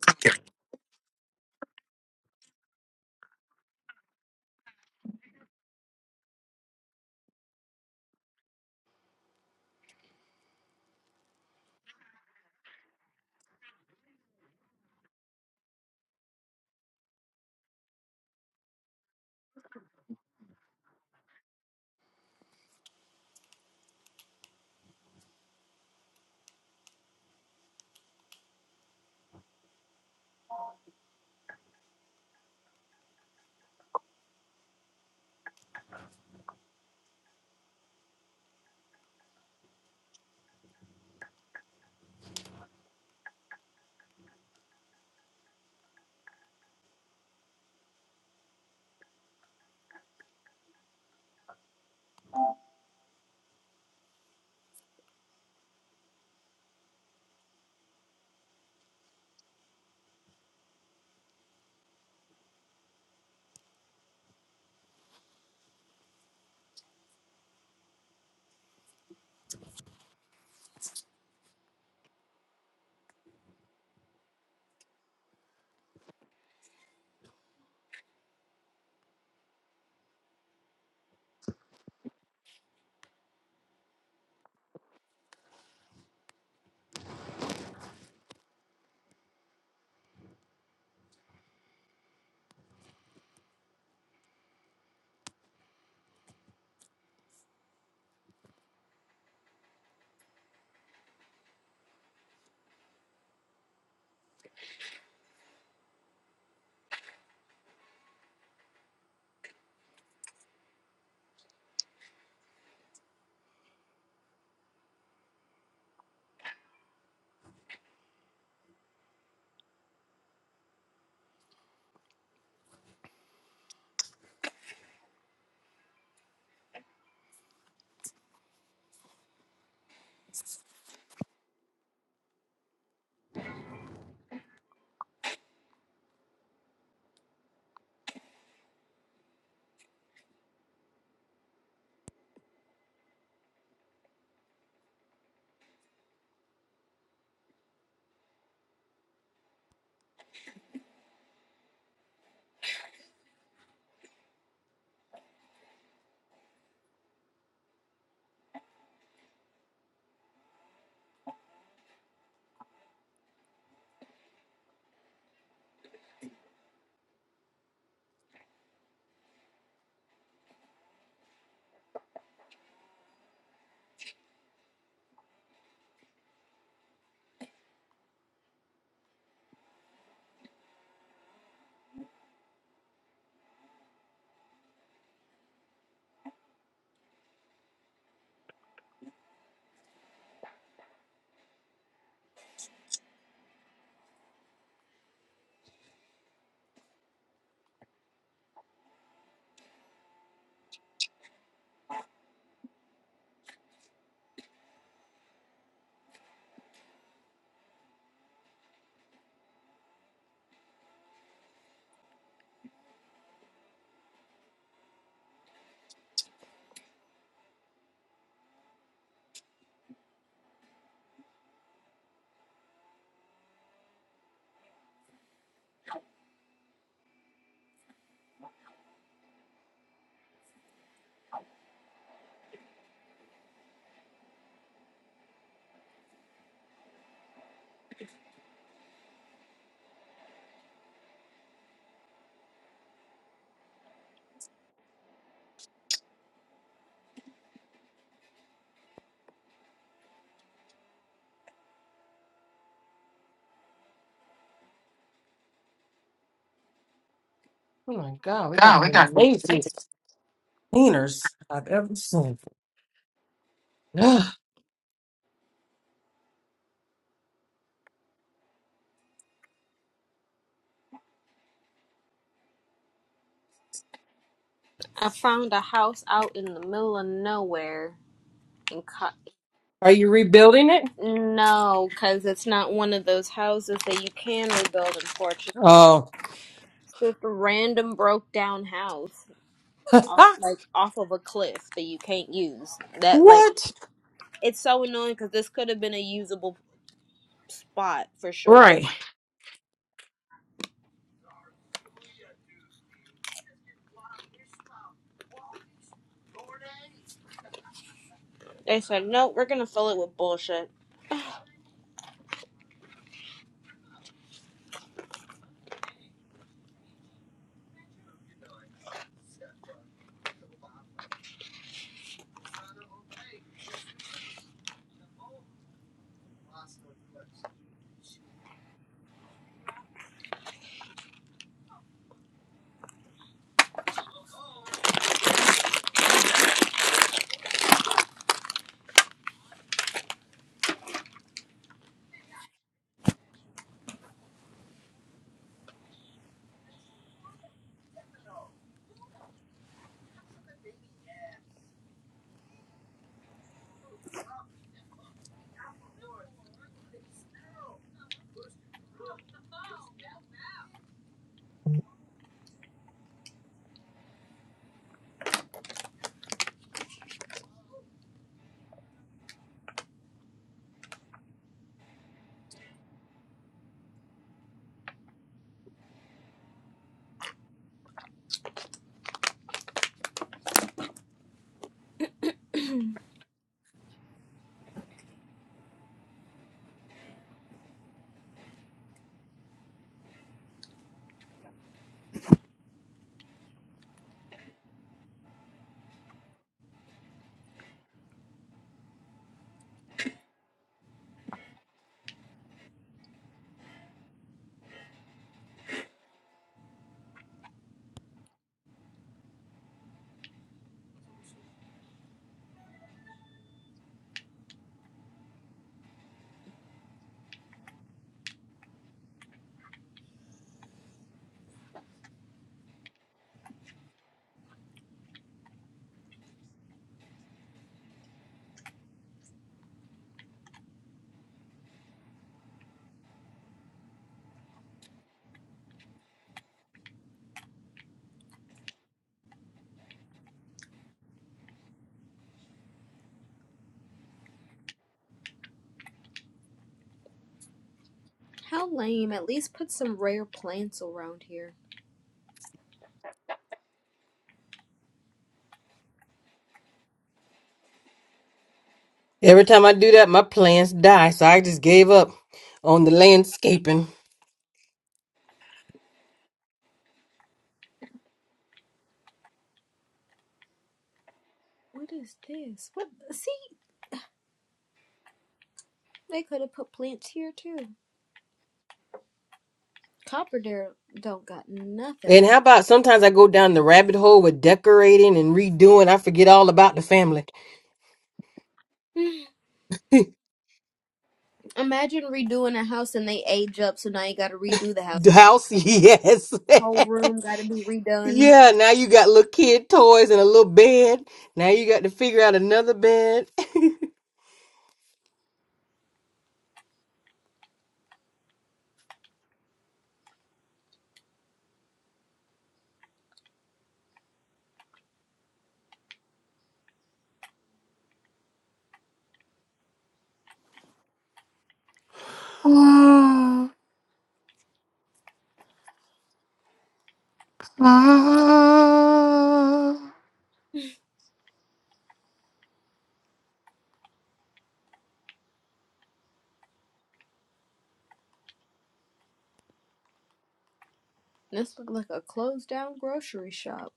Oh my God, we got the laziest cleaners I've ever seen. Are I found a house out in the middle of nowhere and Co- you rebuilding it? no, because it's not one of those houses that you can rebuild, unfortunately. Oh, Just random broke down house, off, like off of a cliff that you can't use. That like what? it's so annoying because this could have been a usable spot for sure. right. They said no, we're gonna fill it with bullshit. How lame. At least put some rare plants around here. Every time I do that, my plants die. So I just gave up on the landscaping. What is this? What? See, they could have put plants here too. Copper Dare don't got nothing And how plant. about sometimes I go down the rabbit hole with decorating and redoing. I forget all about the family. Imagine redoing a house and they age up, so now you gotta redo the house. the house, yes. Whole room gotta be redone. yeah, now you got little kid toys and a little bed. Now you got to figure out another bed. This looked like a closed down grocery shop.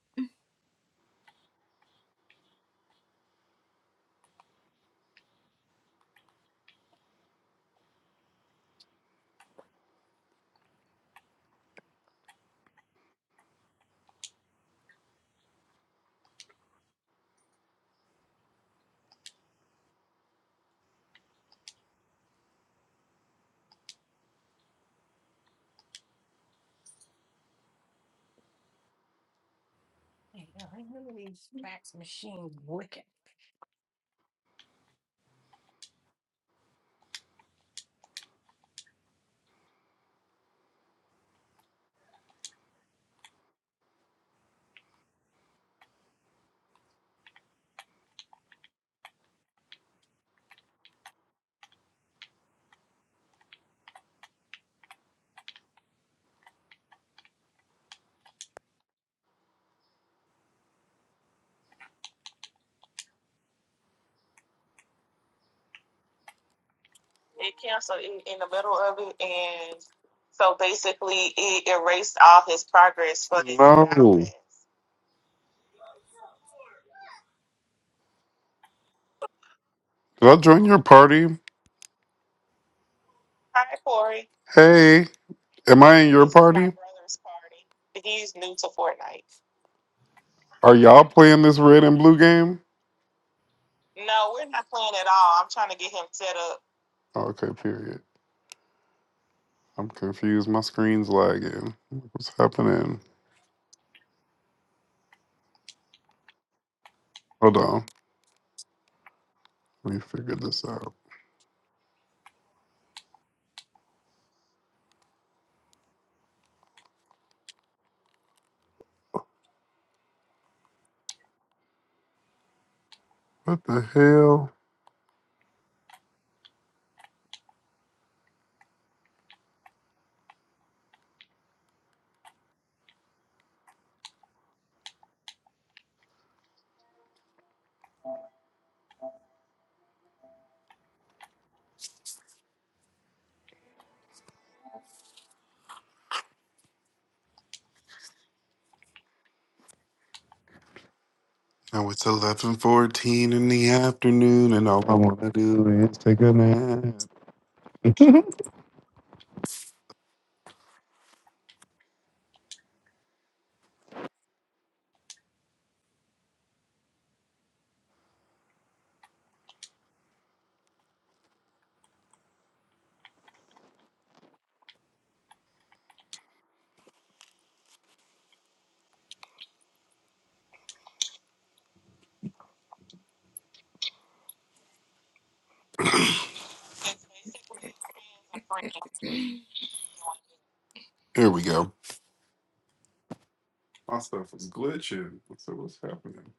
No. Did I join your party? Hey, am I in your party? Are y'all playing this red and blue game? Okay, period. I'm confused. My screen's lagging. What's happening? Hold on. Let me figure this out. What the hell? Now it's eleven fourteen in the afternoon, and all I want to do is take a nap. Here we go. My stuff is glitching. So what's happening?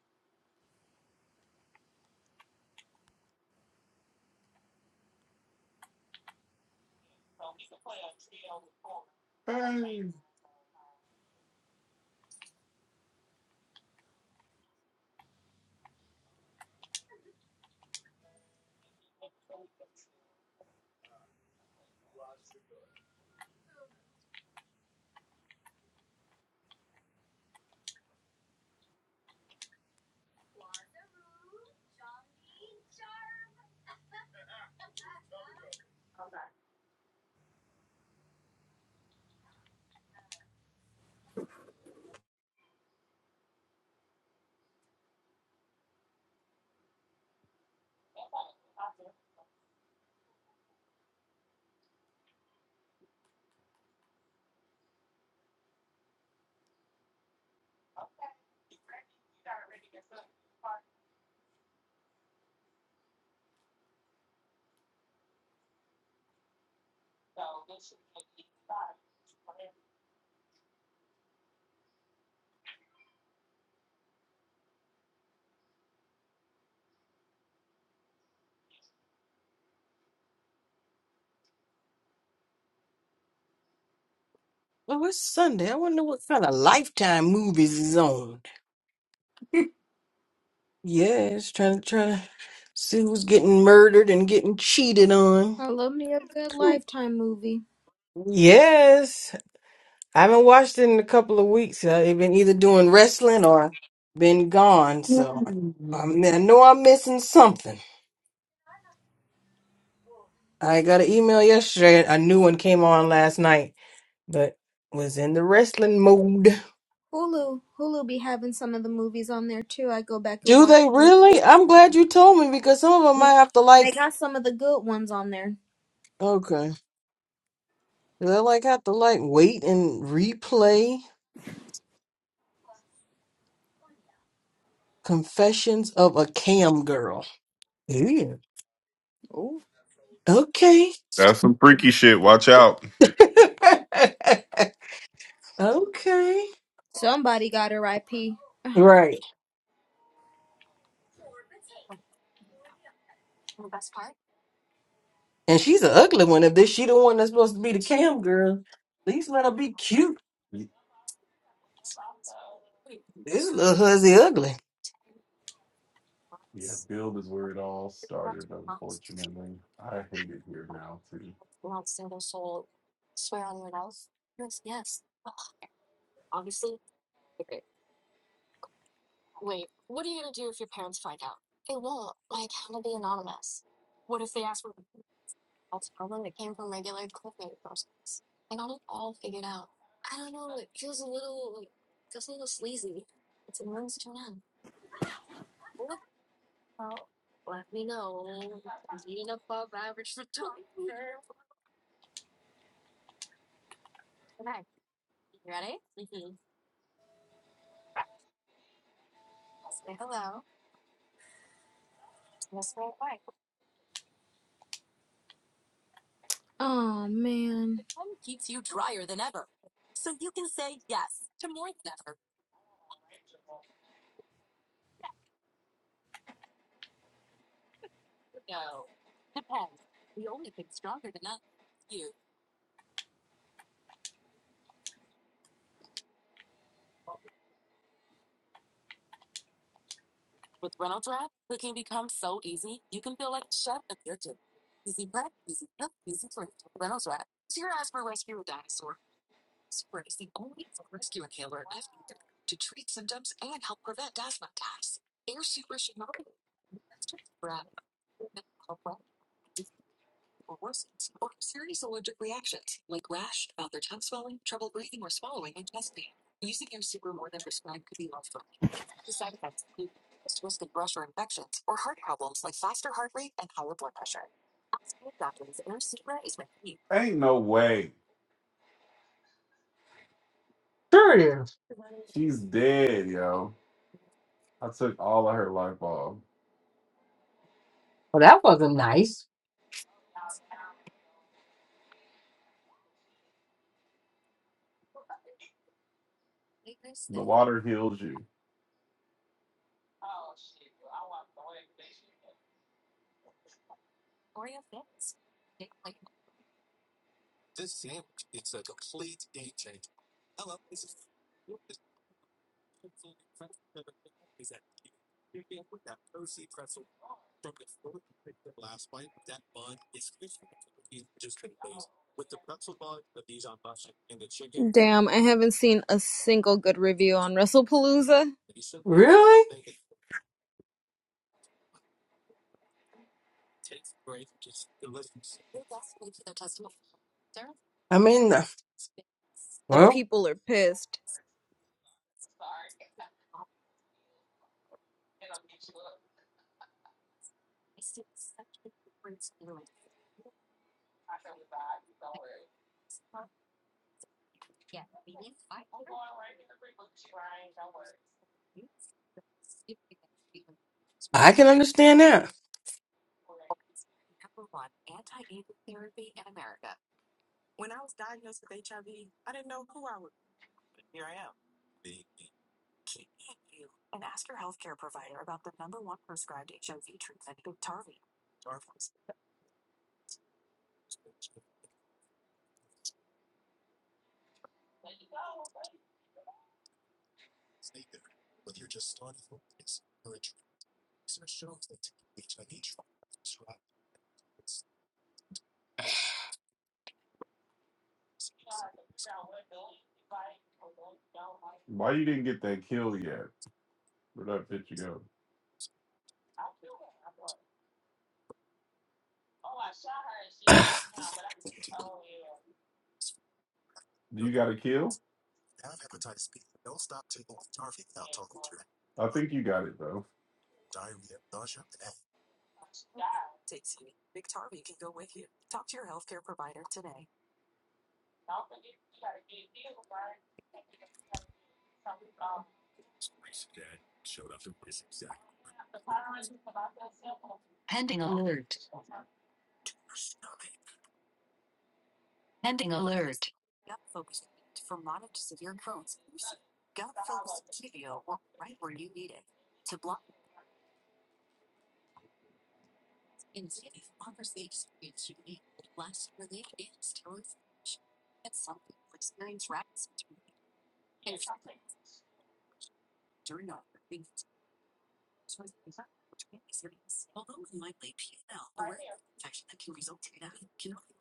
Well, it's Sunday. I wonder what kind of lifetime movies is on. Yes, trying to try to see who's getting murdered and getting cheated on. I love me a good Lifetime movie. Yes, I haven't watched it in a couple of weeks. Uh, I've been either doing wrestling or been gone, so Mm. I'm, I know I'm missing something. I got an email yesterday. A new one came on last night, but was in the wrestling mode. Hulu, Hulu be having some of the movies on there too. I go back and Do watch. they really? I'm glad you told me because some of them I Yeah, have to they like. got some of the good ones on there. Okay, do they like have to like wait and replay? Confessions of a Cam Girl. Yeah. Ooh, Okay. That's some freaky shit. Watch out. okay. somebody got her IP. Right. And she's an ugly one. If this she the one that's supposed to be the cam girl, at least let her be cute. Y- This little hussy ugly. Yeah, build is where it all started. Unfortunately, I hate it here now too. Oh man, Ain't no way. She's dead, yo. I took all of her life off. damn! I haven't seen a single good review on WrestlePalooza. Really? I mean, uh, The well, people are pissed. I can understand that.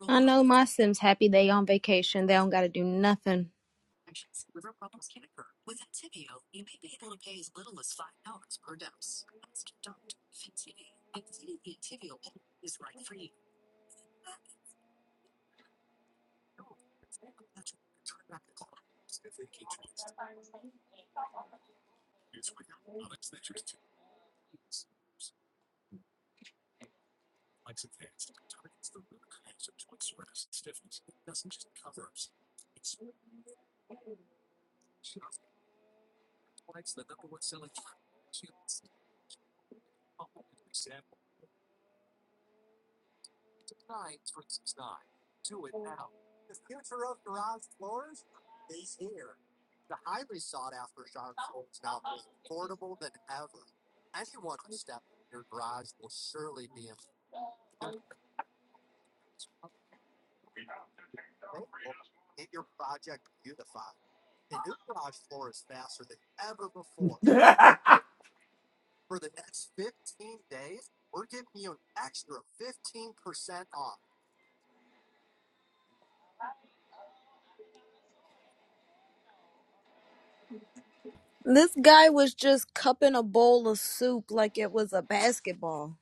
I know my Sims happy they on vacation. They don't got to do nothing. yeah, This guy was just cupping a bowl of soup like it was a basketball.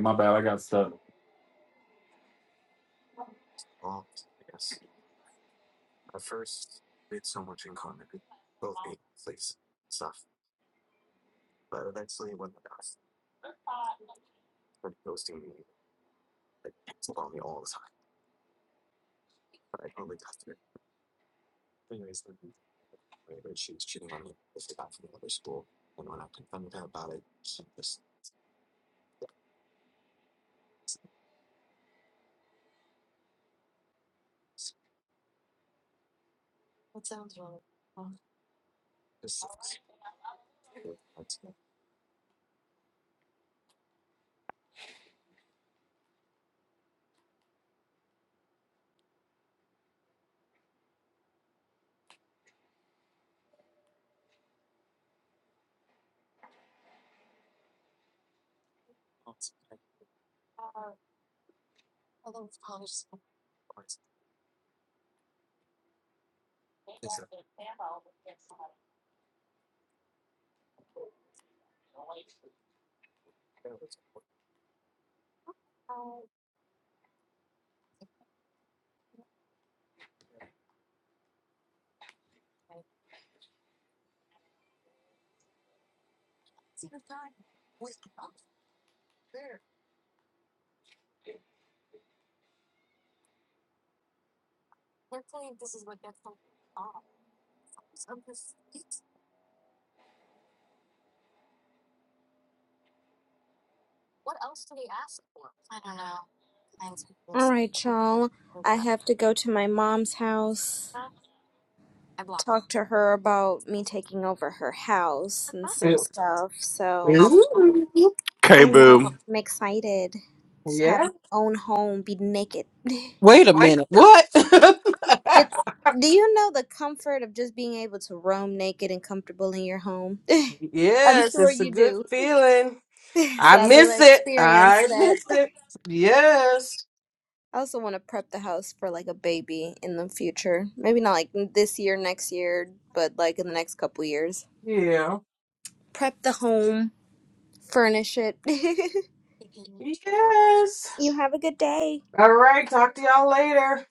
my bad. I got stuck. All right, y'all. I have to go to my mom's house, talk to her about me taking over her house and some stuff. So Ooh, I Okay, know boo. I'm excited to have yeah. my own home, be naked. Wait a minute. What? It's do you know the comfort of just being able to roam naked and comfortable in your home? I'm yes, sure it's a you good do. feeling. So I I'll be able to miss it. experience I that. miss it. Yes. I also want to prep the house for like a baby in the future. Maybe not like this year, next year, but like in the next couple years. Yeah. Prep the home, furnish it. Yes. you have a good day. All right. Talk to y'all later.